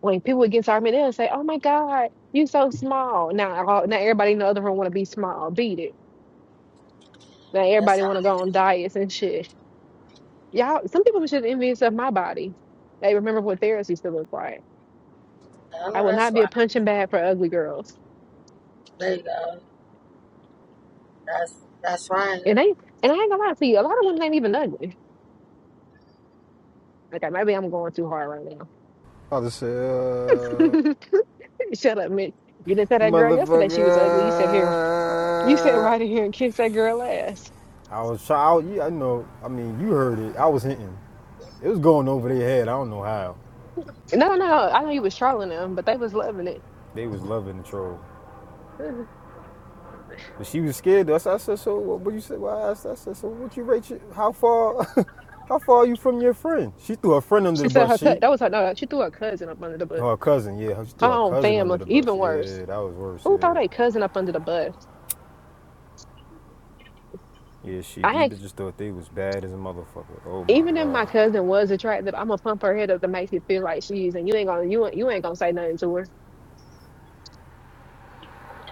when people would get to Armin, they'll say, "Oh my God, you so small." Now, all- now everybody in the other room want to be small. Beat it. Now
That's
everybody
how.
want to go on diets and shit. Y'all, some people should envy of my body. They remember what theirs used to look like.
I
I
know
will
that's
not be a
right.
punching bag for ugly girls.
There you go. That's that's right.
And they, and I ain't gonna lie to you, a lot of women ain't even ugly. Okay, maybe I'm going too hard right
I'll just say, uh,
now. Shut up, man. You didn't tell that girl yesterday she was ugly. You said here, you said
motherfucker.
right in here and kiss that girl ass.
I was trying, yeah, I know, I mean, you heard it. I was hitting. It was going over their head. I don't know how.
No, no, I know you was trolling them, but they was loving it.
They was loving the troll. But she was scared. I said. So what? What you said? Well, I asked. I said. So what you rate? Your, how far? how far are you from your friend? She threw her friend under
She
the
said
bus.
her
She.
cou- that was her no, she threw her cousin up under the bus.
Oh, Her cousin, yeah, she
Her
threw her
own
cousin under
family,
the bus.
even worse.
Yeah, that was worse.
Who threw their
Yeah,
cousin up under the bus?
yeah, she. These
I ain't-
bitches thought they was bad as a motherfucker. Oh my
even if
god.
my cousin was attractive, I'm gonna pump her head up to make her feel like she's and you ain't gonna you ain't- you ain't gonna say nothing to her.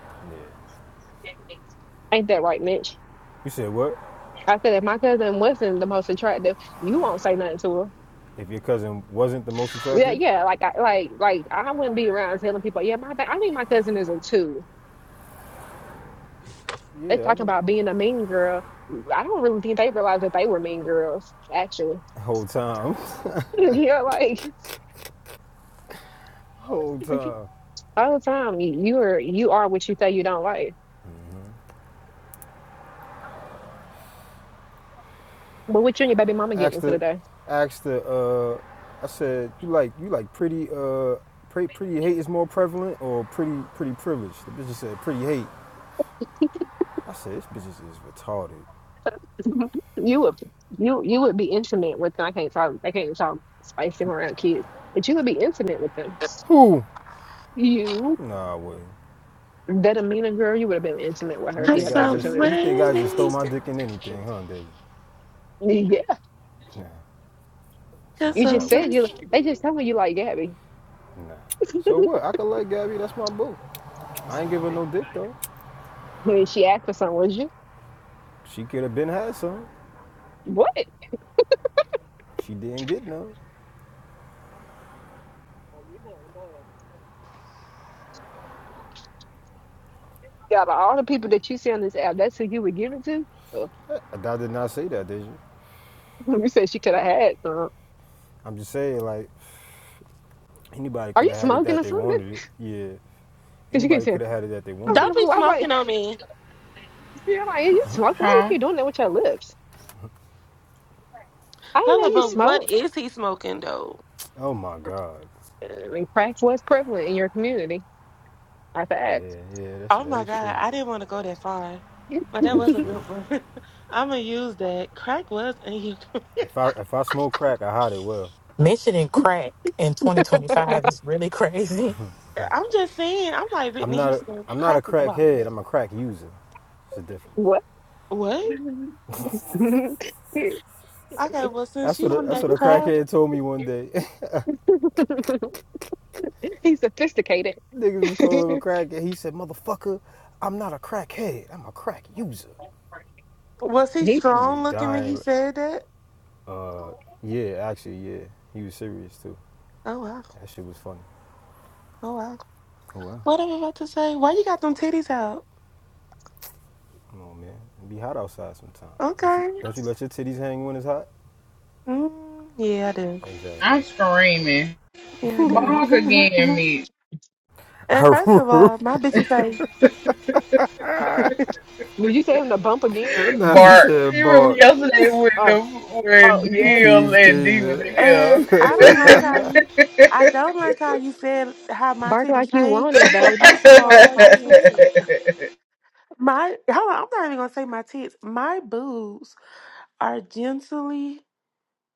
Yeah.
Ain't that right, Mitch?
You said what?
I said if my cousin wasn't the most attractive, you won't say nothing to her.
If your cousin wasn't the most
Yeah,
attractive?
yeah, like I like like I wouldn't be around telling people, yeah, my ba- I think my cousin is a two. They
Yeah, I
talking
would.
about being a mean girl. I don't really think they realized that they were mean girls, actually.
Whole time.
yeah, like
Whole time.
All the time, you, you are you are what you say you don't like. But what you and your baby mama getting
Asked
into
her.
today?
Asked her. Uh, I said, you like you like pretty. Uh, pretty pretty hate is more prevalent or pretty pretty privilege? The bitch said pretty hate. I said this bitch is retarded.
you would you you would be intimate with them. I can't talk. I can't talk spicy around kids, but you would be intimate with them.
Who?
You
Nah, I wouldn't.
that Amina girl, you would have been intimate with her
You
if you
think
had
Cause
the
I just
I'm
opportunity.
you think I just throw
waiting.
my dick in anything, huh, Deja?
Yeah,
Nah, that's not
Cause
you
how
I'm
just
that
said
works.
you.
waiting.
They just telling you like Gabby
Nah. So what? I could like Gabby, that's my boo. I ain't give her no dick though.
when she asked for something. Was you
She could have been had some.
what?
She didn't get none.
Out of all the people that you see on this app, that's who you would give it to. Oh,
I, I did not say that, Deja.
you said she could have had some.
I'm just saying like anybody
Are
could
you
have had it
smoking
that
or
they
something?
wanted it. Yeah.
Because you keep
Anybody could
saying,
have had it that they wanted
Don't be
it.
I'm like,
smoking on me.
Yeah, like, "Yeah, you smoke. Why you
Huh?
keep doing that with your lips? I didn't know
Hello,
you
but what
smoked.
is he smoking though?
Oh my God.
I mean, crack was prevalent in your community. I fact.
Yeah, yeah, that's
Oh
that
my
is
God,
true.
I didn't want to go that far, but
That
that
is
was a
true.
good one. I'm gonna use that. Crack was in
If I if I smoke crack, I hide it well.
Mentioning crack in 2025 is really crazy.
I'm just saying. I'm like
I'm
Whitney
not a,
Houston.
I'm not a
Crack is wild.
crackhead. I'm a crack user. It's a difference.
What?
What? Okay. Well, since
That's what
you
a,
on
that's what
that
a
crack,
crackhead told me one day.
He's sophisticated.
Niggas was calling him a crackhead. He said, "Motherfucker, I'm not a crackhead. I'm a crack user."
was he
He
He was
strong looking when he
dying.
said that?
Uh, yeah, actually, yeah, he was serious too.
Oh wow.
That shit was funny.
Oh wow.
Oh wow.
What am I about to say? Why you got them titties out?
Come on, man. It be hot outside sometimes. Don't you
Okay.
don't you let your titties hang when it's hot?
Mm, yeah, I do.
Exactly.
I'm screaming.
Yeah, I do.
Bark again, me.
And first of all, my bitches ain't.
did you say him to bump again?
now she
Bark.
said,
You remember
"Bark."
yesterday when
Oh,
the when
oh
The
yeah.
Neil
cues
and
came
D was in
in.
And I don't like how you. I don't like how you said how my
Bark
titties
like you want
changed.
it, baby.
First of
Bark
all,
like
my
you
tits,
want it.
here?
my hold on, I'm not even gonna say my tits. My boobs are gently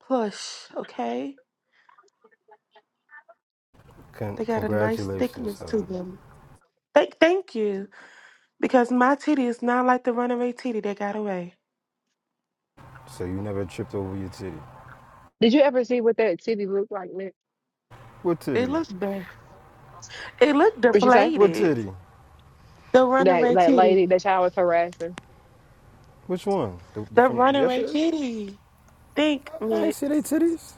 plush. Okay,
Con-
they got a nice
congratulations,
thickness
son.
to them. Thank, thank you, because my titty is not like the runaway titty that got away.
So you never tripped over your titty.
Did you ever see what that city looked like, man?
What
It
titty?
looked bad. It looked
What'd you say?
What
deflated.
titty?
The
That
runaway
that
titty.
lady that y'all was harassing.
Which one? The, the,
The
from
runaway
yesterday?
titty. Think,
I ain't
Mitch.
see they titties.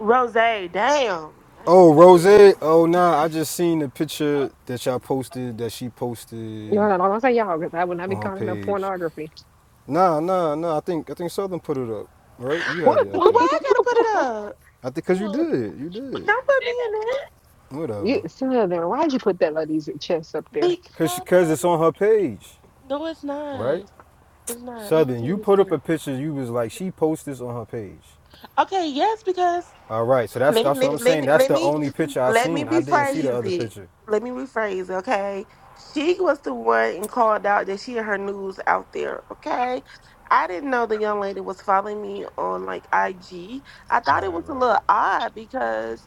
Rose, damn. I guess
Oh, Rose.
it is.
Oh, nah. I just seen the picture that y'all posted that she posted
No, no, no, don't say y'all because I would not be
on her
calling no
page.
pornography.
Nah, nah, nah. I think I think Southern put it up, right? You had
What?
it, I
Well, why
think.
I gotta put it up?
I think because you
Well,
did, you
Well,
did.
Don't put me in it.
Whatever.
you, son, then why'd you put that lady's chest up there?
Cause because
Because
cause it's on her page,
no, it's
right?
not. It's not. Let me
Southern,
see
you
this
put up a
too.
picture. You was like, she posted this on her page.
Okay, yes, because
All right. So that's
let
that's what
me
I'm
let, let
saying.
me
That's
let
the
me
only picture I
let me
seen. I didn't see the
rephrase
other
it.
picture.
Let me rephrase. it, Okay, she was the one and called out that she had her news out there. Okay, I didn't know the young lady was following me on like IG. I thought it
Right,
was a
right.
little odd because.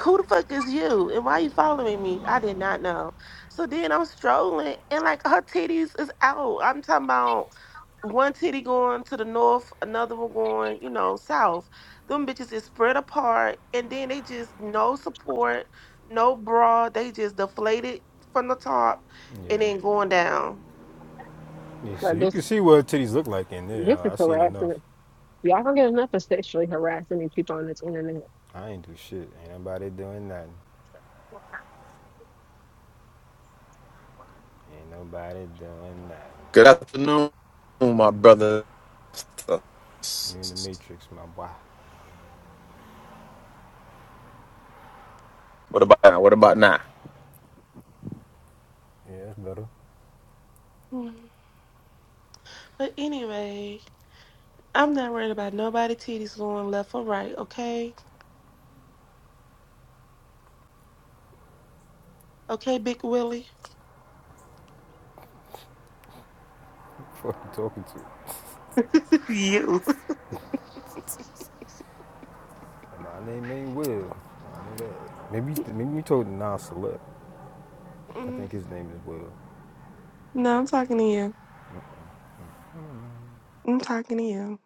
who the fuck is you and why you following me? I did not know. So then I'm strolling and like her titties is out. I'm talking about one titty going to the north, another one going, you know, south. Them bitches is spread apart and then they just no support, no bra. They just deflated from the top and
Yeah.
then going down.
Yeah, so
Like
you
this,
can see what titties look like in there.
this is
I seen enough.
harassment. Y'all don't get enough of sexually harassing these people on this internet.
I ain't do shit. Ain't nobody doing nothing. Ain't nobody doing nothing.
Good afternoon, my brother.
You in the matrix, my boy.
What about now? What about now?
Yeah, that's better.
Mm. But anyway, I'm not worried about nobody titties going left or right, okay? Okay, Big Willie?
Fuck you talking to?
you.
My name ain't Will. Maybe maybe you told Nas Celeb. I think his name is Will.
No, I'm talking to you. I'm talking to you.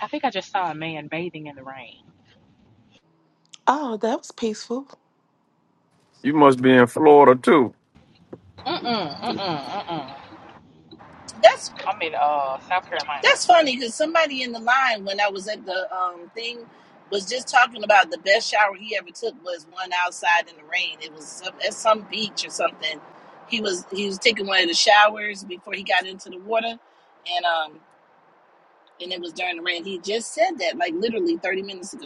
I think I just saw a man bathing in the rain.
Oh, that was peaceful.
You must be in Florida too.
Mm mm mm mm mm.
That's
I'm in uh South Carolina.
That's funny because somebody in the line when I was at the um, thing was just talking about the best shower he ever took was one outside in the rain. It was some, at some beach or something. He was he was taking one of the showers before he got into the water, and um and it was during the rain. He just said that like literally thirty minutes ago,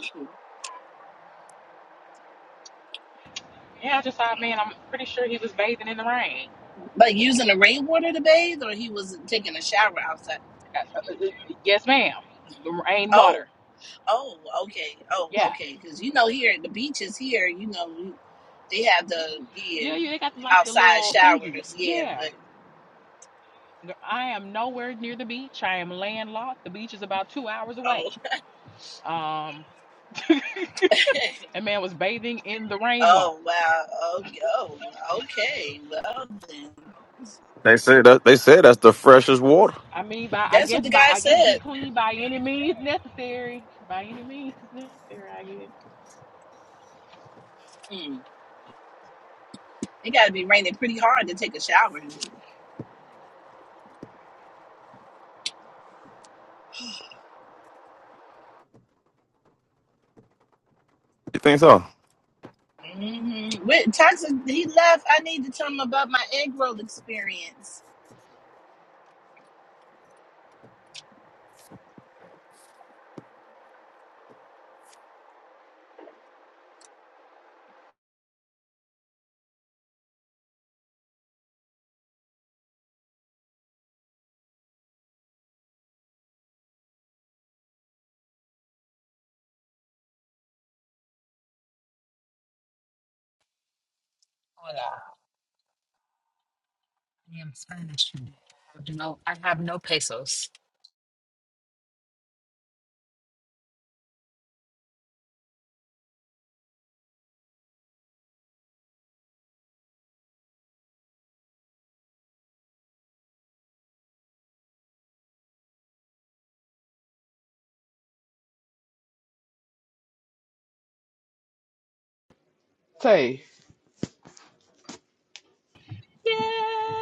Yeah, I just saw a man. I'm pretty sure he was bathing in the rain.
like using the rainwater to bathe, or he was taking a shower outside.
Uh, uh, uh, yes, ma'am. The Rain
Oh.
water.
Oh, okay. Oh,
Yeah.
okay. Because you know, here at the beaches, here, you know, They have the yeah,
Yeah, yeah. They got like the
outside
little thingies.
showers, yeah,
Yeah.
but
I am nowhere near the beach. I am landlocked. The beach is about two hours away.
oh
Um, a man was bathing in the rainwater.
oh wow. Oh, oh okay. Well then.
They say that they say that's the freshest water.
I mean, by I
That's what
guess
the
by
guy
I guess
said.
be clean by any means necessary. By any means necessary, I guess.
Mm. It gotta be raining pretty hard to take a shower.
You think so?
hmm With toxic he left, I need to tell him about my egg roll experience.
Hola. I am Spanish. I have no, I have no pesos.
Tay.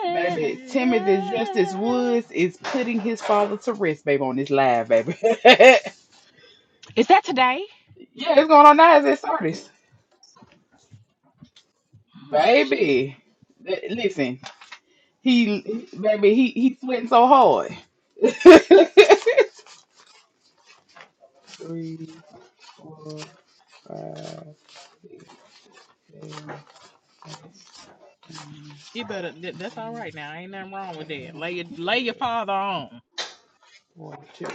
Baby, Timothy Justice
Yeah.
Woods is putting his father to rest, baby, on this live, baby. yeah,
Is that today?
it's going on now. It's at Sardis.
Oh shit.
Baby, li- listen, he, baby, he, he sweating so hard. Three, four, five, six, seven, eight, nine,
You better. that- That's all
ten,
right now. Ain't nothing wrong with that. Lay your lay your
twelve,
father on.
forty-two.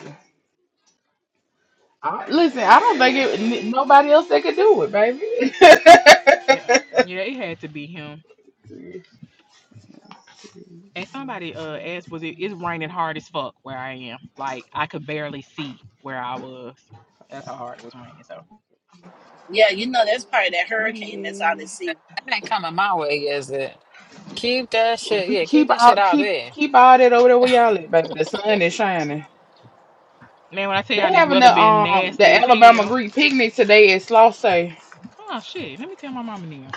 I, listen, I don't think it, n- nobody else that could do it, baby.
Yeah, yeah. It had to be him.
Three, two, three,
And somebody
four,
uh asked, was it? It's raining hard as fuck where I am. Like I could barely see where I was. That's how hard it was raining. So
Yeah, you know that's part of that hurricane that's out at
Sunday.
sea.
Exact- That ain't coming my way, is it? Keep that shit.
We
Yeah, keep
keep
that shit
out
out
keep
there.
keep all that over there where y'all at, baby. The sun is shining.
man, when I tell y'all
They
this
having
weather
the
been
um
nasty
the
as
Alabama
hell.
Greek picnic today at Slauson.
Oh shit. Let me tell my mama now.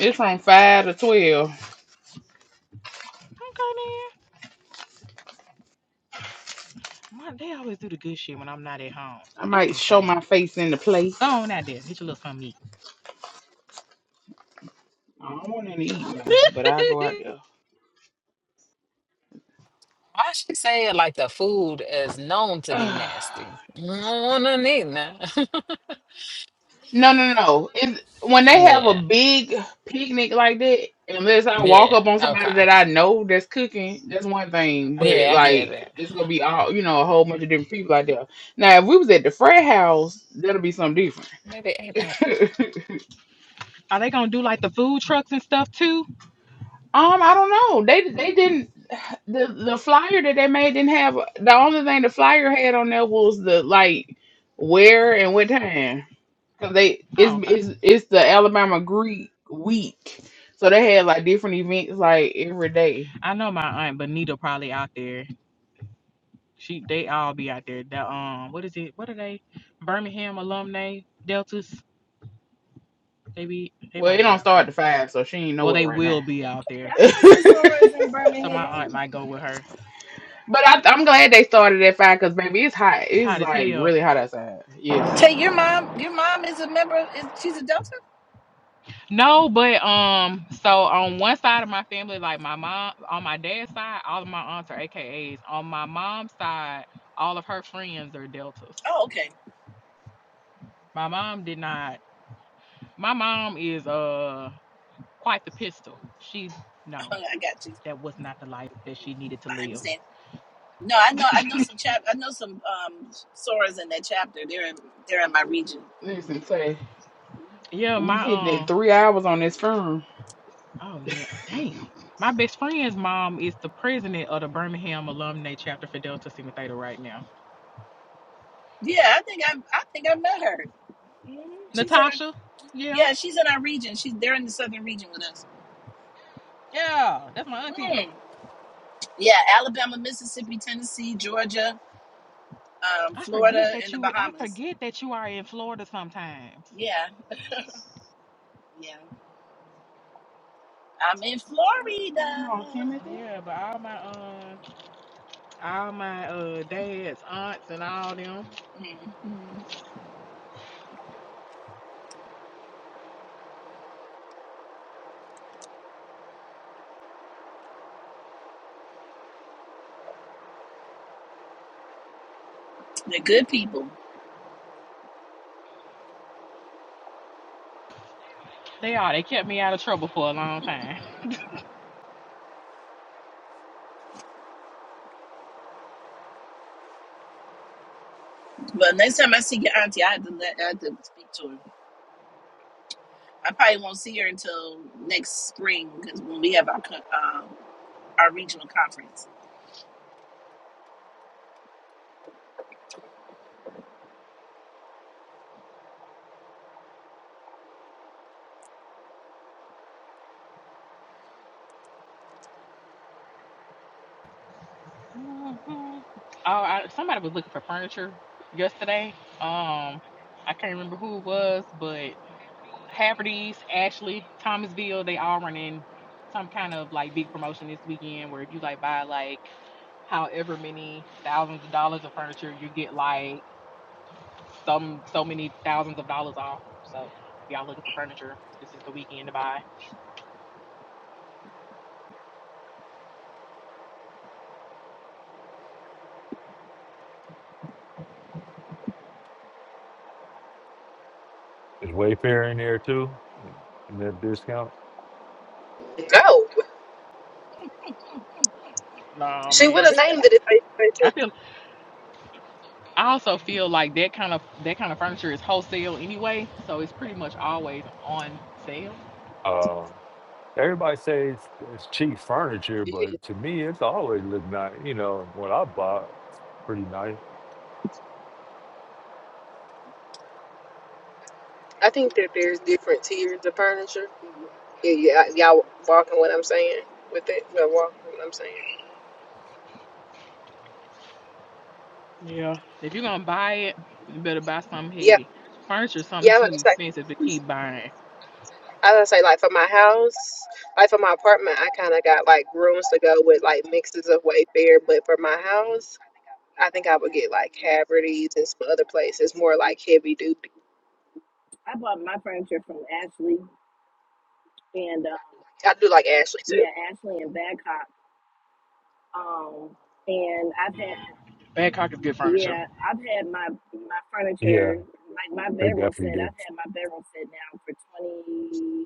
It's from five to twelve.
Okay then. My they always do the good shit when I'm not at home.
I
That's
might show
insane.
my face in the
Go
place.
on out there, get your little something to
I don't want to eat now, but I go out
eat.
Why she say it like the food is known to be
there.
nasty? I don't wanna eat that.
No, no, no. no. It's, when they have a
yeah.
big picnic like that, unless I walk
Yeah.
up on somebody
Okay.
that I know that's cooking, that's one thing.
I
But
can't
Yeah, I
eat.
get it.
like, it's gonna be all you know, a whole bunch of different people out there. Now, if we was at the Fred house, that'll be something different.
Maybe it ain't. Uh,
um,
Are they gonna do like the food trucks and stuff too?
I don't know. They they didn't the the flyer that they made didn't have the only thing the flyer had on there was the like where and what time. Cause they it's
Oh, okay.
it's it's the Alabama Greek week, so they had like different events like every day.
I know my aunt Benita probably out there. She they all be out there. The um what is it? What are they? Birmingham alumni Deltas. They be they
Well, it
might be
don't
out there.
start at five, so she ain't
Well
nowhere
they
right now.
will be out
Hey,
there.
I
but
know some sorors in
So my aunt
Birmingham.
might go with her.
I, I'm glad they started at five, cause baby, it's hot.
It's
It's
hot as
like
hell.
really hot outside. Yes,
Tay, your mom, your mom is a member. Of, is she's a Delta?
No, but um, so on one side of my family, like my mom, on my dad's side, all of my aunts are AKAs. On my mom's side, all of her friends are Deltas.
Oh, okay.
My mom did not. My mom is uh quite the pistol. She
Oh,
no,
yeah, I got you.
that was not the life that she needed to
I
live.
understand. No, I know. I know some chap. I know some um Soras in that chapter. They're in. They're in my region.
listen, say
Yeah,
we
my
hitting it
um,
three hours on this phone.
oh yeah, uh, damn. My best friend's mom is the president of the Birmingham Alumni Chapter for Delta Sigma Theta right now.
Yeah, I think I. I think I met her. hmm She's in. Our,
Natasha, yeah,
yeah, she's in our region. She's. They're in the southern region with us.
yeah, that's my auntie.
Mm. Yeah, Alabama, Mississippi, Tennessee, Georgia, um,
I forget
Florida,
that
and the
you I
Bahamas.
forget that you are in Florida sometimes.
Yeah, yeah. I'm in Florida.
Come on, Timothy.
Yeah, but all my um, all my uh dads, aunts, and all them.
Mm-hmm. They're good people.
They are. They kept me out of trouble for a long time.
But next time I see your auntie, I have to let. I have to speak to her. I probably won't see her until next spring because when we have our co- um, our regional conference.
Mhm. Oh, I, somebody was looking for furniture yesterday. Um, I can't remember who it was, but Haverty's, Ashley, Thomasville, they all running some kind of like big promotion this weekend where if you like buy like however many thousands of dollars of furniture, you get like some so many thousands of dollars off. So if y'all looking for furniture, this is the weekend to buy.
Is Wayfair in there too? In that discount?
No,
No
she would
man.
have named it if they. if
I feel I also feel like that kind of that kind of furniture is wholesale anyway, so it's pretty much always on sale.
Uh, everybody says it's, it's cheap furniture,
they
but
did.
to me, it's always look nice. You know, what I bought, pretty nice.
I think that there's different tiers of furniture. Yeah, yeah, y'all walking what I'm saying with it. Well, walking what I'm saying.
Yeah. If you're gonna buy it, you better buy something
Yeah,
heavy. Furniture is something
yeah. I was
too
gonna say,
expensive to keep buying.
I was gonna say, like for my house, like for my apartment, I kind of got like rooms to go with like mixes of Wayfair. But for my house. I think I would get like Haverty's and some other places, more like heavy duty.
I bought my furniture from Ashley and uh,
I do like Ashley too.
yeah, Ashley and Badcock. Um, and I've had
Badcock is good furniture.
yeah, I've had my my
Yeah,
furniture like my
they
bedroom set.
definitely do.
I've had my bedroom set now for 20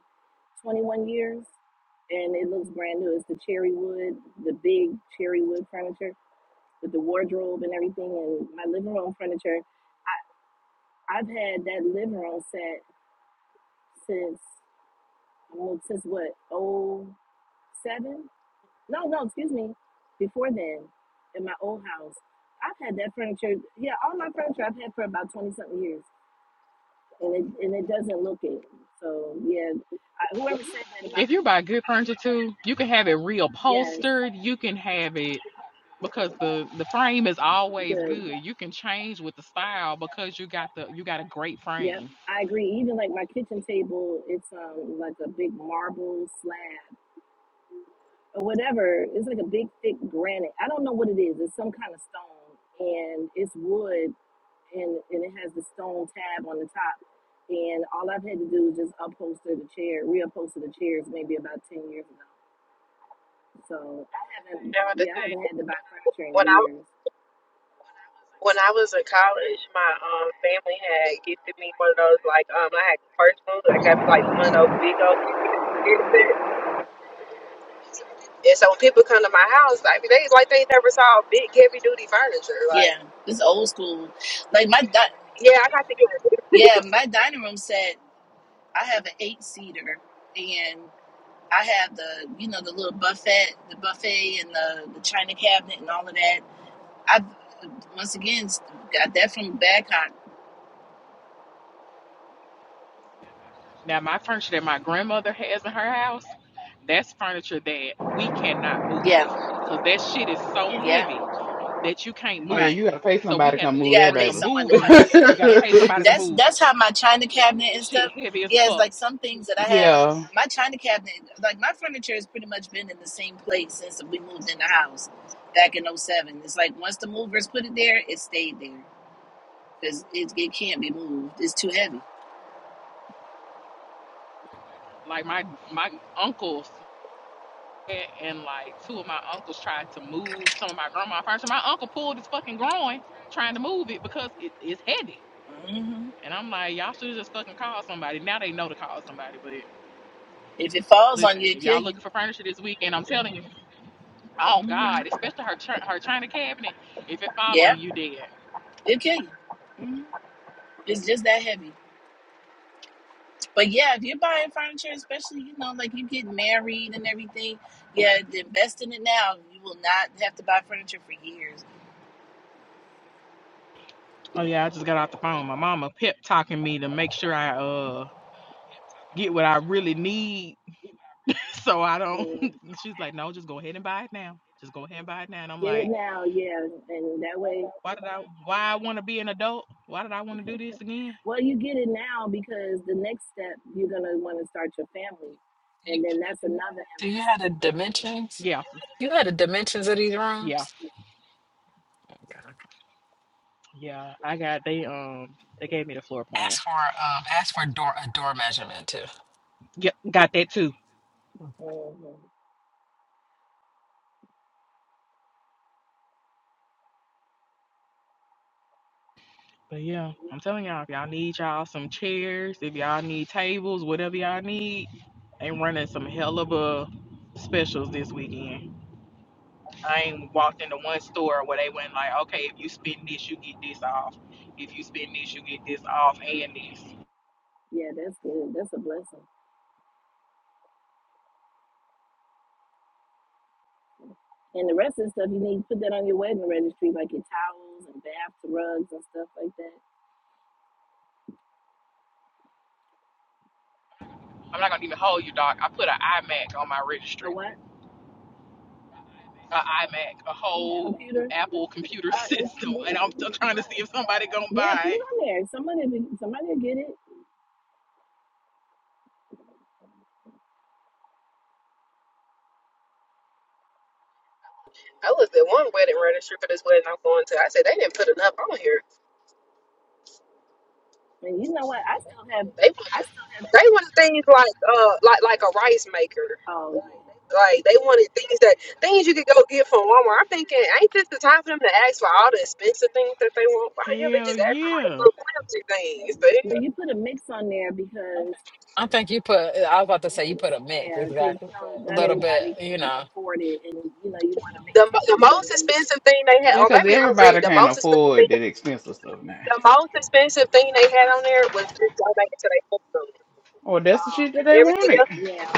21 years, and it looks brand new. It's the cherry wood, the big cherry wood furniture with the wardrobe and everything, and my living room furniture I've had that liver on set since well, since what oh seven? No, no, excuse me. Before then, in my old house, I've had that furniture. Yeah, all my furniture I've had for about twenty something years, and it and it doesn't look it. So yeah, I, whoever said that about
If you buy good furniture too, you can have it
yes,
reupholstered. You can have it because the the frame is always
good.
good. You can change with the style because you got the you got a great
Yep,
frame.
I agree. Even like my kitchen table, it's um like a big marble slab or whatever. It's like a big thick granite. I don't know what it is. It's some kind of stone, and it's wood and and it has the stone tab on the top. And all I've had to do is just upholster the chair, reupholster the chairs, maybe about ten years ago.
That was the
Yeah, I
thing.
haven't had to buy furniture
When
in
I
years.
when I was in college, my um family had gifted me one of those like um I had first move. I got me like one of those big old furniture. And so when people come to my house, like they like they never saw big heavy duty furniture. Like
Yeah, it's old school. Like my di-
yeah, I got to get.
yeah,
it.
my dining room set. I have an eight seater, and I have the you know the little buffet, the buffet, and the the china cabinet, and all of that. I once again got that from Badcock.
Now my furniture that my grandmother has in her house, that's furniture that we cannot move
Yeah,
because that shit is so
yeah,
heavy that you can't
Oh yeah,
move
right.
you
it.
gotta pay
So we
somebody to
had
come
to
You
move there,
gotta
bring
pay
a
baby.
someone to
mover
come and
in.
move
You
it.
got to
Yeah,
pay somebody to
that's
move it.
that's how my china cabinet and stuff.
Shit heavy as
Yeah, it's
fuck.
like some things that I have.
yeah,
My china cabinet, like my furniture, has pretty much been in the same place since we moved in the house back in '07. It's like once the movers put it there, it stayed there because it, it can't be moved. It's too heavy.
Like my my uncles and like two of my uncles tried to move some of my grandma furniture. My uncle pulled his fucking groin trying to move it because it is heavy
hmm
And I'm like, y'all should just fucking call somebody. Now they know to call somebody. But
If it falls on
listen,
you, it
if
kill
y'all
you.
looking for furniture this weekend, I'm telling you, oh
hmm
God, especially her chi- her china cabinet, if it fall on
Yeah,
you, you dead.
it will kill you. It's just that heavy. But yeah, if you're buying furniture, especially you know, like you get married and everything, yeah, invest in it now. You will not have to buy furniture for years.
Oh yeah, I just got off the phone. My mama pep talking me to make sure I uh get what I really need, so I don't.
Mm,
She's like, no, just go ahead and buy it now. Just go ahead and buy it now. And I'm
Get it
like,
now, yeah, and that way,
why did I? Why I want to be an adult? Why did I want to do this again?
well, you get it now because the next step you're gonna want to start your family,
do you,
and then that's another
do you have the
investment.
dimensions?
Yeah,
You had the dimensions of these
yeah,
rooms.
yeah. I got they um they gave me the floor plan.
Ask for um. Ask for door a door measurement too.
Yep, got that too
hmm
But yeah, I'm telling y'all, if y'all need y'all some chairs, if y'all need tables, whatever y'all need, they running some hell of a specials this weekend. I ain't walked into one store where they went like, okay, if you spend this, you get this off. If you spend this, you get this off and this.
Yeah, that's good. That's a blessing. And the rest of the stuff you need to put that on your wedding registry, like your towels and bath rugs and stuff like that.
I'm not gonna even hold you, doc. I put an iMac on my
A
registry,
what?
an iMac, a whole Apple computer
Uh,
system, and I'm still trying to see if somebody gonna
yeah, put
buy it.
it on there. Somebody, somebody will get it.
I looked at one wedding registry for this wedding I'm going to. I said they didn't put enough on here.
And you know what? I still have,
They
I
wanted
still have.
they wanted things like uh like like a rice maker.
Oh,
Like they wanted things that things you could go get from Walmart. I'm thinking, ain't this the time for them to ask for all the expensive things that they want? Why the hell they
Hell
just ask for like
yeah.
little flimsy things? The,
but you put a mix on there because
I think you put. I was about to say you put a mix,
yeah, because
exactly.
know
A
not
little bit,
everybody
you
can
know.
afford it, and you know you want to
the
maintain
the
this. this-
most expensive thing they had,
yeah,
or
cause
maybe I'm
everybody
greedy. The
can't
most expensive
afford
thing,
that expensive stuff now.
the most expensive thing they had on there was just donated to their honeymoon.
Oh, that's the shit that they
Everything
wanted.
else,
Yeah,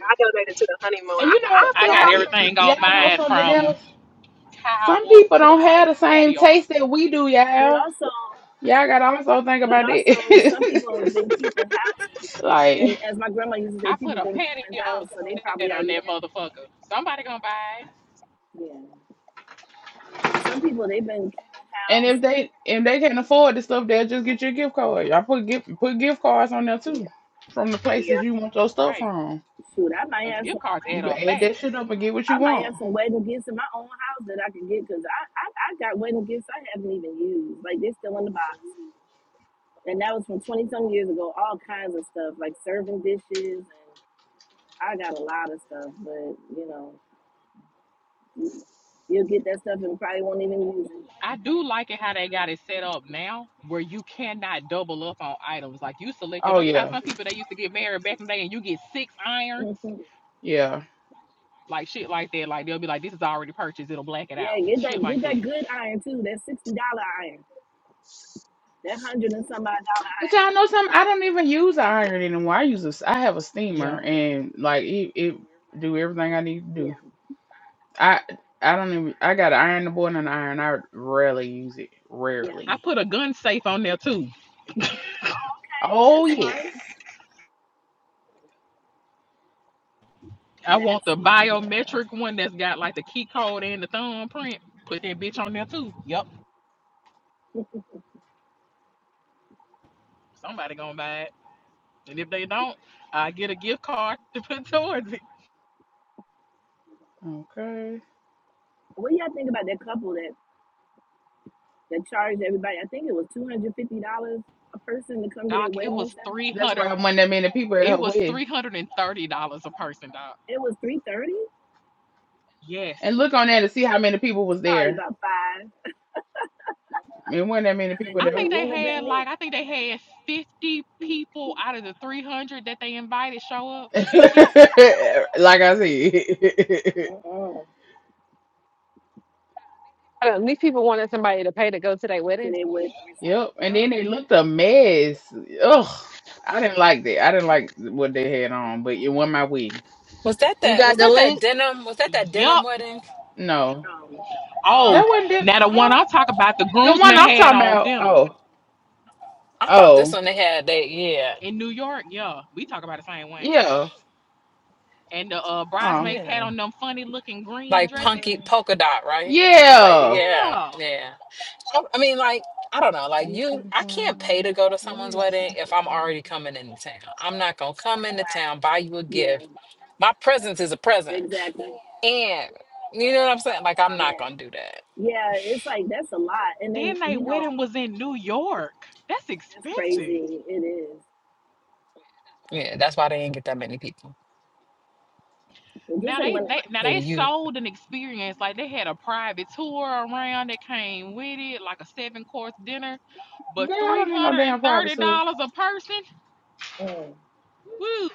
I donated to the honeymoon.
And
I,
you know,
I
I
feel
got
y'all,
kind of
y- y-
everything on
y'all know
mine
something
from
else. Some
towels
people
to
don't have
like
the same
patio
taste that
furniture.
we do,
but
y'all.
also,
Y'all gotta also think
but
about
also, some people have
that.
been keeping house, and
like,
I used to say
I
people
put a
been keeping
patio
house, so they probably
set on
already
that
have.
motherfucker. Somebody gonna buy it,
Yeah, but some people they've been keeping
and
house.
if they if they can't afford the stuff, they'll just get you a gift card. Y'all put gift put gift cards on there too,
Yeah,
from the places
yeah.
you want your stuff
right?
from.
shoot, I might
Those
have
gift
some
cards
You
add
wedding
can
up
add
gifts.
that
fast.
shit up and get what you
I might
want.
have some wedding gifts in my own house that I can get because I, I I got wedding gifts I haven't even used. Like they're still in the box, and that was from twenty some years ago. All kinds of stuff like serving dishes, and I got a lot of stuff. But you know, you- you'll get that stuff and probably won't even use it.
I do like it how they got it set up now, where you cannot double up on items. Like you select your,
Oh
no, you know,
yeah,
some people they used to get married back in the day, and you get six irons,
Mhm.
yeah.
like shit like that. Like they'll be like, this is already purchased, it'll black it out,
yeah, get that
shit
get
like that.
that good iron too. That sixty dollar iron, that hundred and some odd dollar
But
iron.
y'all know something? I don't even use an iron anymore. I use a s- I have a steamer
Yeah,
and like it, it do everything I need to do.
Yeah,
I I don't even I got an iron the board and an iron. I rarely use it.
yeah.
I
Rarely.
put a gun safe on there too.
Oh, okay,
Oh
that's
yes.
smart.
I want
That's
the
smart.
Media.
biometric one that's got like the key code and the thumbprint. Put that bitch on there too. Yep. Somebody gonna buy it. And if they don't, I get a gift card to put towards it.
Okay.
What do y'all think about that couple that? that charged everybody. I think it was two hundred fifty dollars a person to come to their
Doc, it
wedding
was
reception.
three
That's why
hundred
I wasn't that many people at
it
her
was
wedding.
three hundred and thirty dollars a person, Doc.
It was three thirty,
Yes.
And look on there to see how many people was
probably
there.
about five.
It wasn't that many
And then
people
I
good, it
think
there.
they
wouldn't have
had
been
like I think they had fifty people out of the three hundred that they invited show up. Fifty?
like I said.
mm-mm,
I don't- These people wanted somebody to pay to go to their
to
wedding.
their wedding.
yep. And then they looked a mess. Ugh. I didn't like that. I didn't like what they had on, but it wasn't my wedding.
Was that
You
that?
got
Was
the
that that
link.
denim? Was that that denim
Yup.
wedding?
No.
Um,
Oh,
That wasn't
Oh
it.
now the one
no,
I'm talking about, the
the one
groomsman
I'm
had
talking
on
about.
denim.
Oh.
I thought this
Oh.
one they had that. Yeah,
in New York, yeah, we talk about the same one.
Yeah.
And the uh,
Oh,
bridesmaids had
yeah,
on them funny looking green
like
dresses.
punky polka dot, right? I was like,
yeah.
yeah,
Yeah.
yeah. I, I mean, like, I don't know. Like you,
Eastern
I can't pay
time.
to go to
Where
someone's
is
wedding if
Central
I'm
time?
already coming into town. I'm not gonna come into town buy you a
yeah,
gift. My presence is a present,
exactly.
and you know what I'm
I'm
saying.
with
Like,
you
I'm
on
not
that.
gonna do that.
Yeah, it's like that's a lot. And then
Then they
you know
wedding was in New York. That's
that's
expensive.
crazy. It is.
Yeah, that's why they didn't get that many people.
And just
Now
like
they,
when
they now they
Maybe you.
sold an experience like they had a private tour around that came with it, like a seven course dinner, but
Girl, I
three
don't need no
hundred and
damn
thirty
privacy.
dollars a person. Woo!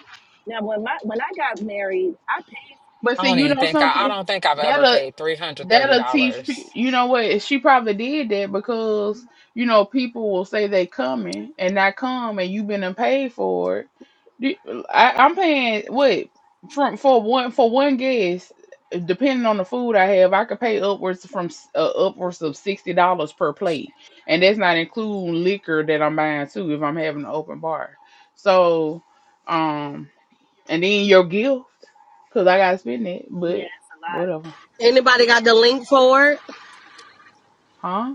now when my when I got married, I paid.
But
I
see,
don't
you
even
know
think I. I
something?
don't think I've ever paid three hundred thirty
That'll teach
dollars.
people. You know what? She probably did that because you know people will say they coming and not come, and you've been and paid for it. Do- I, I'm paying what from for one for one guest. Depending on the food I have, I could pay upwards from s- uh, upwards of sixty dollars per plate, and that's not including liquor that I'm buying too if I'm having an open bar. So, um, and then your gift because I gotta spend it,
Yeah,
but
it's a lot.
whatever,
Anybody got the link for it?
huh?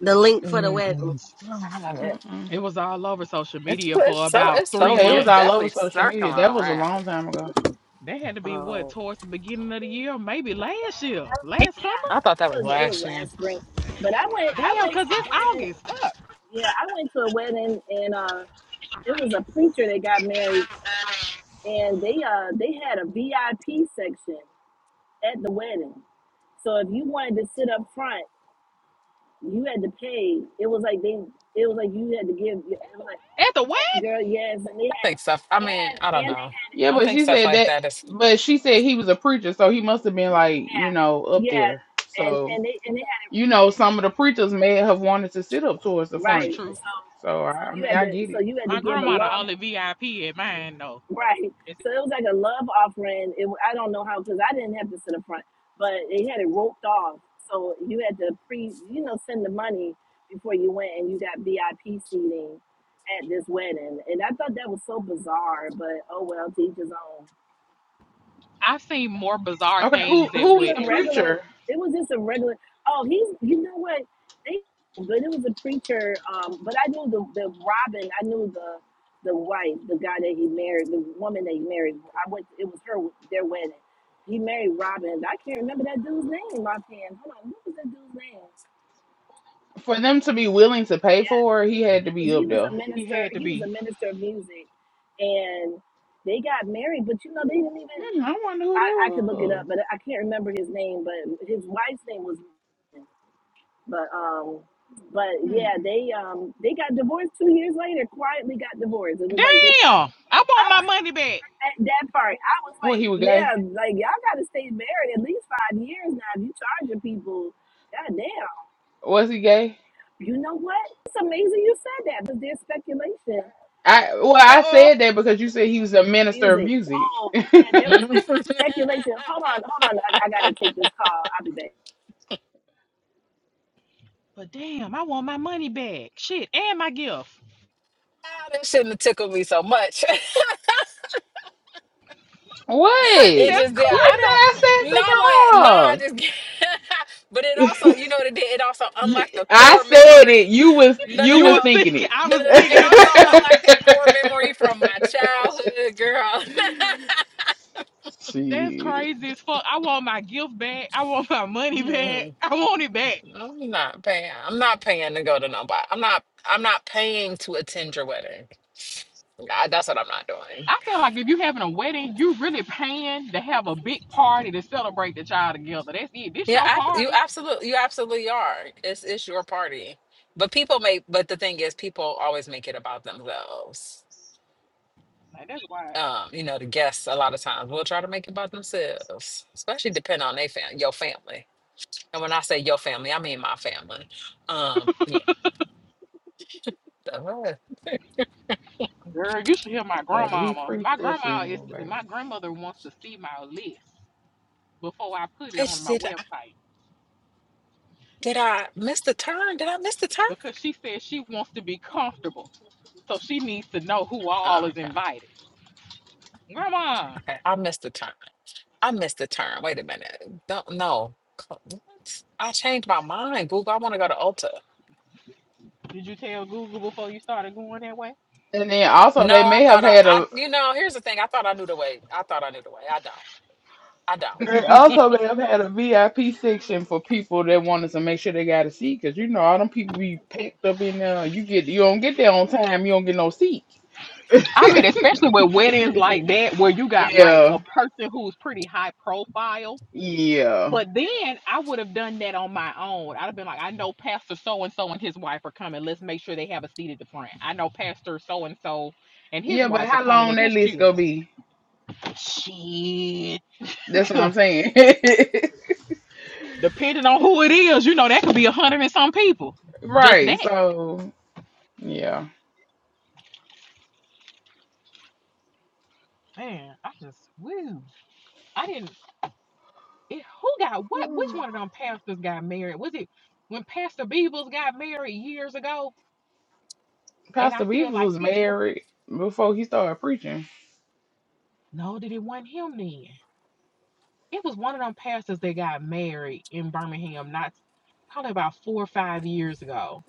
The link for the wedding.
Mm-mm. Oh, I love it.
It was all over social
It's,
media for
it's so.
about
It's
three
Yeah,
so.
it
yeah,
was
It's
all
months.
over
definitely
social
circling
media. That was a
around.
long time ago.
That had to be what
Oh.
towards the beginning of the year, maybe last year, last summer.
I thought
It
that was
was it was
last year.
last spring, but I went I
Damn,
went
cause
to a
it's
wedding.
August. Fuck.
Yeah, I went to a wedding and. uh, it was a preacher that got married and they uh they had a VIP section at the wedding. So if you wanted to sit up front, you had to pay. It was like they it was like you had to give it was like
At the what?
eh, girl, yes, and they
I
had
think stuff. I mean,
and
I don't
and they
know.
had
Yeah,
I
but
think
she
stuff
said
like
that.
that is.
But she said he was a preacher, so he must have been
it.
like you know
Yeah.
up
Yeah.
there.
And
So
and they and they
you know, some of the preachers may have
had
wanted to sit up towards the
That's
right.
front.
So
true.
So I
so
I
you
mean,
had
I
to
get
so
it.
you had to
My
give a
grandma the
love
only VIP at mine though.
Right.
It's-
So it was like a love offering. It, I don't know how because I didn't have this in the front, but they had it roped off. So you had to pre, you know, send the money before you went, and you got VIP seating at this wedding. And I thought that was so bizarre, but oh well, to each his own
I've seen more bizarre
Okay, who
things
it was
at
who
just
was
a
the
weddings.
regular.
preacher?
It was just a regular. Oh, he's. You know what? They good. It was a preacher. Um, but I knew the the Robin. I knew the the wife, the guy that he married, the woman that he married. I went. It was her. Their wedding. He married Robin. I can't remember that dude's name. My hand. Hold on. What was that dude's name?
For them to be willing to pay
Yeah,
for, it, he had to be
he was he
up
was a
there.
He
minister.
had to
He was
be.
a minister of music, and they got married. But you know, they didn't even.
Hmm, I wonder who
I
that
I could look it
was.
up, but I can't remember his name. But his wife's name was. But um, but
Hmm.
yeah, they um they got divorced two years later. Quietly got divorced. It was like they got.
Damn, I
I
want my
was
money back.
at that part. I was
Well,
like,
he was
yeah,
gay.
like y'all got to stay married at least five years now. If you charging people, goddamn.
Was he gay?
You know what? It's amazing you said that, but there's speculation
I well,
Uh
I
oh.
said that because you said he was a minister of
music.
music.
Oh, yeah, there was
Mm-mm.
spe- speculation. Hold on, hold on. I, I gotta take this call. I'll be back.
But damn, I want my money back. Shit, and my gift.
Ah, That shouldn't have tickled me so much.
But
it
Wait,
that's
just did.
you
crazy.
I
said
don't.
I said
Not
something
like no, I
wrong.
just. but it also, you know, what it did. It also
You,
unlocked a
I
core
said it.
memory.
You was
No, no,
you
You
no.
was
was
thinking
thinking,
it.
I
No, no,
was
no.
thinking
It
it for
also
sure.
unlocked that core memory from my childhood, girl.
That's
Shit,
crazy as fuck. I want my gift back. I want my money back.
Mm,
I want it back.
I'm not paying. I'm not paying to go to nobody. I'm not. I'm not paying to attend your wedding. I, that's what I'm not doing.
I feel like if you having a wedding, you really paying to have a big party to celebrate the child together. That's it. This
Yeah,
your
I, you
party.
absolutely, you absolutely are. It's it's your party, but people make. But the thing is, people always make it about themselves.
Like that's wild.
Um, you know, the guests a lot of times will try to make it about themselves, especially dending on they fam your family. And when I say your family, I mean my family. Um, yeah. Uh,
Girl, you should hear my
baby, he
grandmama.
preached
My
that
grandma is
funeral, baby.
my grandmother wants to see my list before I put it on
bitch,
my
did I,
website
did I miss the turn? Did I miss the turn?
because she says she wants to be comfortable. So she needs to know who all
Oh,
is
okay.
invited. Grandma,
Okay. I missed the turn. I missed the turn. Wait a minute. Don't know. What? I changed my mind, Google. I want to go to Ulta.
did you tell Google before you started going that way?
And then also
No,
they
I
may have
thought I,
had
I,
a
you know, here's the thing. I thought I knew the way. I thought I knew the way. I don't. I don't.
they also may have had a VIP section for people that wanted to make sure they got a seat because you know all them people be packed up in there. You get you don't get there on time, you don't get no seat.
I mean,
Right.
especially with weddings like that where you got like
yeah,
a person who's pretty high profile
yeah.
But then I would have done that on my own. I'd have been like, I know Pastor so and so and his wife are coming. Let's make sure they have a seat at the front. I know Pastor so and so and his
Yeah, but
wife are
how
coming
long
and
that
his
list gonna
children.
be?
Shit.
That's what I'm saying.
Depending on who it is, you know, that could be a hundred and some people. Just
right.
that.
So yeah,
Man, I just, woo. I didn't, it, who got what? Which one of them pastors got married? Was it when Pastor Beebles got married years ago? And I
Pastor
feel
Beavers
like
was
his,
married before he started preaching.
no, that it wasn't him then It was one of them pastors that got married in Birmingham, not probably about four or five years ago.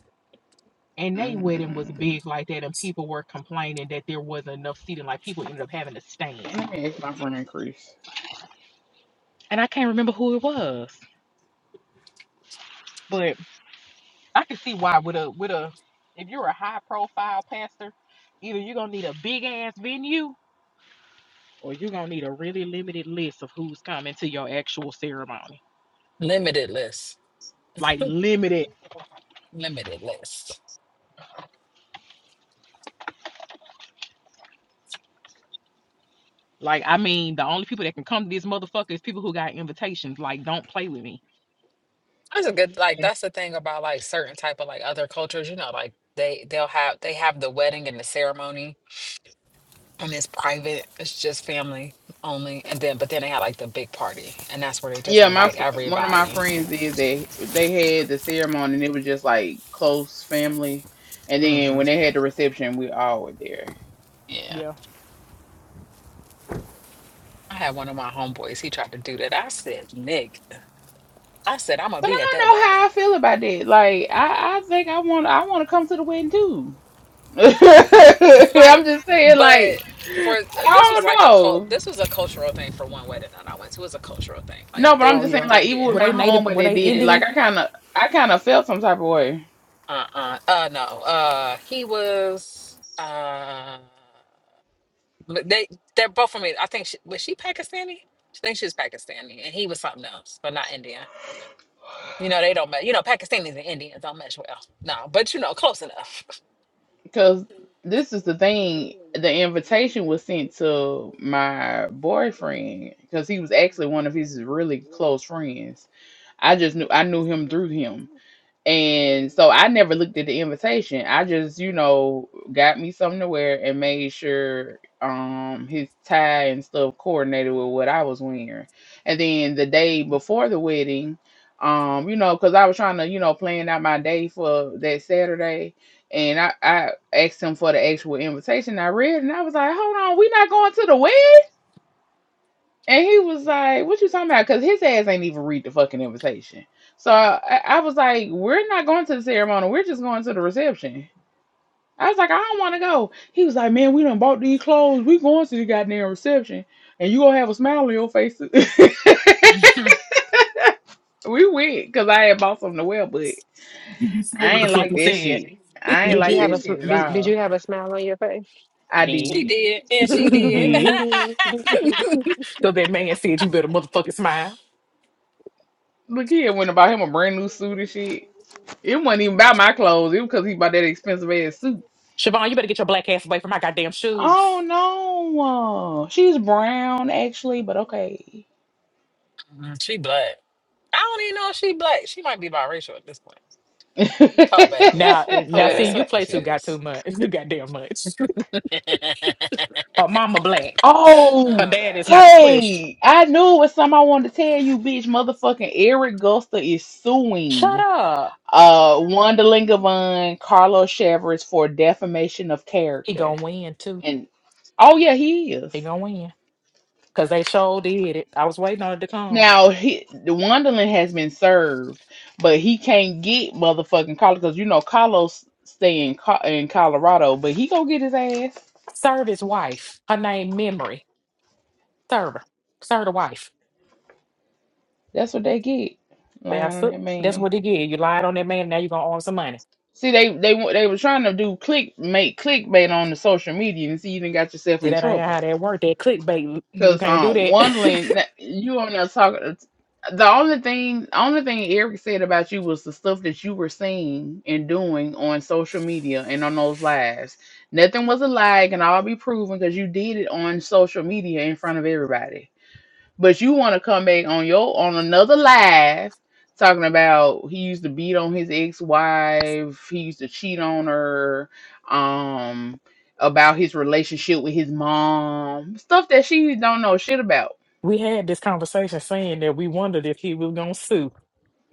And they wedding was
Mm,
big like that, and people were complaining that there wasn't enough seating. Like people ended up having to stand.
let me ask my friend Chris.
And I can't remember who it was, but I can see why with a with a if you're a high profile pastor, either you're gonna need a big ass venue or you're gonna need a really limited list of who's coming to your actual ceremony.
Limited list.
Like limited
Limited list.
Like, I mean, the only people that can come to this motherfucker is people who got invitations. Like, don't play with me.
That's a good, like, that's the thing about like certain type of like other cultures, you know, like they, they'll have, they have the wedding and the ceremony and it's private. It's just family only. And then, but then they had like the big party, and that's where they just
Yeah, my
invite
fr- one of my
everybody.
friends did they they had the ceremony and it was just like close family, and then
hmm
when they had the reception, we all were there.
Yeah.
Yeah.
I had one of my homeboys. He tried to do that. I said, Nick, I said, I'm going
But
to be at
I don't
that
know how
wedding.
I feel about that. Like I, I think I want I want to come to the wedding too.
But
I'm
like,
just saying, like,
but for uh,
I
this was
don't
like a cult,
know.
this was a cultural thing for one wedding that I went to. It was a cultural thing. Like,
No, but I'm
they,
Oh
just saying,
yeah.
the,
like, even
yeah,
with
Were
my
they
home,
native?
where
Were
they
they
did it,
yeah.
like,
Indian?
I kind of, I kind of felt some type of way
Uh uh. Uh, no. Uh, he was, uh, But they they're both from it. I think she, was she Pakistani? I think she's Pakistani, and he was something else, but not Indian. You know they don't match. You know Pakistanis and Indians don't match well. No, but you know close enough.
because this is the thing. The invitation was sent to my boyfriend because he was actually one of his really close friends. I just knew, I knew him through him. And so I never looked at the invitation. I just, you know, got me something to wear and made sure um his tie and stuff coordinated with what I was wearing. And then the day before the wedding, um, you know, because I was trying to, you know, plan out my day for that Saturday. And I, I asked him for the actual invitation. I read it and I was like, hold on, we not going to the wedding? And he was like, "What you talking about?" Because his ass ain't even read the fucking invitation. So I, I was like, "We're not going to the ceremony. We're just going to the reception." I was like, "I don't want to go." He was like, "Man, we done bought these clothes. We going to the goddamn reception, and you gonna have a smile on your face."
Mhm.
we went because I had bought something to wear, but
You said
I
what the
ain't
fuck
like
you
that shit.
said.
I ain't
Did
like
you have
that
a
shit
sm-
at
did, did you
all.
have a smile on your face?
I
Did.
she
did.
did, and she did.
Did. So that man said you better motherfucking smile.
Look here, went and bought him a brand new suit and shit. It wasn't even about my clothes. It was because he bought that expensive ass suit.
Siobhan, you better get your black ass away from my goddamn
Oh
shoes.
no. She's brown actually, but okay.
Mhm, she black. I don't even know if she black. She might be biracial at this point. Poor baby.
Now,
Poor
now,
baby,
see, you
so
play too got too
confused.
much, too goddamn much.
oh
Her mama black. Her
oh,
my
dad is
bad.
not the question.
Tay. I knew it was something I wanted to tell you, bitch. Motherfucking Eric Gusta is
Shut
suing
up.
uh Wanda Lingavon Carlos Chavez for defamation of
He
character.
gonna win too.
And oh yeah, he
He
is.
gonna win. Cause they sure did it. I was waiting on it to come.
Now he the Wonderland has been served, but he can't get motherfucking Carlos because you know Carlos stay in Co- in Colorado, but he gonna get his ass.
Serve his wife. Her name Memory. Serve her. Serve the wife.
That's what they get lying
That's
on
it.
that
That's
man.
what they get. You lied on that man, now you're gonna own some money.
See, they they wa- they were trying to do click make clickbait on the social media, and see you done got yourself
See,
in
that ain't
trouble.
how that worked. That clickbait. You
Cause
can't do
um,
that.
Wondling, you on there talking. uh, The only thing, only thing Eric said about you was the stuff that you were seeing and doing on social media and on those lives. Nothing was a lie, and I'll be proven because you did it on social media in front of everybody. But you want to come back on your on another live talking about he used to beat on his ex-wife, he used to cheat on her, um, about his relationship with his mom, stuff that she don't know shit about.
we had this conversation saying that we wondered if he was gonna sue.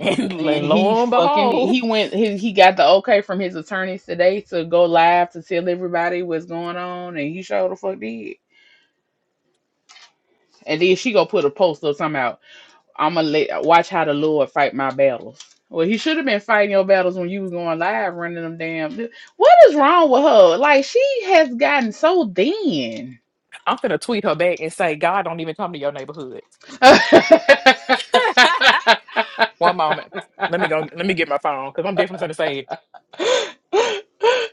And
And he
lo and
fucking
behold,
he went he, he got the okay from his attorneys today to go live to tell everybody what's going on, and he sure the fuck did. And then she go put a post up somehow. I'm gonna let watch how the Lord fight my battles. Well, he should have been fighting your battles when you were going live, running them damn. li- What is wrong with her? Like she has gotten so thin.
I'm gonna tweet her back and say, God don't even come to your neighborhood. One moment. Let me go let me get my phone because I'm definitely gonna say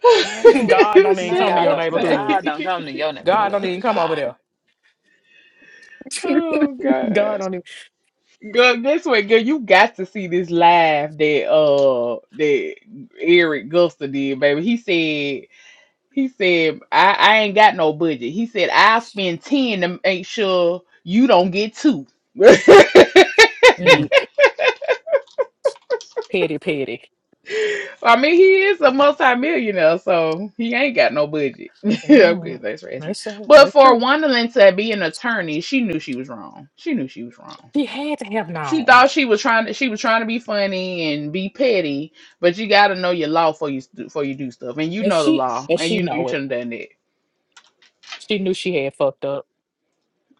it.
no,
God don't even
not
Shit,
come to
God
your
don't
upside.
neighborhood.
God don't come to your
God don't
neighborhood.
even come over
God.
there.
Oh God,
God on him.
girl, this way, girl, you got to see this live that uh that Eric Gusta did, baby. He said. He said, I, I ain't got no budget. He said, I'll spend 10 to make sure you don't get two.
Mm.
Weak, petty, petty.
I mean, he is a multimillionaire, so he ain't got no budget.
You
I'm good,
know,
that's racing.
that's sad.
But
That's
for
true.
Wonderland to be an attorney, she knew she was wrong. She knew she was wrong.
She had to have
She
known,
thought she was trying to she was trying to be funny and be petty, but you gotta know your law before you before you do stuff. And you
and
know the
she
law,
and
and
she
you know you
know it.
shouldn't have done that.
She knew she had fucked up.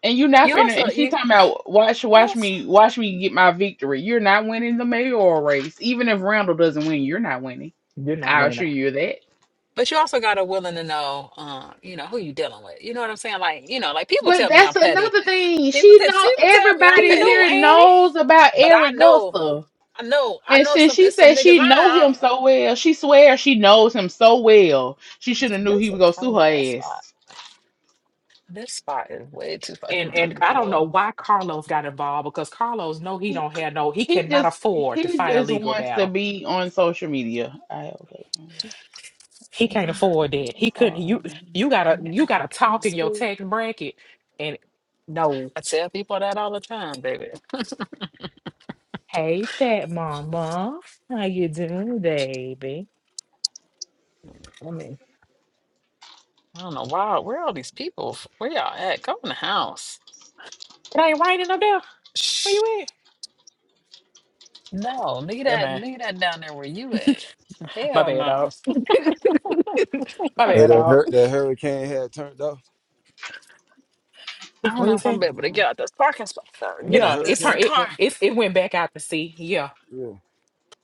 And you're not
You
finna.
also
And she
you
talking about watch,
you
watch
also
me, watch me get my victory. You're not winning the mayoral race, even if Randall doesn't win. You're not winning.
You're not
I
winning.
assure you of that.
But you also gotta willing to know, um, you know, who you dealing with. You know what I'm saying? Like, you know, like people
But
tell me
that's
I'm petty.
another thing.
People,
She
t-
know
people tell me I'm
She
everybody
knew
petty,
here
Annie,
knows about
but I
Eric
know,
Gusta.
I know, I
And
know
since
some.
she
It's some
said
niggas.
she know him
I don't.
so well, she swears she knows him so well. She
It's,
should have knew he
this a
would go sue
tiny ass
her
spot.
ass.
This spot is way too
Two,
and
fucking
one,
and
three,
I
tiny.
don't know
four.
why Carlos got involved because Carlos know he
He
don't have no. He
he
cannot
just
afford to
he
fight a
just
legal
wants to
battle.
be on social media. I okay. Oh,
He can't afford that. He couldn't. You you gotta
Mm, I
you
I can
gotta
kind of
talk in your
school.
tax bracket, and no.
I tell people that all the time, baby. I
Hey, fat mama. How you doing, baby?
mean, I don't know why. Where all these people? f- Where y'all at? Go in the house.
It ain't raining up there. Where
Shh.
you at?
No, leave
Yeah,
that,
man.
leave that down there where you at.
My
Hell
bad, dog.
no.
My
Hey,
bad,
that,
dog.
hurt. that hurricane had turned off.
I
It's-
don't
What you
know if I'm
say?
gonna be able to get out this parking spot or
And there's
get
a
out
Yeah, it
this
hurricane
turned
or
it
car.
something?
it's it went back out to sea. Yeah.
Yeah.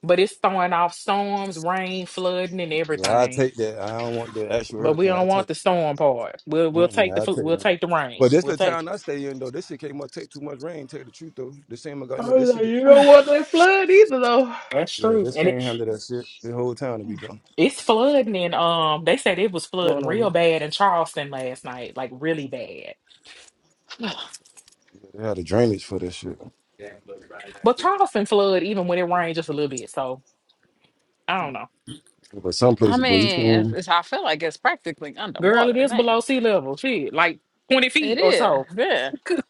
But it's throwing off storms, rain, flooding, and
Yeah, I
everything.
take that. I don't want the actual
But we
hurricane. I
don't want
take
the storm part. We'll we'll
Mm-mm,
take the
I
fl-
take
we'll
that.
take the rain.
But this
We'll
the
take
town
it.
I stay in, though. This shit can't much take too much rain. Tell you the truth, though. This ain't my God. No,
no,
this shit.
you don't want that flood either, though.
That's
Yeah,
true.
this
And it,
can't handle that shit. The whole town to be gone.
it's flooding and um they said it was
What's going
flooding
on,
real
man?
bad in Charleston last night, like really bad.
Yeah, they had a drainage for that shit.
But Charleston flood even when it rained just a little bit. So I don't know.
But some
I
places, but you
mean, it's,
can
it's, I feel like it's practically
Girl, it
underwater
is
now.
below sea level. Shit, like 20
It
feet or
is.
so.
Yeah.
Good-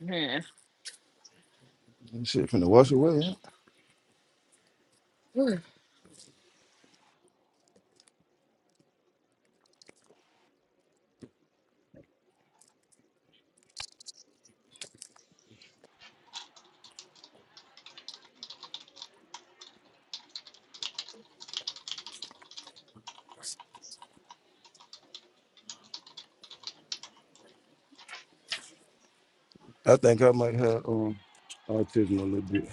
Yeah.
that shit from the wash away. Yeah?
Whew.
I think I might have um autism a little bit.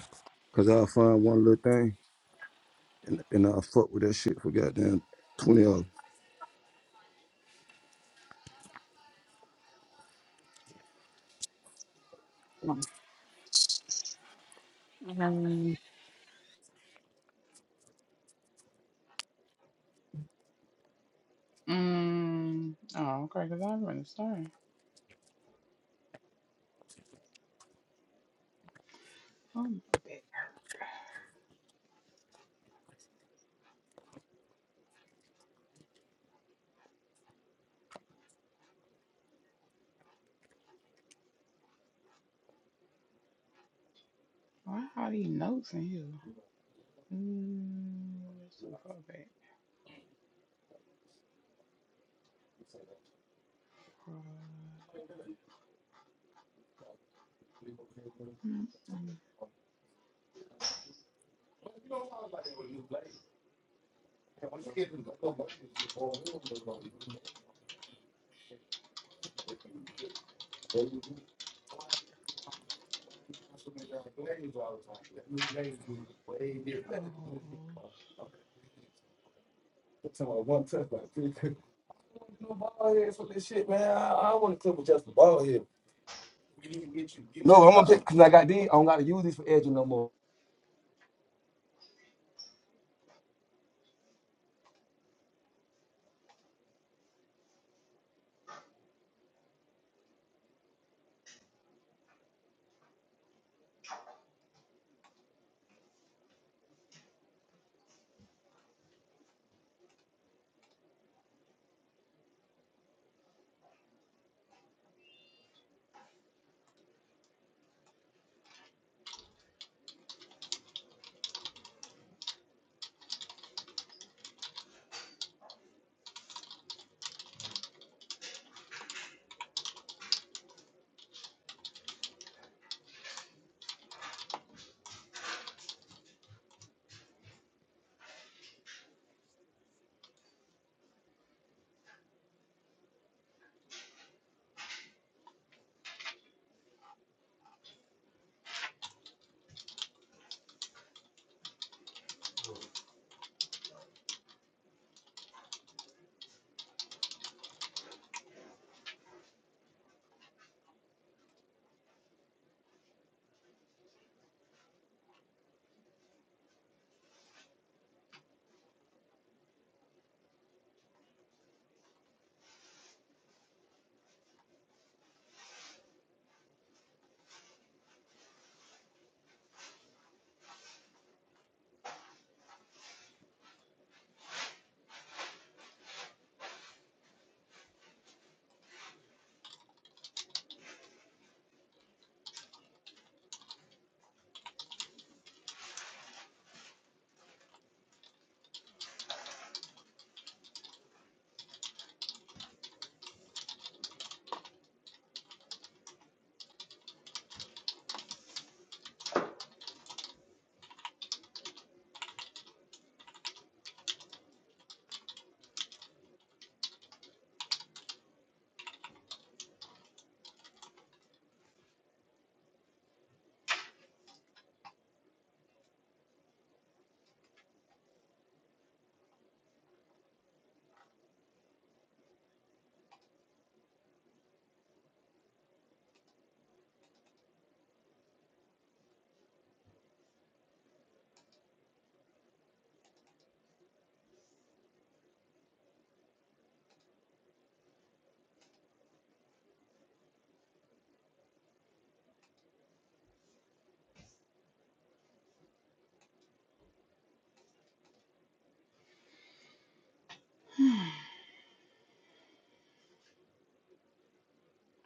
Cause I'll find one little thing and, and I'll fuck with that shit for goddamn 20 hours.
Um,
Mm. Oh, okay, because I remember the story. Oh, my back hurt. Why are these notes in here? Mm, that's too far back. Mm, mm, Charles.
No, I'm gonna take no more.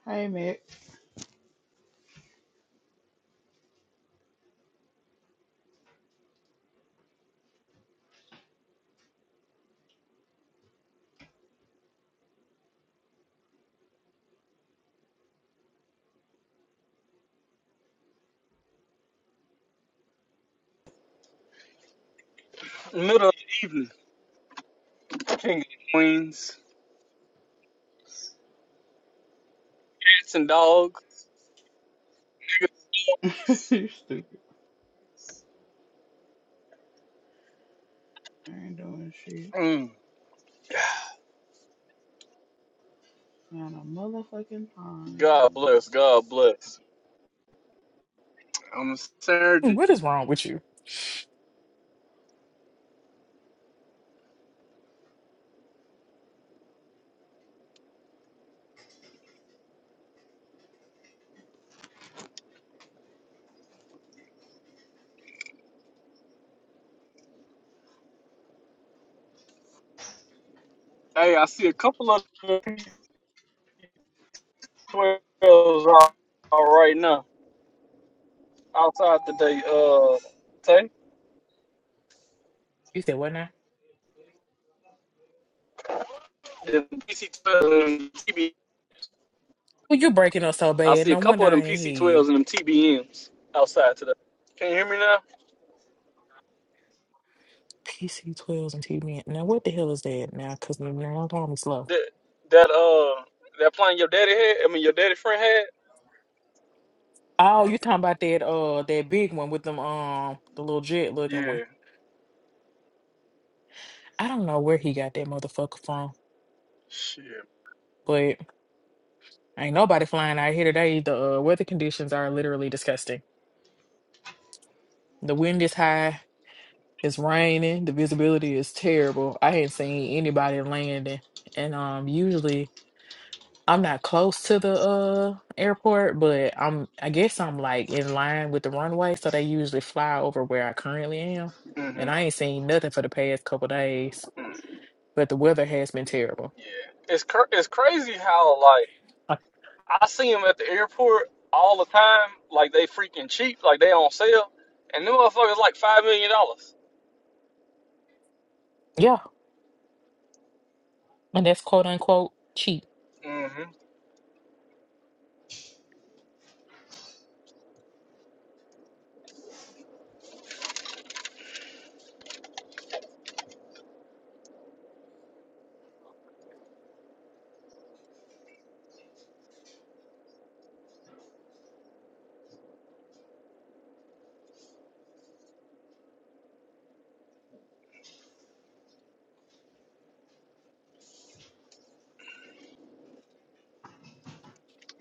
Hey, Mick.
Middle of the evening. King of Queens. Cats and dogs.
you stupid. I ain't doing shit.
Mm.
Not a motherfucking pond.
God bless. God bless. On a Saturday.
What is wrong with you?
Hey, I see a couple of the P12s out right now. Outside today, uh, Tay.
You said what now?
The PC12 and TB.
Well, you're breaking up so
I
bad.
see a
No
couple
wonder
of
I
them
ain't hear you.
PC12s and them TBMs outside today. Can you hear me now?
PC12s and TV. Now, what the hell is that now? Because now I'm going slow.
That, that, uh, that plane your daddy had? I mean, your daddy friend had?
Oh, you talking about that uh that big one with them um the little jet looking one.
Yeah.
I don't know where he got that motherfucker from,
Shit.
but ain't nobody flying out here today. The uh, weather conditions are literally disgusting. The wind is high. It's raining. The visibility is terrible. I hadn't seen anybody landing. And um usually I'm not close to the uh airport, but I'm I guess I'm like in line with the runway, so they usually fly over where I currently am.
Mm-hmm.
And I ain't seen nothing for the past couple days,
Mm.
but the weather has been terrible.
Yeah, it's cr- it's crazy how like
Uh,
I see them at the airport all the time. Like they freaking cheap, like they on sale, and them motherfuckers like five million dollars.
yeah, and that's quote unquote cheap.
hmm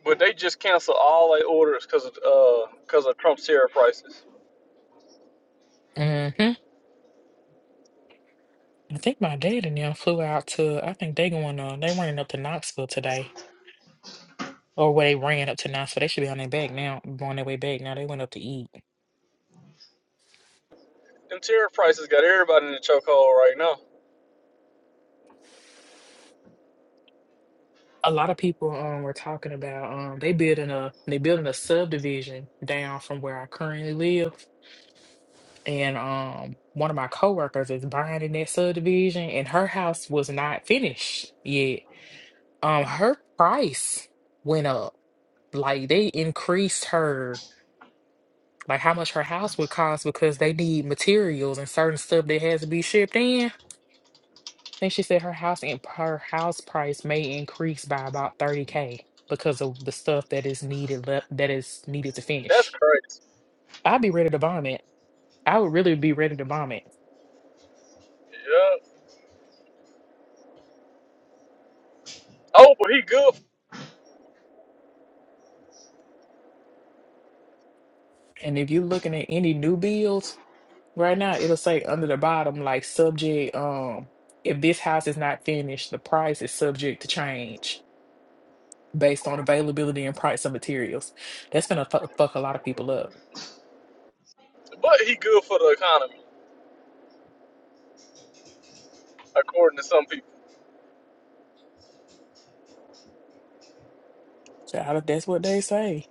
But they just cancel all their orders because of uh because of Trump's tariff prices.
hmm I think my dad and them flew out to I think they going on they running up to Knoxville today. or where they ran up to now. So they should be on their back now, on their way back now. They went up to eat.
Them tariff prices got everybody in the chokehold right now.
A lot of people um were talking about um they building a they building a subdivision down from where I currently live, and um one of my coworkers is buying in that subdivision, and her house was not finished yet. Um, her price went up. Like they increased her like how much her house would cost because they need materials and certain stuff that has to be shipped in think she said her house and her house price may increase by about 30k because of the stuff that is needed left that is needed to
That's
finish.
crazy.
I'd be ready to bomb it. I would really be ready to bomb it.
Yeah. Oh, but he good,
And if you're looking at any new builds right now, it'll say under the bottom like subject um if this house is not finished, the price is subject to change based on availability and price of materials. That's gonna fu- fuck a lot of people up.
but he good for the economy, according to some people.
So I- that's what they say.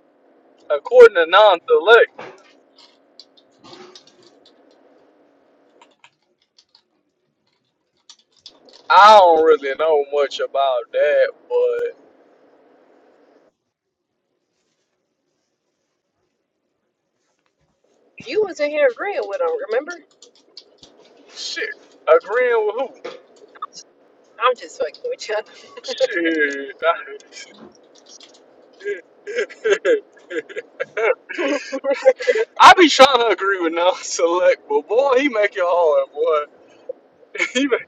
According to non-select, I don't really know much about that, but
You was in here agreeing with him, remember?
shit, agreeing with who?
I'm just fucking with you.
Shit. I be trying to agree with non select, but boy, he make it hard, boy. He make,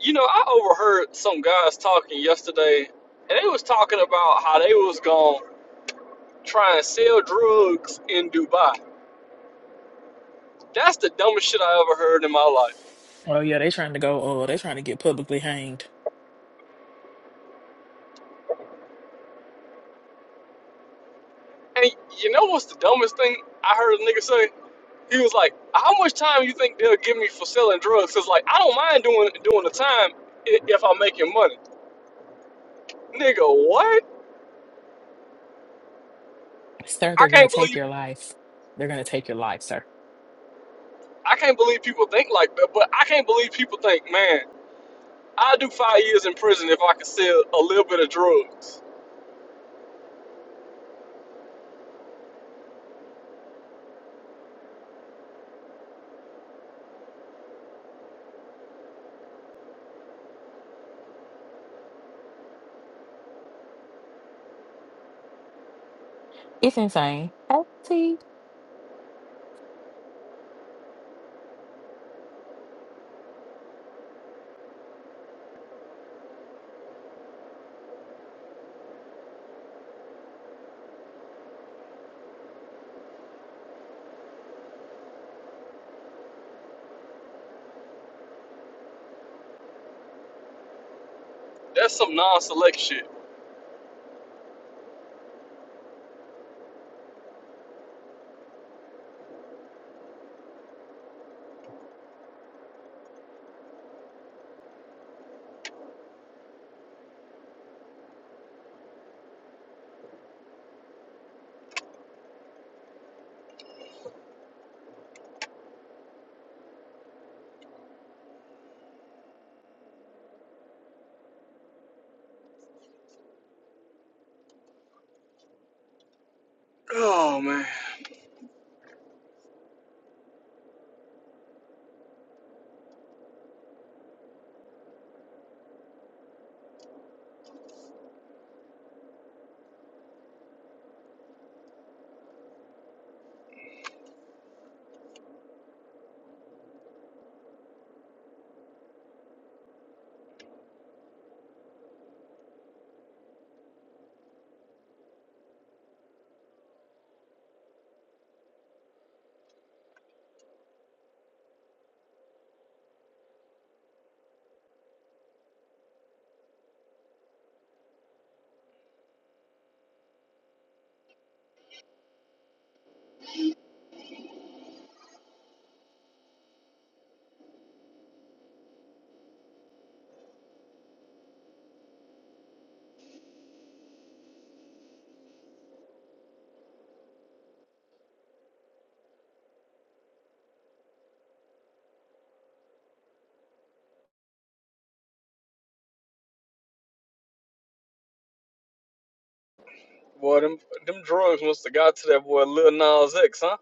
you know, I overheard some guys talking yesterday, and they was talking about how they was gonna try and sell drugs in Dubai. That's the dumbest shit I ever heard in my life.
Oh yeah, they trying to go. Oh, they trying to get publicly hanged.
And you know what's the dumbest thing I heard a nigga say? He was like, "How much time you think they'll give me for selling drugs?" It's like I don't mind doing doing the time i- if I'm making money. Nigga, what?
Sir,
I
they're gonna
can't
take
believe
your life. They're gonna take your life, sir.
I can't believe people think like that. But I can't believe people think, man, I'll do five years in prison if I can sell a little bit of drugs.
It's insane. Hey, T.
That's some non-select shit. Oh man, boy, them them drugs must have got to that boy Lil Nas X, huh?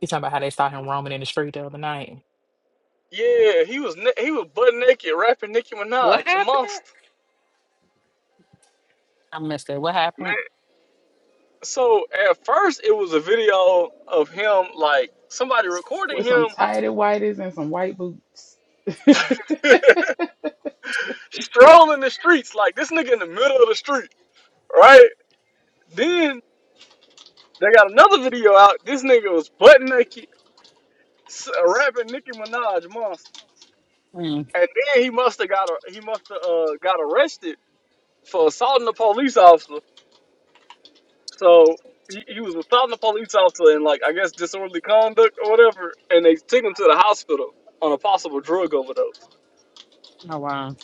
You talking about how they saw him roaming in the street the other night.
Yeah, he was na- he was butt naked rapping Nicki
what
Minaj,
happened?
monster.
I missed it. What
Man,
happened?
so at first it was a video of him like somebody recording
With
him
some tidy whities and some white boots.
strolling the streets like this nigga in the middle of the street, right? Then They got another video out. This nigga was butt naked, s- uh, rapping Nicki Minaj monster,
Mm,
and then he must have got a, he must have uh, got arrested for assaulting a police officer. So he, he was assaulting a police officer and like I guess disorderly conduct or whatever, and they took him to the hospital on a possible drug overdose.
oh, wow.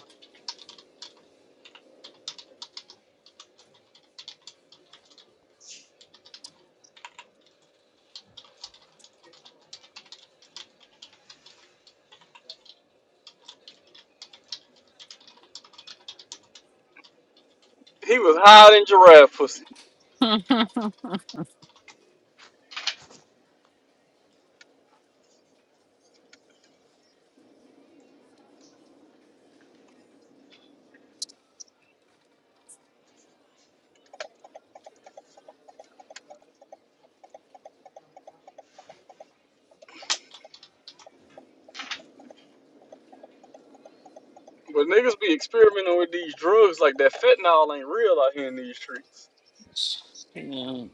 He was hiding giraffe pussy. But niggas be experimenting with these drugs like that fentanyl ain't real out here in these streets.
Mm,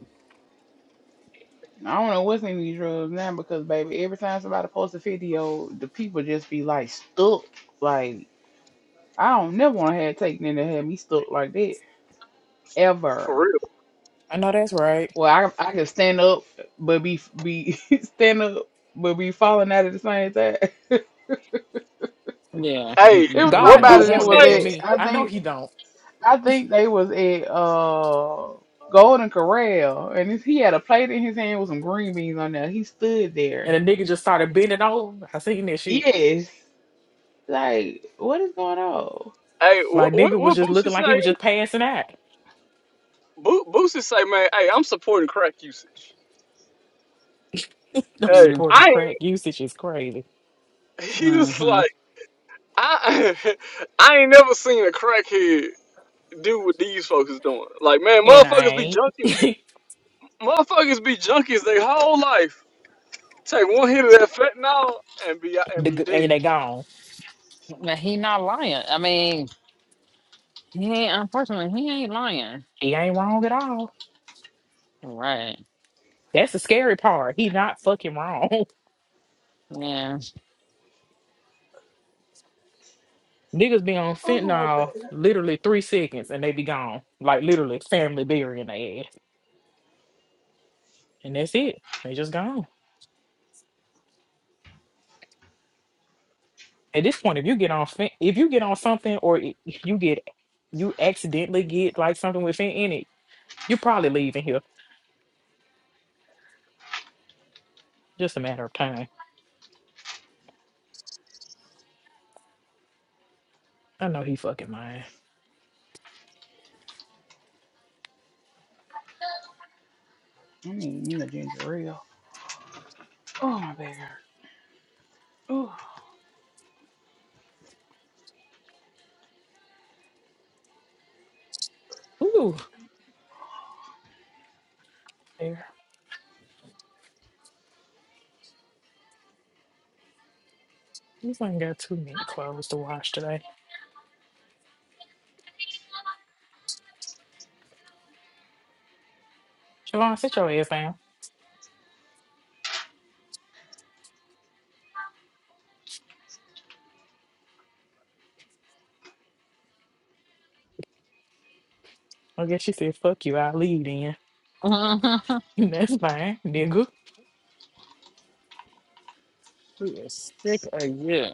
I don't know what's in these drugs now because baby, every time somebody posts a video, the people just be like stuck. Like I don't never want to have taken in to have me stuck like that
For
ever.
real.
I know that's right.
Well, I I can stand up but be be stand up but be falling out at the same time. it
yeah.
Hey,
Mm-mm,
was
I'm
what
God
somebody
don't
good.
Pussy
that
want
was
that
say?
for
at
me.
I
I know
think
he don't.
I think they was at uh Golden Corral and he had a plate in his hand with some green beans on there. He stood there.
And the nigga just started bending over. I seen that shit.
Yes. Like, what is going on?
Hey, what
Like
what
nigga was
what
just
Boosie
looking
say?
like he was just passing out.
Bo- Boosie say, man, hey, I'm supporting crack usage.
I'm
Hey,
Mm,
supporting
I
crack usage is crazy.
ain't, he was
mm-hmm.
like, I, I ain't never seen a crackhead do what these folks is doing. Like, man,
And
Yes.
I
motherfuckers be
ain't.
junkies. Motherfuckers be junkies their whole life. Take one hit of that fentanyl and be and
the,
be
g-
dead.
and they gone.
But he not lying. I mean, he ain't, unfortunately, he ain't lying.
He ain't wrong at all.
Right.
That's the scary part. He not fucking wrong.
Yeah.
Niggas be on fentanyl literally three seconds and they be gone. Like literally family burying their ass. And that's it. They just gone. At this point, if you get on fent- if you get on something or i- if you get you accidentally get like something with fent in it, you probably leaving here. Just a matter of time. I know he fucking mine.
I need me a ginger ale. Oh, my back hurt. Oh.
Ooh, there. You ain't got too many clothes to wash today. Siobhan, sit your ass down. I guess she said, fuck you, I'll leave then. That's fine, nigga.
he is sick of you.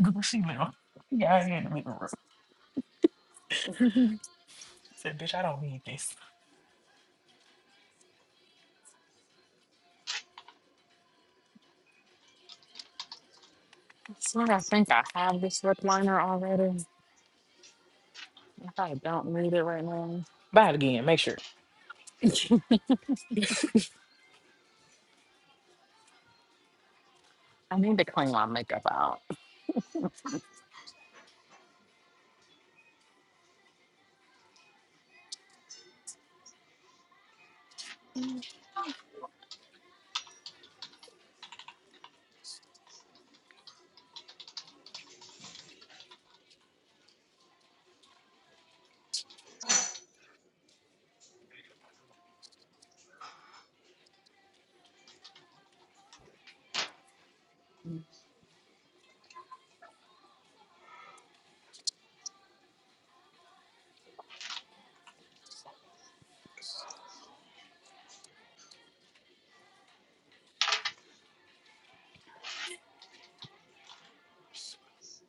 Girl, She left. Yeah, I ain't in the living room. Said, bitch, I don't need this.
So I think I have this lip liner already. If I don't need it right now,
Buy it again. Make sure.
I need to clean my makeup out.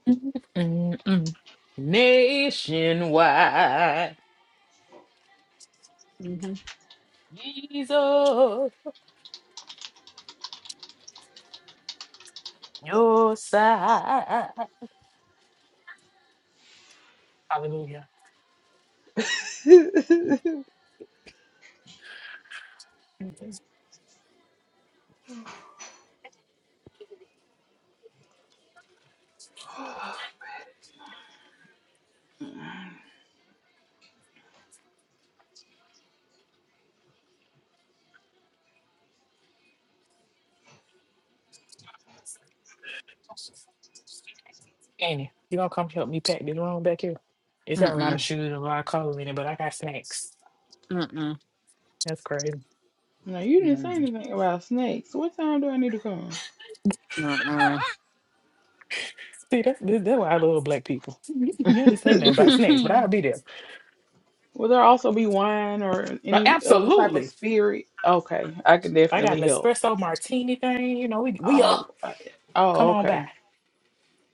Mm-mm-mm. Nationwide,
Mm-hmm.
Jesus, your side. Hallelujah. Annie, you gonna come help me pack this room back here? It's got a lot
No.
of
Mm-mm,
shoes and a lot of clothes in it, but I got snacks.
mm-mm,
That's crazy.
No, you didn't say
mm-mm,
anything about snakes. What time do I need to come?
See, that's, that's that's why I love black people. you ain't
mm-mm.
say nothing about snacks, but I'll be there.
Will there also be wine or
Like,
any other type of
absolutely.
spirit? Okay, I can
I got an
definitely help.
espresso martini thing. You know, we, we up.
Oh, I- oh,
Come on
okay.
back.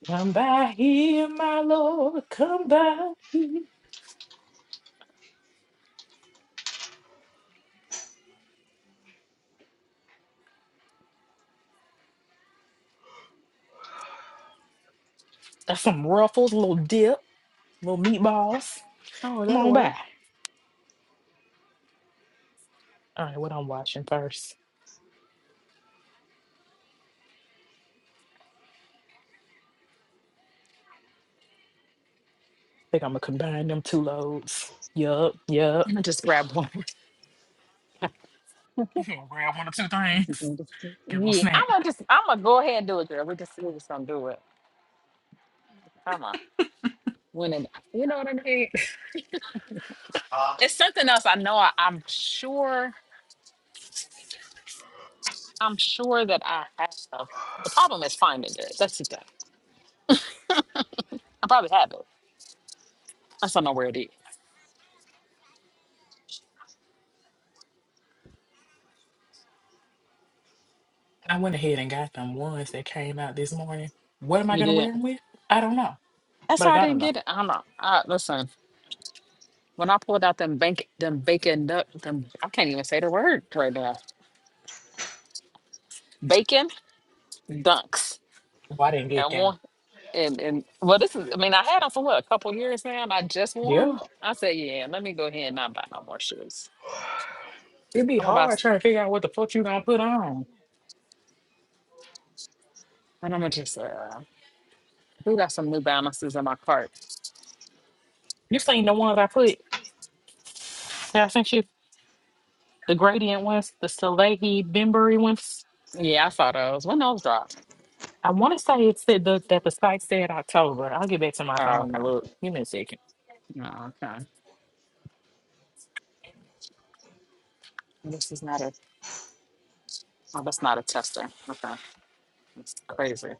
Come by here, my Lord. Come by here. That's some ruffles, a little dip, little meatballs.
Oh,
Come
that'll
on by.
work.
All right, what I'm watching first. I think I'm gonna combine them two loads. Yup, yup.
I'm gonna just grab one.
You gonna grab one or two things. Get a little
yeah, I'm
snack.
gonna just, I'm gonna go ahead and do it, girl. We just, we just gonna do it. Come on, when it, you know what I mean?
Uh,
It's something else. I know. I, I'm sure. I'm sure that I have. The problem is finding it. That's the thing. I probably have it. I just don't know where it is.
I went ahead and got them ones that came out this morning. What am I
You
gonna
did.
wear them with? I don't know.
That's
But I
how I
gotta
didn't
know.
get it. I don't know. I, listen, when I pulled out them bank, them bacon, duck, them I can't even say the word right now. Bacon dunks
Why I didn't get
and
them?
one and and well, this is. I mean, I had them for what a couple years now, and I just
Yeah.
won. I said, yeah, let me go ahead and not buy no more shoes.
It'd be
I'm about
hard trying to figure out what the fuck you gonna put on.
and I'm gonna just uh, we got some New Balances in my cart.
This ain't the ones I put. that I sent you. the gradient ones, the Salehi Bembury ones.
Yeah, I saw those. When those dropped?
I want to say it said the, that the site said October. I'll get back to my phone
Oh,
and
okay.
look. Give me a second.
Oh, okay. This is not a. Oh, that's not a tester. Okay, it's crazy.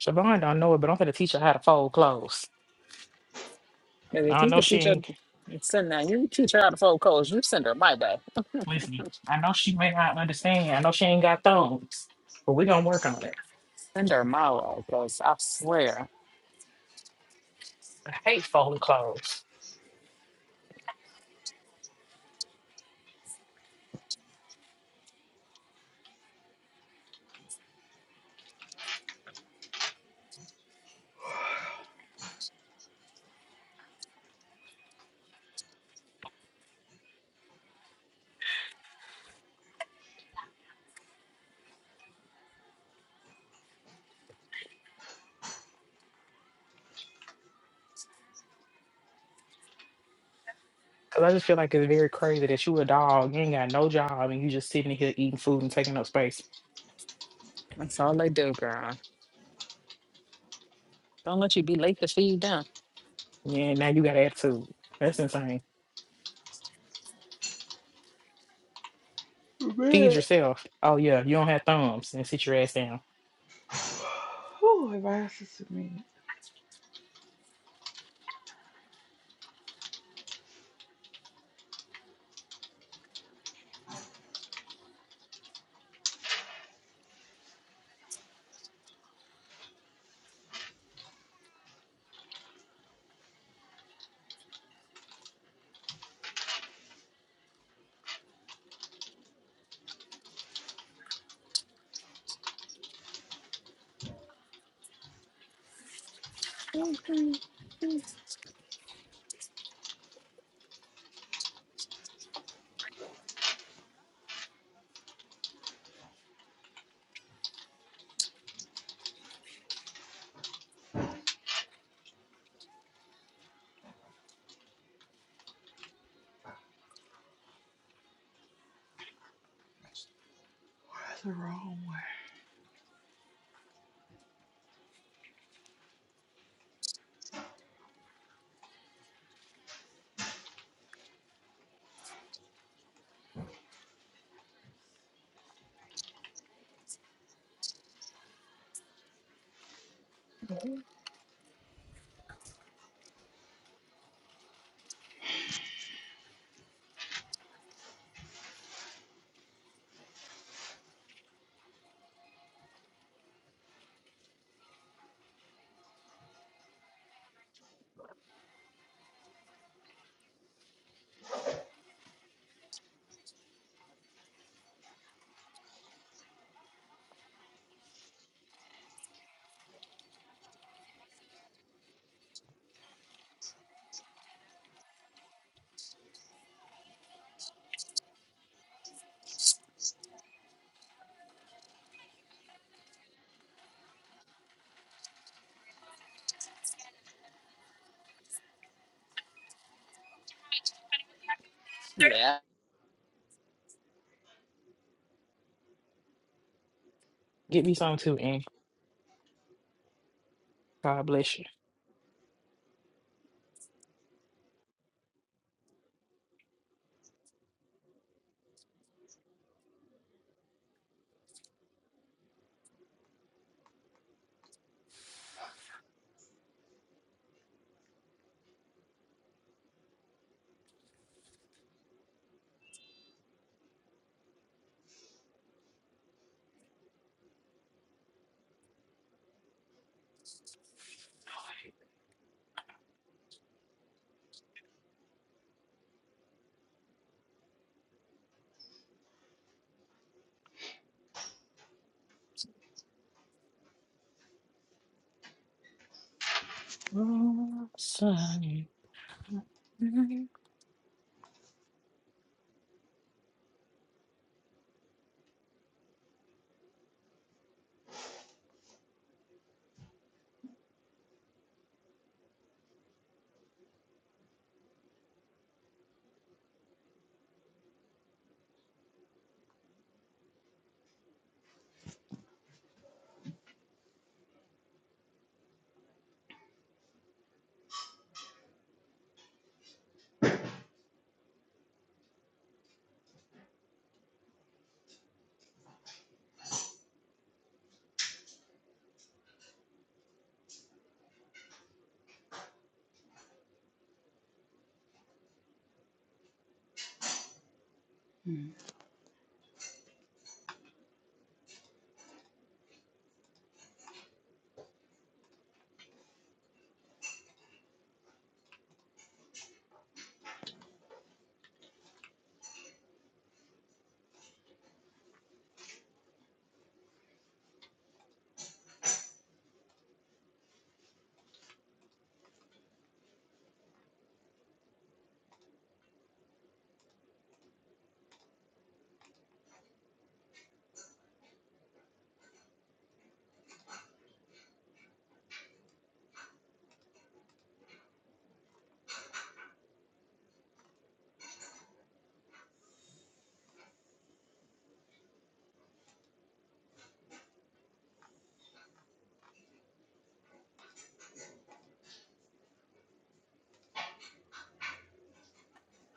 Siobhan don't know it, but I'm gonna teach her how to fold clothes.
Because if
I
you
know
could
she
teach her,
ain't
send her, you teach her how to fold clothes, you send her my way.
listening. I know she may not understand. I know she ain't got thumbs, but we gonna work on it.
Send her my way, because I swear,
I hate folding clothes because I just feel like it's very crazy that you a dog, you ain't got no job, and you just sitting here eating food and taking up space.
that's all they do, girl. Don't let you be late to feed them.
Yeah, now you got attitude. That's insane. Feed
Man.
yourself. Oh yeah, you don't have thumbs and sit your ass down.
Oh, if I asked this to me, where's the wrong way?
Yeah.
Get me some too, and God bless you. Oh, Sonny.
Hmm.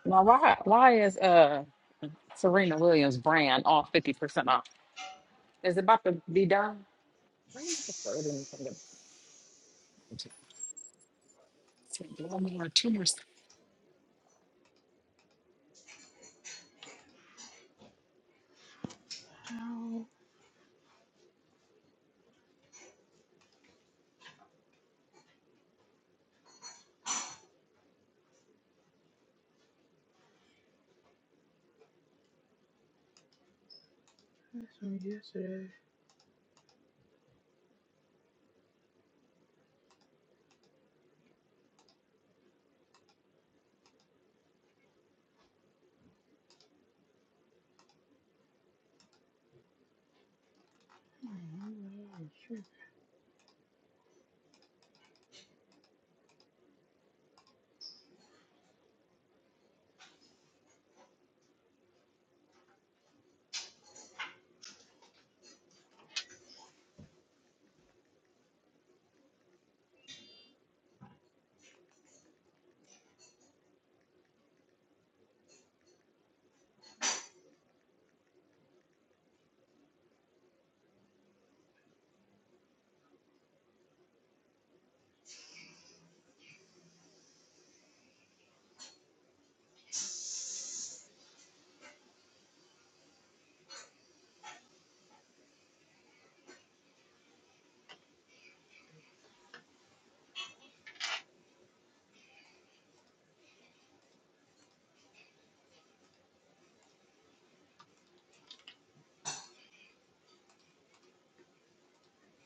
Now, why, why is uh Serena Williams brand all 50% off? Is it about to be done? Why is the third one from the- One more, two more.
Oh, that's from yesterday. I am the Lord,